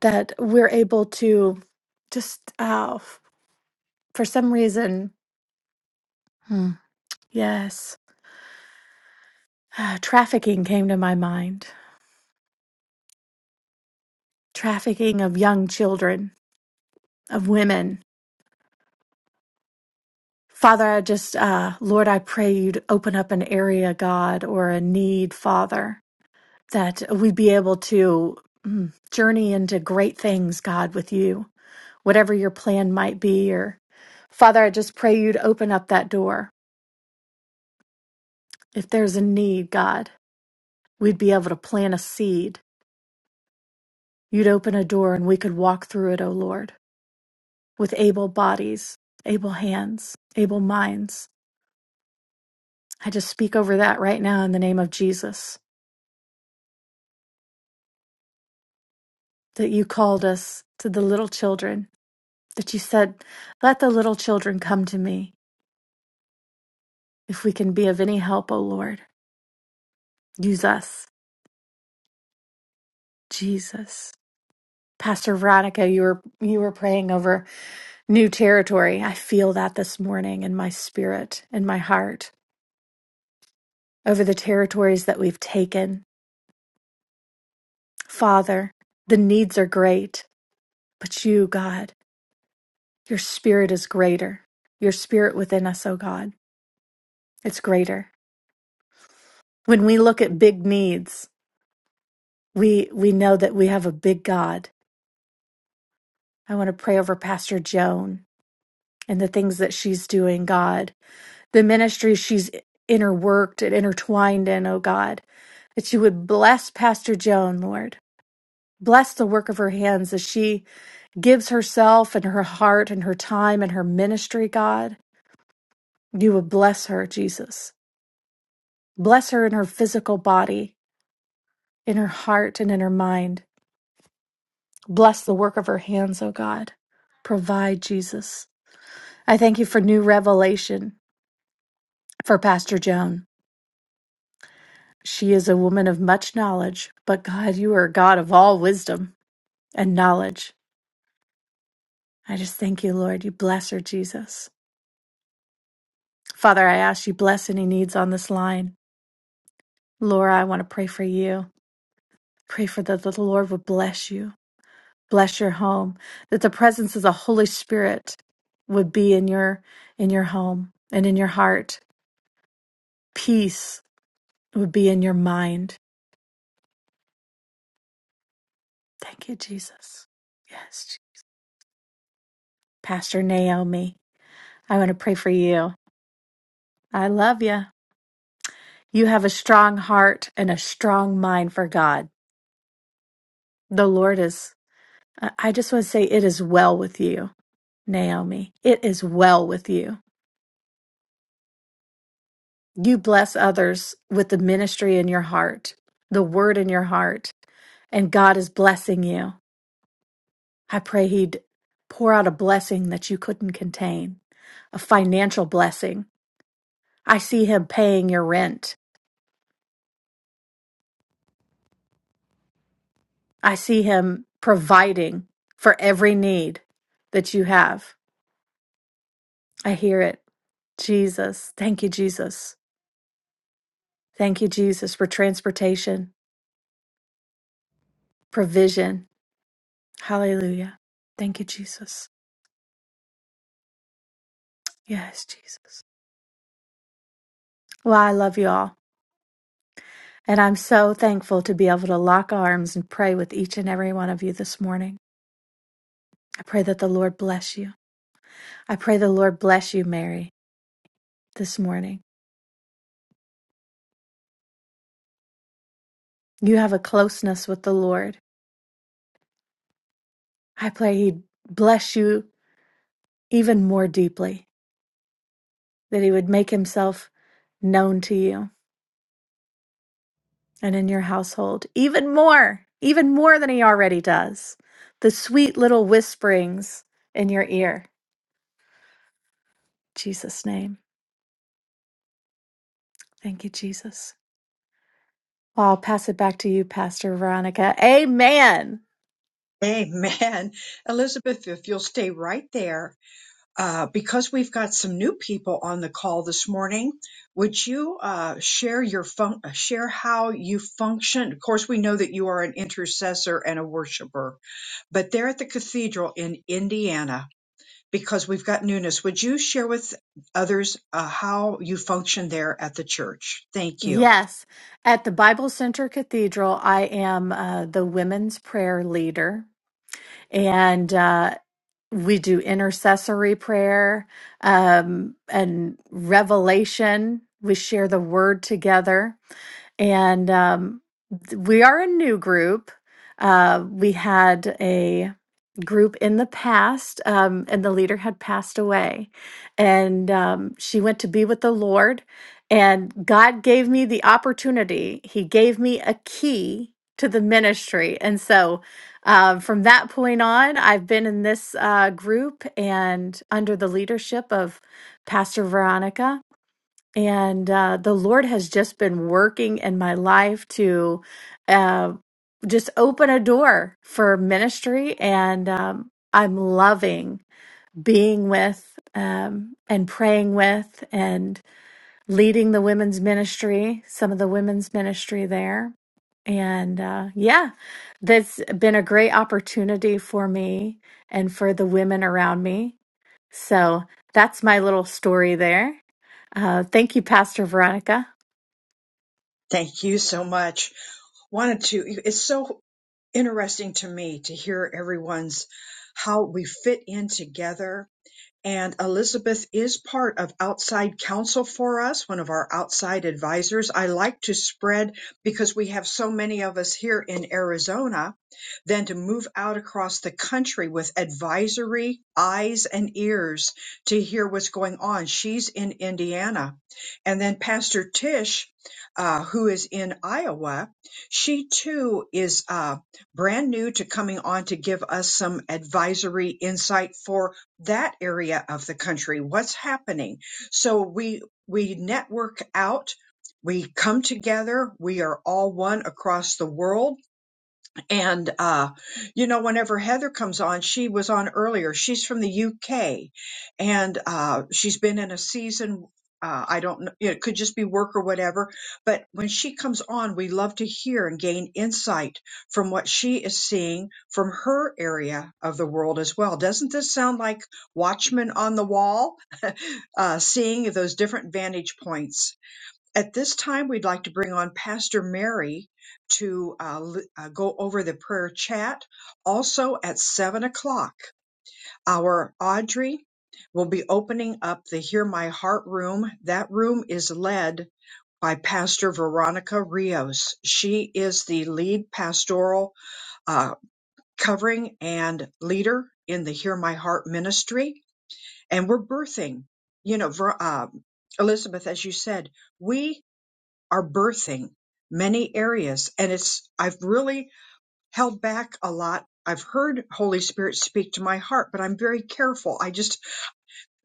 Speaker 10: that we're able to just, uh, f- for some reason, hmm, yes, ah, trafficking came to my mind trafficking of young children, of women. Father, I just, uh, Lord, I pray you'd open up an area, God, or a need, Father, that we'd be able to mm, journey into great things, God, with you, whatever your plan might be. Or, Father, I just pray you'd open up that door. If there's a need, God, we'd be able to plant a seed. You'd open a door and we could walk through it, O Lord, with able bodies, able hands, able minds. I just speak over that right now in the name of Jesus that you called us to the little children, that you said, Let the little children come to me if we can be of any help, O Lord. Use us, Jesus. Pastor Veronica, you were you were praying over new territory. I feel that this morning in my spirit, in my heart, over the territories that we've taken. Father, the needs are great, but you, God, your spirit is greater. Your spirit within us, O God. It's greater. When we look at big needs, we we know that we have a big God. I want to pray over Pastor Joan and the things that she's doing, God. The ministry she's interworked and intertwined in, oh God. That you would bless Pastor Joan, Lord. Bless the work of her hands as she gives herself and her heart and her time and her ministry, God. You would bless her, Jesus. Bless her in her physical body, in her heart and in her mind. Bless the work of her hands, O God. Provide, Jesus. I thank you for new revelation for Pastor Joan. She is a woman of much knowledge, but God, you are a God of all wisdom and knowledge. I just thank you, Lord. You bless her, Jesus. Father, I ask you bless any needs on this line. Laura, I want to pray for you. Pray for that the Lord would bless you, bless your home, that the presence of the Holy Spirit would be in your in your home and in your heart. Peace It would be in your mind. Thank you, Jesus. Yes. Pastor Naomi, I want to pray for you. I love you. You have a strong heart and a strong mind for God. The Lord is, I I just want to say, it is well with you, Naomi. It is well with you. You bless others with the ministry in your heart, the word in your heart, and God is blessing you. I pray He'd pour out a blessing that you couldn't contain, a financial blessing I see him paying your rent. I see him providing for every need that you have. I hear it. Jesus. Thank you, Jesus. Thank you, Jesus, for transportation, provision. Hallelujah. Thank you, Jesus. Yes, Jesus. Well, I love you all. And I'm so thankful to be able to lock arms and pray with each and every one of you this morning. I pray that the Lord bless you. I pray the Lord bless you, Mary, this morning. You have a closeness with the Lord I pray He'd bless you even more deeply, that He would make Himself known to you and in your household even more, even more than He already does. The sweet little whisperings in your ear. In Jesus' name. Thank you, Jesus. Well, I'll pass it back to you, Pastor Veronica. Amen.
Speaker 1: Amen. Elizabeth, if you'll stay right there, uh, because we've got some new people on the call this morning, would you uh, share your fun- uh, share how you function? Of course, we know that you are an intercessor and a worshiper, but there at the cathedral in Indiana, because we've got newness, would you share with others uh, how you function there at the church? Thank you.
Speaker 10: Yes. At the Bible Center Cathedral, I am uh, the women's prayer leader. And uh, we do intercessory prayer um, and revelation. We share the word together and um, th- we are a new group. Uh, we had a group in the past, um, and the leader had passed away, and um, she went to be with the Lord. And God gave me the opportunity. He gave me a key to the ministry, and so uh, from that point on, I've been in this uh, group and under the leadership of Pastor Veronica and uh, the Lord has just been working in my life to uh, just open a door for ministry. And um, I'm loving being with um, and praying with and leading the women's ministry, some of the women's ministry there. And uh, yeah, that's been a great opportunity for me and for the women around me. So that's my little story there. Uh, thank you, Pastor Veronica.
Speaker 1: Thank you so much. wanted to it's so interesting to me to hear everyone's how we fit in together and Elizabeth is part of outside counsel for us, one of our outside advisors. I like to spread because we have so many of us here in Arizona, then to move out across the country with advisory eyes and ears to hear what's going on. She's in Indiana. And then Pastor Tish, uh, who is in Iowa, she too is uh, brand new to coming on to give us some advisory insight for that area of the country what's happening so we we network out we come together we are all one across the world and, uh, you know, whenever Heather comes on, she was on earlier. She's from the UK and, uh, she's been in a season. Uh, I don't know. It could just be work or whatever. But when she comes on, we love to hear and gain insight from what she is seeing from her area of the world as well. Doesn't this sound like Watchmen on the Wall? Uh, seeing those different vantage points at this time, we'd like to bring on Pastor Mary to uh, l- uh, go over the prayer chat. Also, at 7 o'clock, our Audrey will be opening up the Hear My Heart room. That room is led by Pastor Veronica Rios. She is the lead pastoral uh, covering and leader in the Hear My Heart ministry. And we're birthing, you know, Ver- uh, Elizabeth, as you said, we are birthing many areas and it's I've really held back a lot. I've heard Holy Spirit speak to my heart, but I'm very careful. I just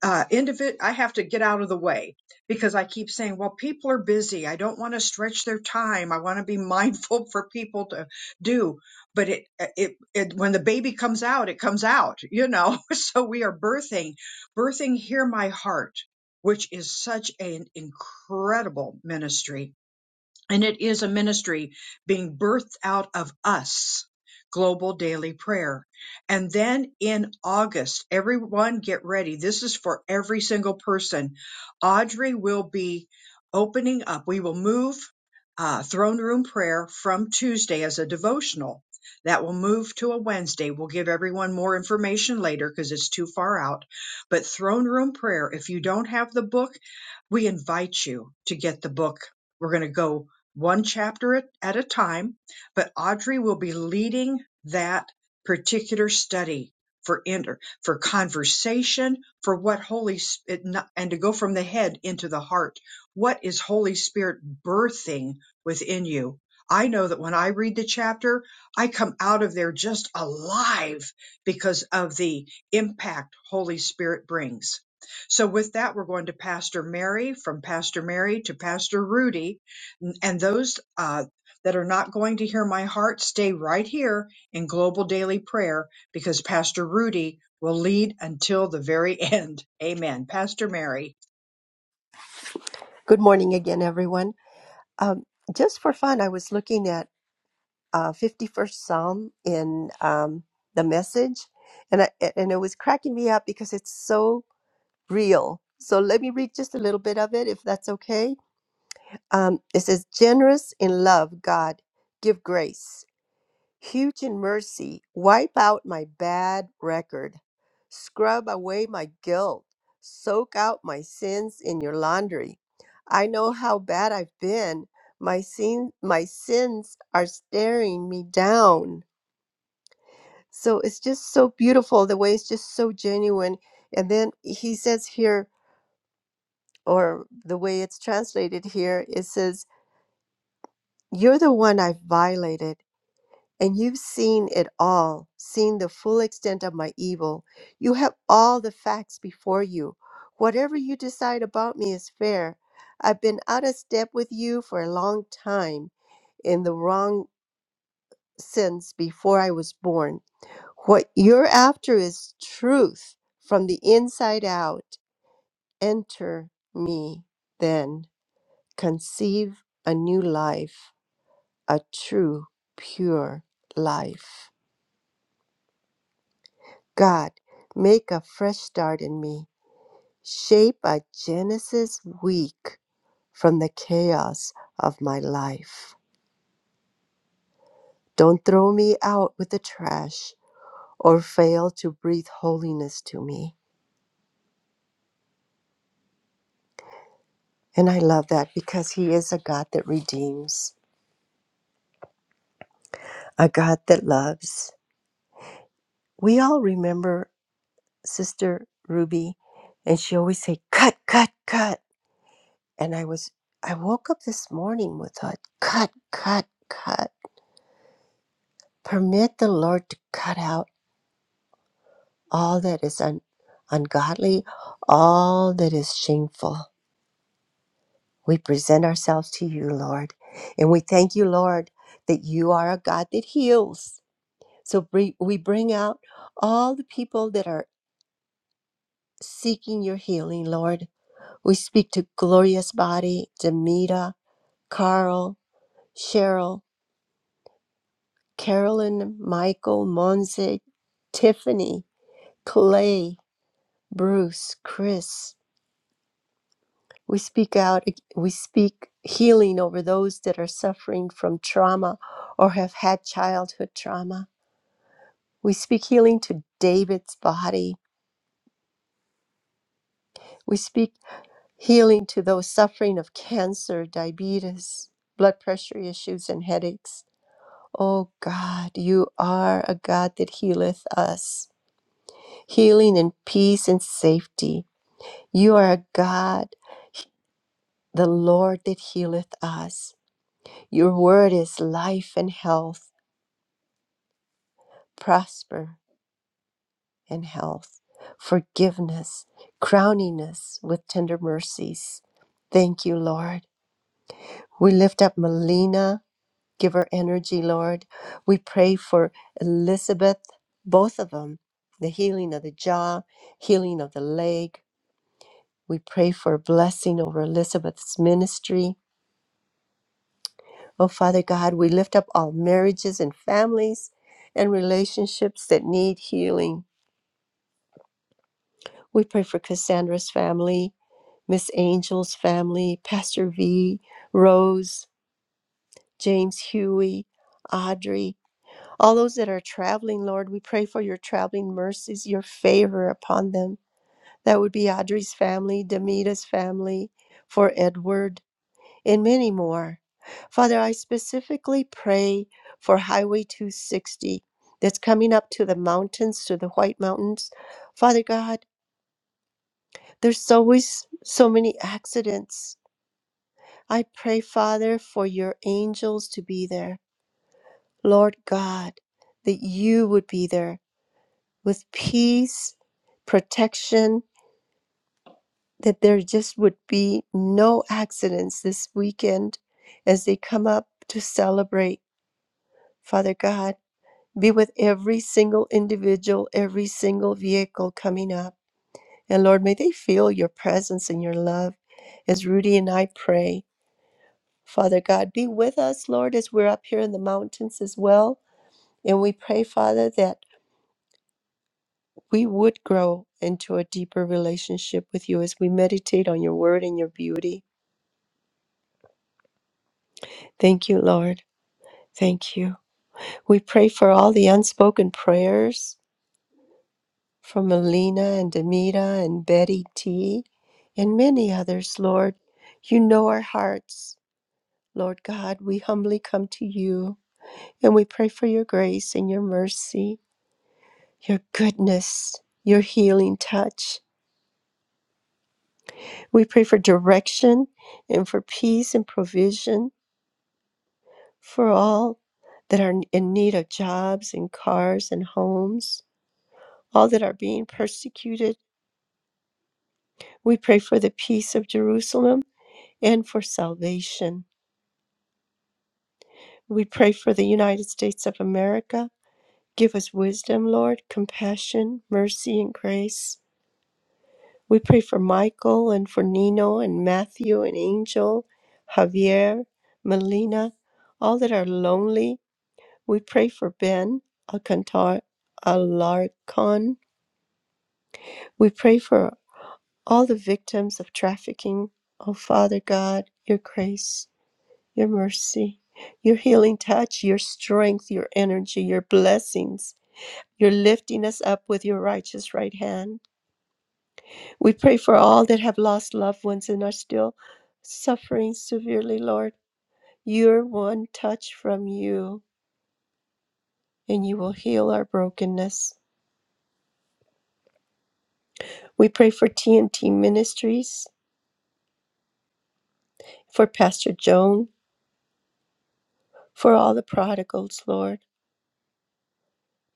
Speaker 1: uh individ I have to get out of the way because I keep saying, well, people are busy. I don't want to stretch their time. I want to be mindful for people to do. But it, uh, it it when the baby comes out, it comes out, you know. So we are birthing, birthing hear my heart, which is such an incredible ministry and it is a ministry being birthed out of us, global daily prayer. And then in August, everyone get ready. This is for every single person. Audrey will be opening up. We will move uh, throne room prayer from Tuesday as a devotional. That will move to a Wednesday. We'll give everyone more information later because it's too far out. But throne room prayer, if you don't have the book, we invite you to get the book. We're going to go one chapter at, at a time, but Audrey will be leading that particular study for inter, for conversation, for what Holy Spirit, and to go from the head into the heart. What is Holy Spirit birthing within you? I know that when I read the chapter, I come out of there just alive because of the impact Holy Spirit brings. So with that, we're going to Pastor Mary, from Pastor Mary to Pastor Rudy and those uh, that are not going to hear my heart, stay right here in global daily prayer because Pastor Rudy will lead until the very end. Amen. Pastor Mary.
Speaker 6: Good morning again, everyone. Um, just for fun, I was looking at uh, 51st Psalm in um, the message, and I, and it was cracking me up because it's so real. So let me read just a little bit of it, if that's okay. Um, it says, Generous in love, God, give grace. Huge in mercy, wipe out my bad record. Scrub away my guilt. Soak out my sins in your laundry. I know how bad I've been. My, sin, my sins are staring me down. So it's just so beautiful the way it's just so genuine. And then he says here, or the way it's translated here, it says, You're the one I've violated, and you've seen it all, seen the full extent of my evil. You have all the facts before you. Whatever you decide about me is fair. I've been out of step with you for a long time in the wrong sense before I was born. What you're after is truth from the inside out. Enter me then. conceive a new life, a true, pure life. God, make a fresh start in me. Shape a Genesis week from the chaos of my life. Don't throw me out with the trash or fail to breathe holiness to me. And I love that because He is a God that redeems, a God that loves. We all remember Sister Ruby, and she always say, "Cut, cut, cut." And I was, I woke up this morning with a cut, cut, cut. Permit the Lord to cut out all that is un- ungodly, all that is shameful. We present ourselves to you, Lord. And we thank you, Lord, that you are a God that heals. So br- we bring out all the people that are seeking your healing, Lord. We speak to Glorious Body, Demita, Carl, Cheryl, Carolyn, Michael, Monse, Tiffany, Clay, Bruce, Chris. We speak out, we speak healing over those that are suffering from trauma or have had childhood trauma. We speak healing to David's body. We speak healing to those suffering of cancer, diabetes, blood pressure issues, and headaches. Oh God, you are a God that healeth us, healing and peace and safety. You are a God, the Lord that healeth us. Your word is life and health, prosper and health, forgiveness, crowning us with tender mercies. Thank you, Lord. We lift up Melina, give her energy, Lord. We pray for Elizabeth, both of them, the healing of the jaw, healing of the leg. We pray for a blessing over Elizabeth's ministry. Oh, Father God, we lift up all marriages and families and relationships that need healing. We pray for Cassandra's family, Miss Angel's family, Pastor V, Rose, James Huey, Audrey, all those that are traveling, Lord, we pray for your traveling mercies, your favor upon them. That would be Audrey's family, Demita's family, for Edward. and many more. Father, I specifically pray for Highway 260 that's coming up to the mountains, to the White Mountains. Father God, there's always so many accidents. I pray, Father, for your angels to be there. Lord God, that you would be there with peace, protection, that there just would be no accidents this weekend as they come up to celebrate, Father God. Be with every single individual, every single vehicle coming up. And Lord, may they feel your presence and your love as Rudy and I pray. Father God, be with us, Lord, as we're up here in the mountains as well. And we pray, Father, that we would grow into a deeper relationship with you as we meditate on your word and your beauty. Thank you, Lord. Thank you. We pray for all the unspoken prayers from Alina and Demita and Betty T and many others, Lord. You know our hearts, Lord God. We humbly come to you and we pray for your grace and your mercy, your goodness, your healing touch. We pray for direction and for peace and provision for all that are in need of jobs and cars and homes, all that are being persecuted. We pray for the peace of Jerusalem and for salvation. We pray for the United States of America. Give us wisdom, Lord, compassion, mercy, and grace. We pray for Michael and for Nino and Matthew and Angel, Javier, Melina, all that are lonely. We pray for Ben Alcantar Alarcon. We pray for all the victims of trafficking. Oh, Father God, your grace, your mercy, your healing touch, your strength, your energy, your blessings You're lifting us up with your righteous right hand. We pray for all that have lost loved ones and are still suffering severely, Lord. Your one touch from you, and you will heal our brokenness. We pray for TNT Ministries, for Pastor Joan, for all the prodigals, Lord.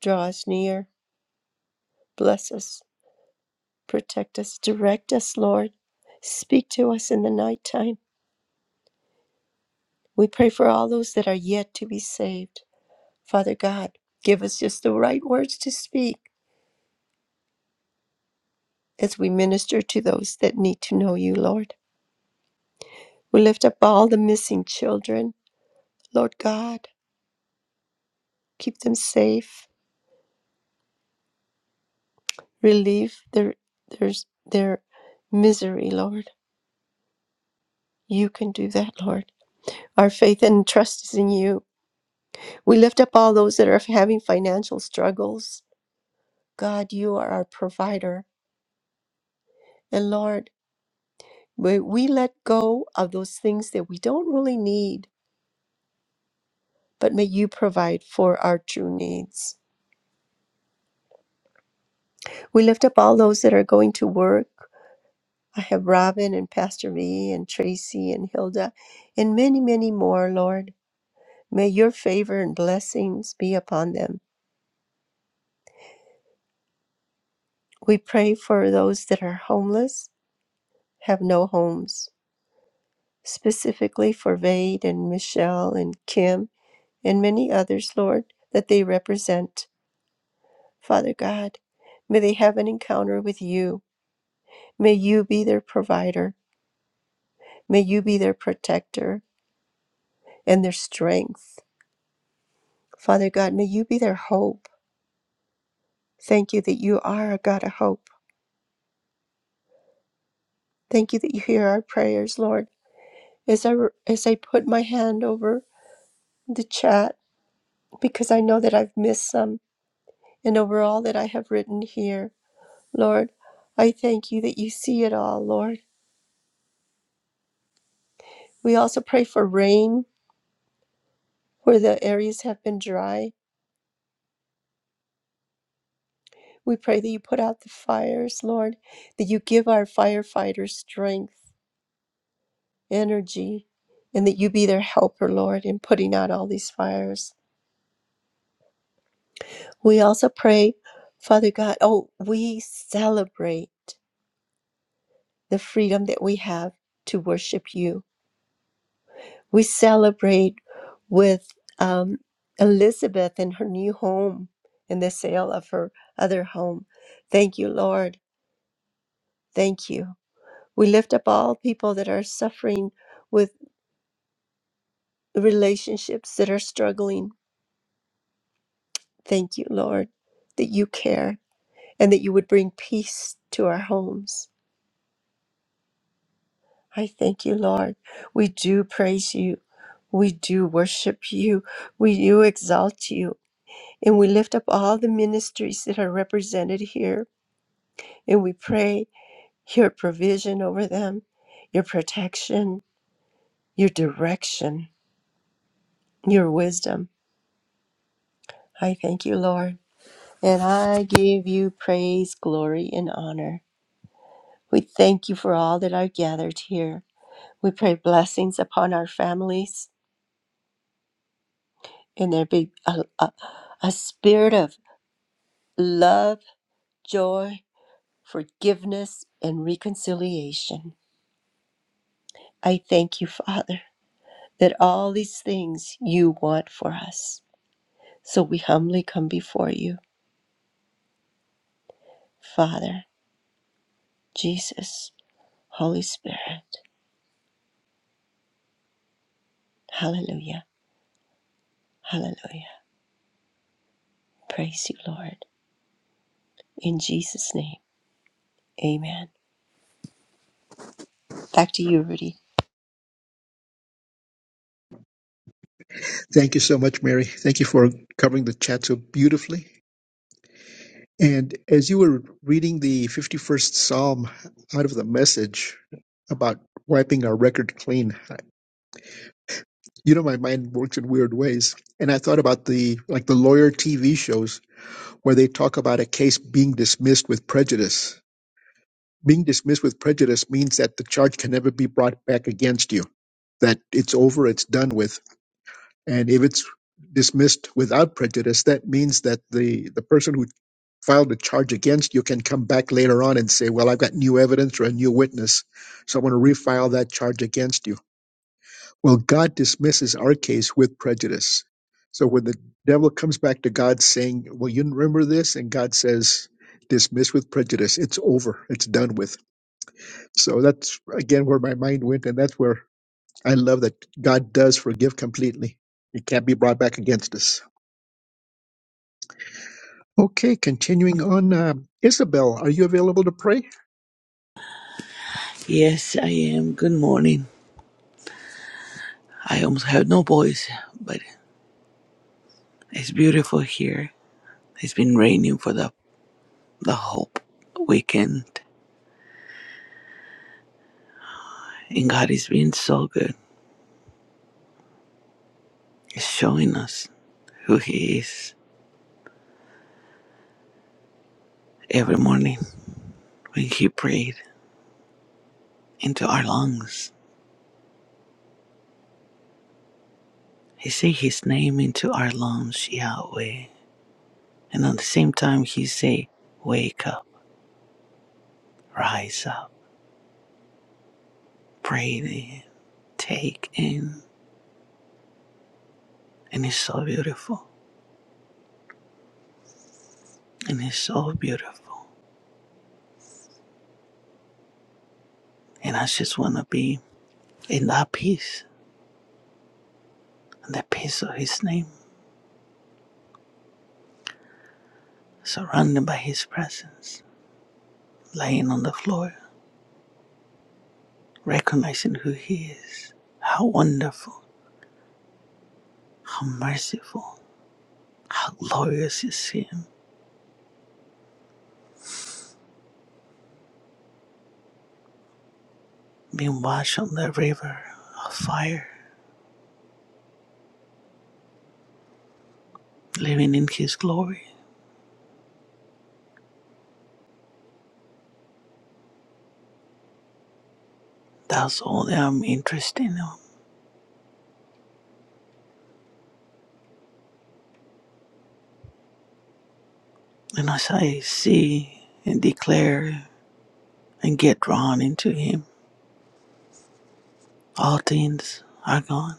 Speaker 6: Draw us near, bless us, protect us, direct us, Lord. Speak to us in the nighttime. We pray for all those that are yet to be saved. Father God, give us just the right words to speak as we minister to those that need to know you, Lord. We lift up all the missing children, Lord God. Keep them safe, relieve their, their, their misery, Lord. You can do that, Lord. Our faith and trust is in you. We lift up all those that are having financial struggles. God, you are our provider. And Lord, we, we let go of those things that we don't really need but may you provide for our true needs. We lift up all those that are going to work. I have Robin and Pastor V and Tracy and Hilda and many, many more, Lord. May your favor and blessings be upon them. We pray for those that are homeless, have no homes, specifically for Vade and Michelle and Kim and many others, Lord, that they represent. Father God, may they have an encounter with you. May you be their provider. May you be their protector and their strength. Father God, may you be their hope. Thank you that you are a God of hope. Thank you that you hear our prayers, Lord. As I, as I put my hand over the chat, because I know that I've missed some, and over all that I have written here, Lord, I thank you that you see it all, Lord. We also pray for rain where the areas have been dry. We pray that you put out the fires, Lord, that you give our firefighters strength energy, and that you be their helper, Lord, in putting out all these fires. We also pray, Father God, oh, we celebrate the freedom that we have to worship you. We celebrate with um, Elizabeth and her new home and the sale of her other home. Thank you, Lord. Thank you. We lift up all people that are suffering with relationships that are struggling. Thank you, Lord, that you care and that you would bring peace to our homes. I thank you, Lord. We do praise you. We do worship you. We do exalt you. And we lift up all the ministries that are represented here. And we pray your provision over them, your protection, your direction, your wisdom. I thank you, Lord. And I give you praise, glory, and honor. We thank you for all that are gathered here. We pray blessings upon our families and there be a, a, a spirit of love, joy, forgiveness, and reconciliation. I thank you, Father, that all these things you want for us. So we humbly come before you, Father, Jesus, Holy Spirit. Hallelujah. Hallelujah. Praise you, Lord. In Jesus' name, amen. Back to you, Rudy.
Speaker 2: Thank you so much, Mary. Thank you for covering the chat so beautifully. And as you were reading the 51st Psalm out of the message about wiping our record clean, I- you know, my mind works in weird ways. And I thought about the, like the lawyer TV shows where they talk about a case being dismissed with prejudice. Being dismissed with prejudice means that the charge can never be brought back against you, that it's over, it's done with. And if it's dismissed without prejudice, that means that the, the person who filed a charge against, you can come back later on and say, Well, I've got new evidence or a new witness, so I'm going to refile that charge against you. Well, God dismisses our case with prejudice. So when the devil comes back to God saying, Well, you remember this? And God says, Dismiss with prejudice. It's over. It's done with. So that's, again, where my mind went. And that's where I love that God does forgive completely. It can't be brought back against us. Okay, continuing on. Uh, Isabel, are you available to pray?
Speaker 12: Yes, I am. Good morning. I almost have no voice, but it's beautiful here. It's been raining for the the whole weekend, and God is being so good. He's showing us who He is every morning when He prayed into our lungs. He said His name into our lungs, Yahweh, and at the same time He say, "Wake up, rise up, breathe in, take in," and it's so beautiful, and it's so beautiful. And I just want to be in that peace, in the peace of His name, surrounded by His presence, laying on the floor, recognizing who He is, how wonderful, how merciful, how glorious is Him, being washed on the river of fire, living in His glory. That's all that I'm interested in. And as I see and declare and get drawn into Him, all things are gone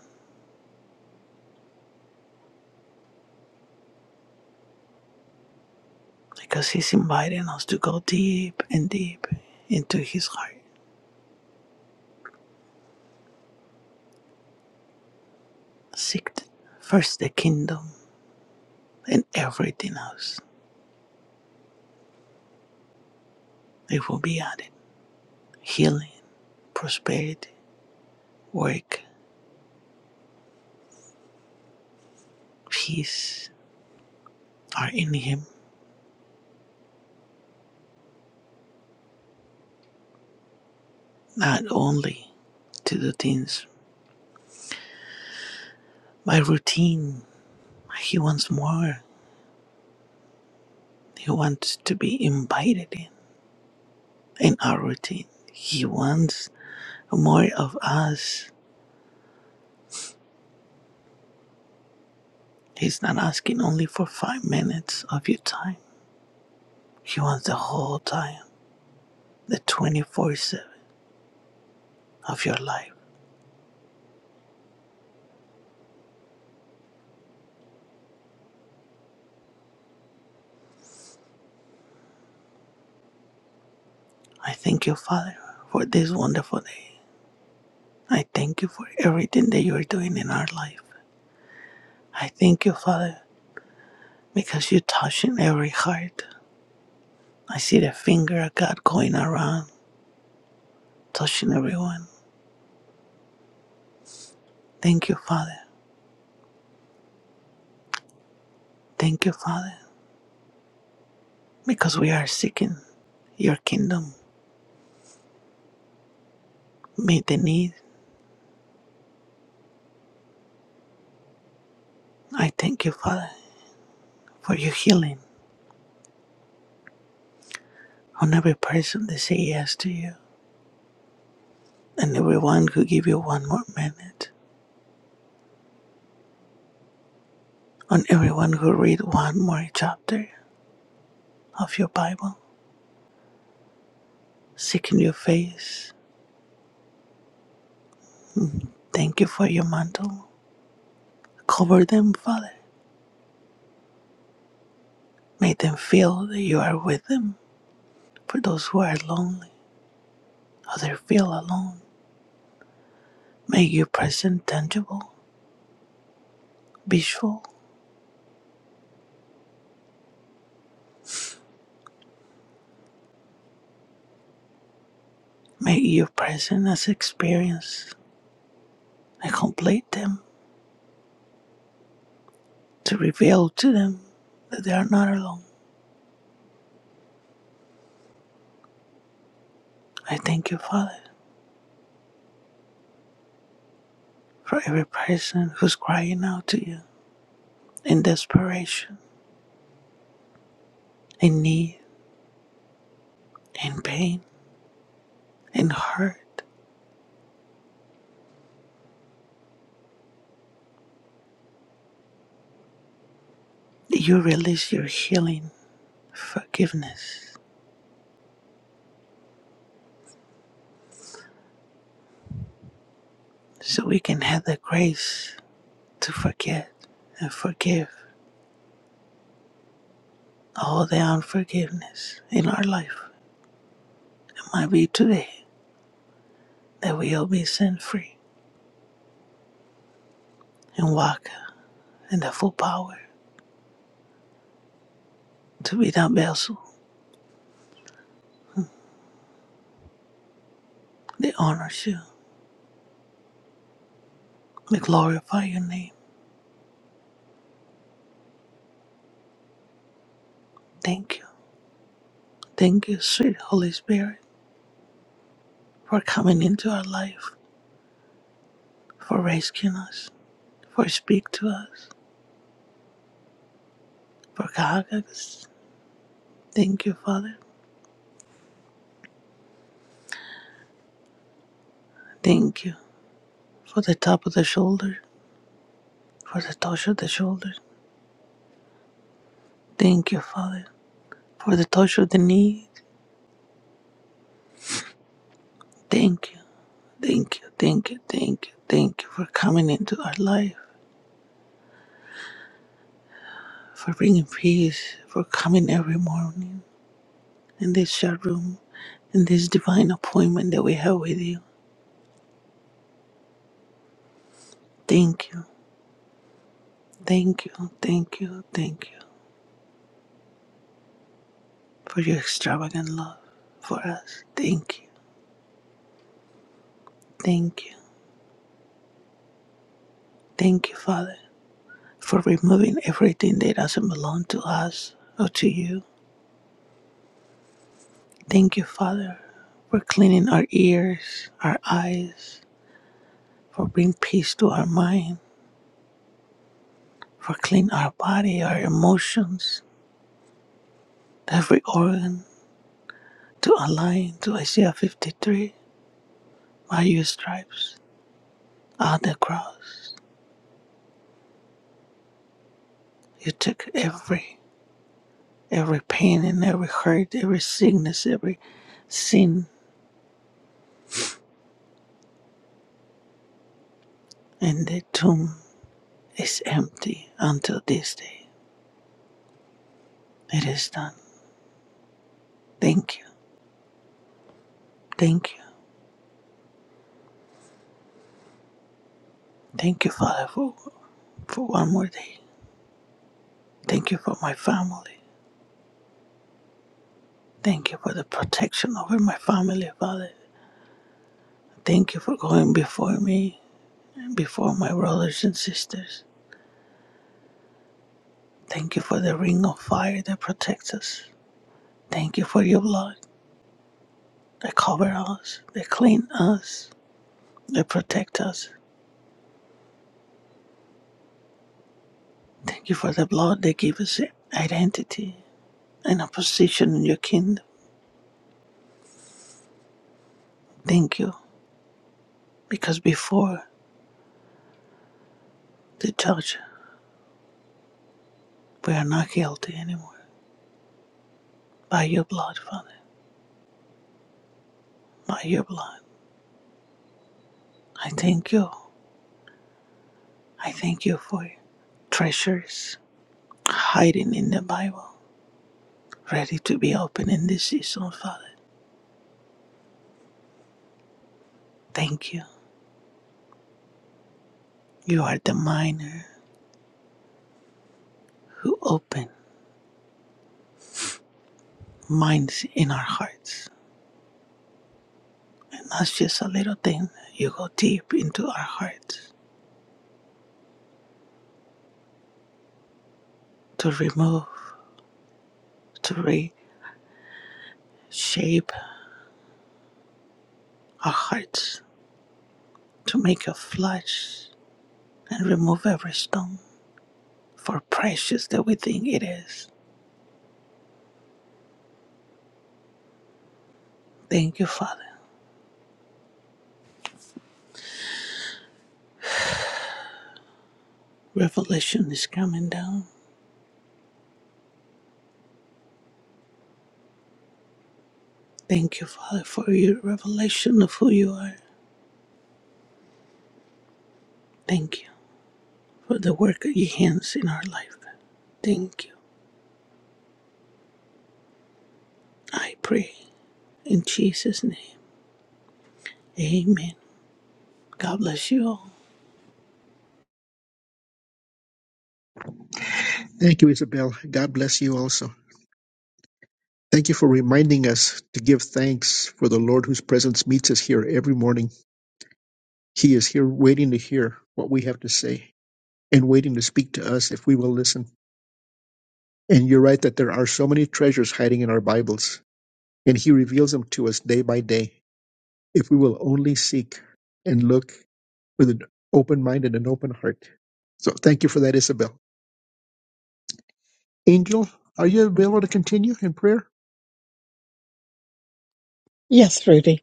Speaker 12: because He's inviting us to go deep and deep into His heart. Seek first the kingdom and everything else. It will be added. Healing, prosperity, work, peace are in Him. Not only to do things by routine, He wants more. He wants to be invited in in our routine. He wants more of us. He's not asking only for five minutes of your time. He wants the whole time, the 24 7 of your life. I thank you, Father, for this wonderful day. I thank you for everything that you are doing in our life. I thank you, Father, because you're touching every heart. I see the finger of God going around, touching everyone. Thank you, Father. Thank you, Father, because we are seeking your kingdom. Meet the need. I thank you, Father, for your healing on every person that say yes to you. and everyone who give you one more minute, on everyone who read one more chapter of your Bible, seeking your face. Thank you for your mantle. Cover them, Father. Make them feel that you are with them. For those who are lonely, others feel alone. Make your presence tangible, visual. Make your presence as experience. I complete them to reveal to them that they are not alone. I thank you, Father, for every person who's crying out to you and desperation and need and pain and hurt. You release your healing forgiveness so we can have the grace to forget and forgive all the unforgiveness in our life. It might be today that we'll be set free and walk in the full power to be that vessel that honors you, that glorify your name. Thank you. Thank you, sweet Holy Spirit, for coming into our life, for rescuing us, for speak to us, for Kahagas. Thank you, Father. Thank you for the top of the shoulder, for the touch of the shoulder. Thank you, Father, for the touch of the knee. Thank you, thank you, thank you, thank you, thank you for coming into our life, for bringing peace, for coming every morning in this chat room, in this divine appointment that we have with you. Thank you, thank you, thank you, thank you for your extravagant love for us. Thank you, thank you. Thank you, Father, for removing everything that doesn't belong to us or to you. Thank you, Father, for cleaning our ears, our eyes, for bringing peace to our mind, for cleaning our body, our emotions, every organ to align to Isaiah 53. By your stripes on the cross, you took every every pain and every hurt, every sickness, every sin, and the tomb is empty until this day. It is done. Thank you. Thank you. Thank you, Father, for, for one more day. Thank you for my family. Thank you for the protection over my family, Father. Thank you for going before me and before my brothers and sisters. Thank you for the ring of fire that protects us. Thank you for your blood that covers us, that cleans us, that protects us. Thank you for the blood that gives us identity and a position in your kingdom. Thank you, because before the judge We are not guilty anymore. By your blood, Father, by your blood. I thank you. I thank you for your treasures hiding in the Bible, ready to be opened in this season, Father. Thank you. You are the miner who opened minds in our hearts. And that's just a little thing. You go deep into our hearts to remove, to reshape our hearts, to make a flesh and remove every stone for precious that we think it is. Thank you, Father. Revelation is coming down. Thank you, Father, for your revelation of who you are. Thank you for the work of your hands in our life. Thank you. I pray in Jesus' name. Amen. God bless you all.
Speaker 2: Thank you, Isabel. God bless you also. Thank you for reminding us to give thanks for the Lord whose presence meets us here every morning. He is here waiting to hear what we have to say and waiting to speak to us if we will listen. And you're right that there are so many treasures hiding in our Bibles, and He reveals them to us day by day. if we will only seek and look with an open mind and an open heart. So thank you for that, Isabel. Angel, are you available to continue in prayer?
Speaker 13: Yes, Rudy.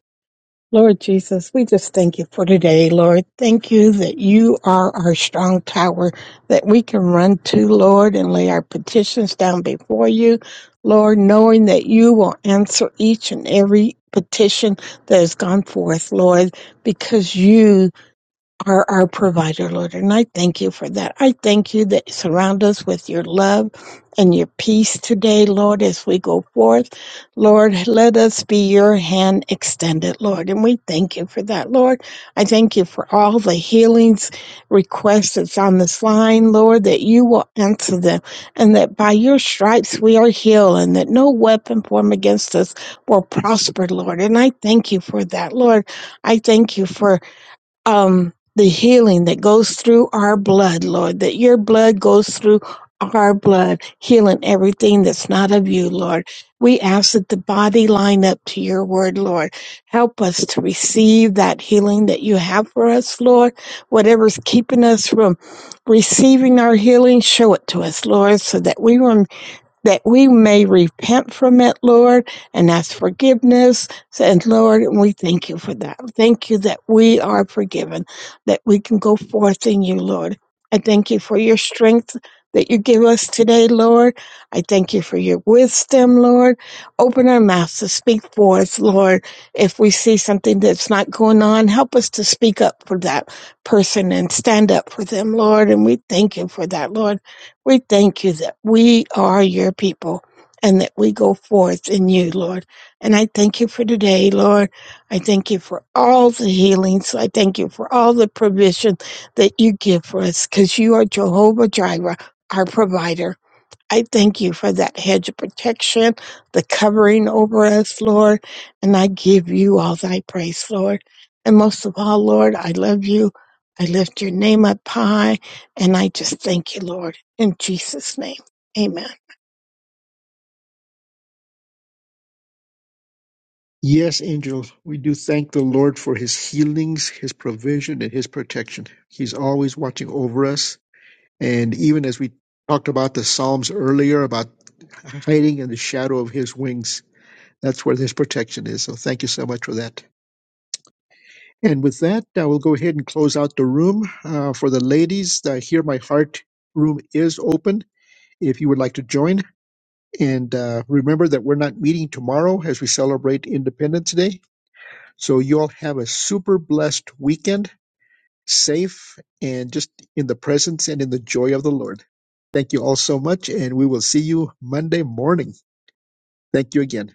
Speaker 13: Lord Jesus, we just thank you for today, Lord. Thank you that you are our strong tower that we can run to, Lord, and lay our petitions down before you, Lord, knowing that you will answer each and every petition that has gone forth, Lord, because you are our provider, Lord. And I thank you for that. I thank you that you surround us with your love and your peace today, Lord, as we go forth. Lord, let us be your hand extended, Lord. And we thank you for that, Lord. I thank you for all the healings requests that's on this line, Lord, that you will answer them and that by your stripes we are healed and that no weapon formed against us will prosper, Lord. And I thank you for that, Lord. I thank you for um, the healing that goes through our blood, Lord, that your blood goes through our blood, healing everything that's not of you, Lord. We ask that the body line up to your word, Lord. Help us to receive that healing that you have for us, Lord. Whatever's keeping us from receiving our healing, show it to us, Lord, so that we won't that we may repent from it, Lord, and ask forgiveness. And Lord, we thank you for that. Thank you that we are forgiven, that we can go forth in you, Lord. I thank you for your strength that you give us today, Lord. I thank you for your wisdom, Lord. Open our mouths to speak for us, Lord. If we see something that's not going on, help us to speak up for that person and stand up for them, Lord. And we thank you for that, Lord. We thank you that we are your people and that we go forth in you, Lord. And I thank you for today, Lord. I thank you for all the healings. I thank you for all the provision that you give for us because you are Jehovah Jireh, our provider. I thank you for that hedge of protection, the covering over us, Lord. And I give you all thy praise, Lord. And most of all, Lord, I love you. I lift your name up high. And I just thank you, Lord. In Jesus' name, amen.
Speaker 2: Yes, Angel, we do thank the Lord for his healings, his provision, and his protection. He's always watching over us. And even as we talked about the Psalms earlier about hiding in the shadow of his wings, that's where his protection is. So thank you so much for that. And with that, I will go ahead and close out the room. Uh, for the ladies, the Hear My Heart room is open if you would like to join. And uh, remember that we're not meeting tomorrow as we celebrate Independence Day. So you all have a super blessed weekend safe and just in the presence and in the joy of the Lord. Thank you all so much, and we will see you Monday morning. Thank you again.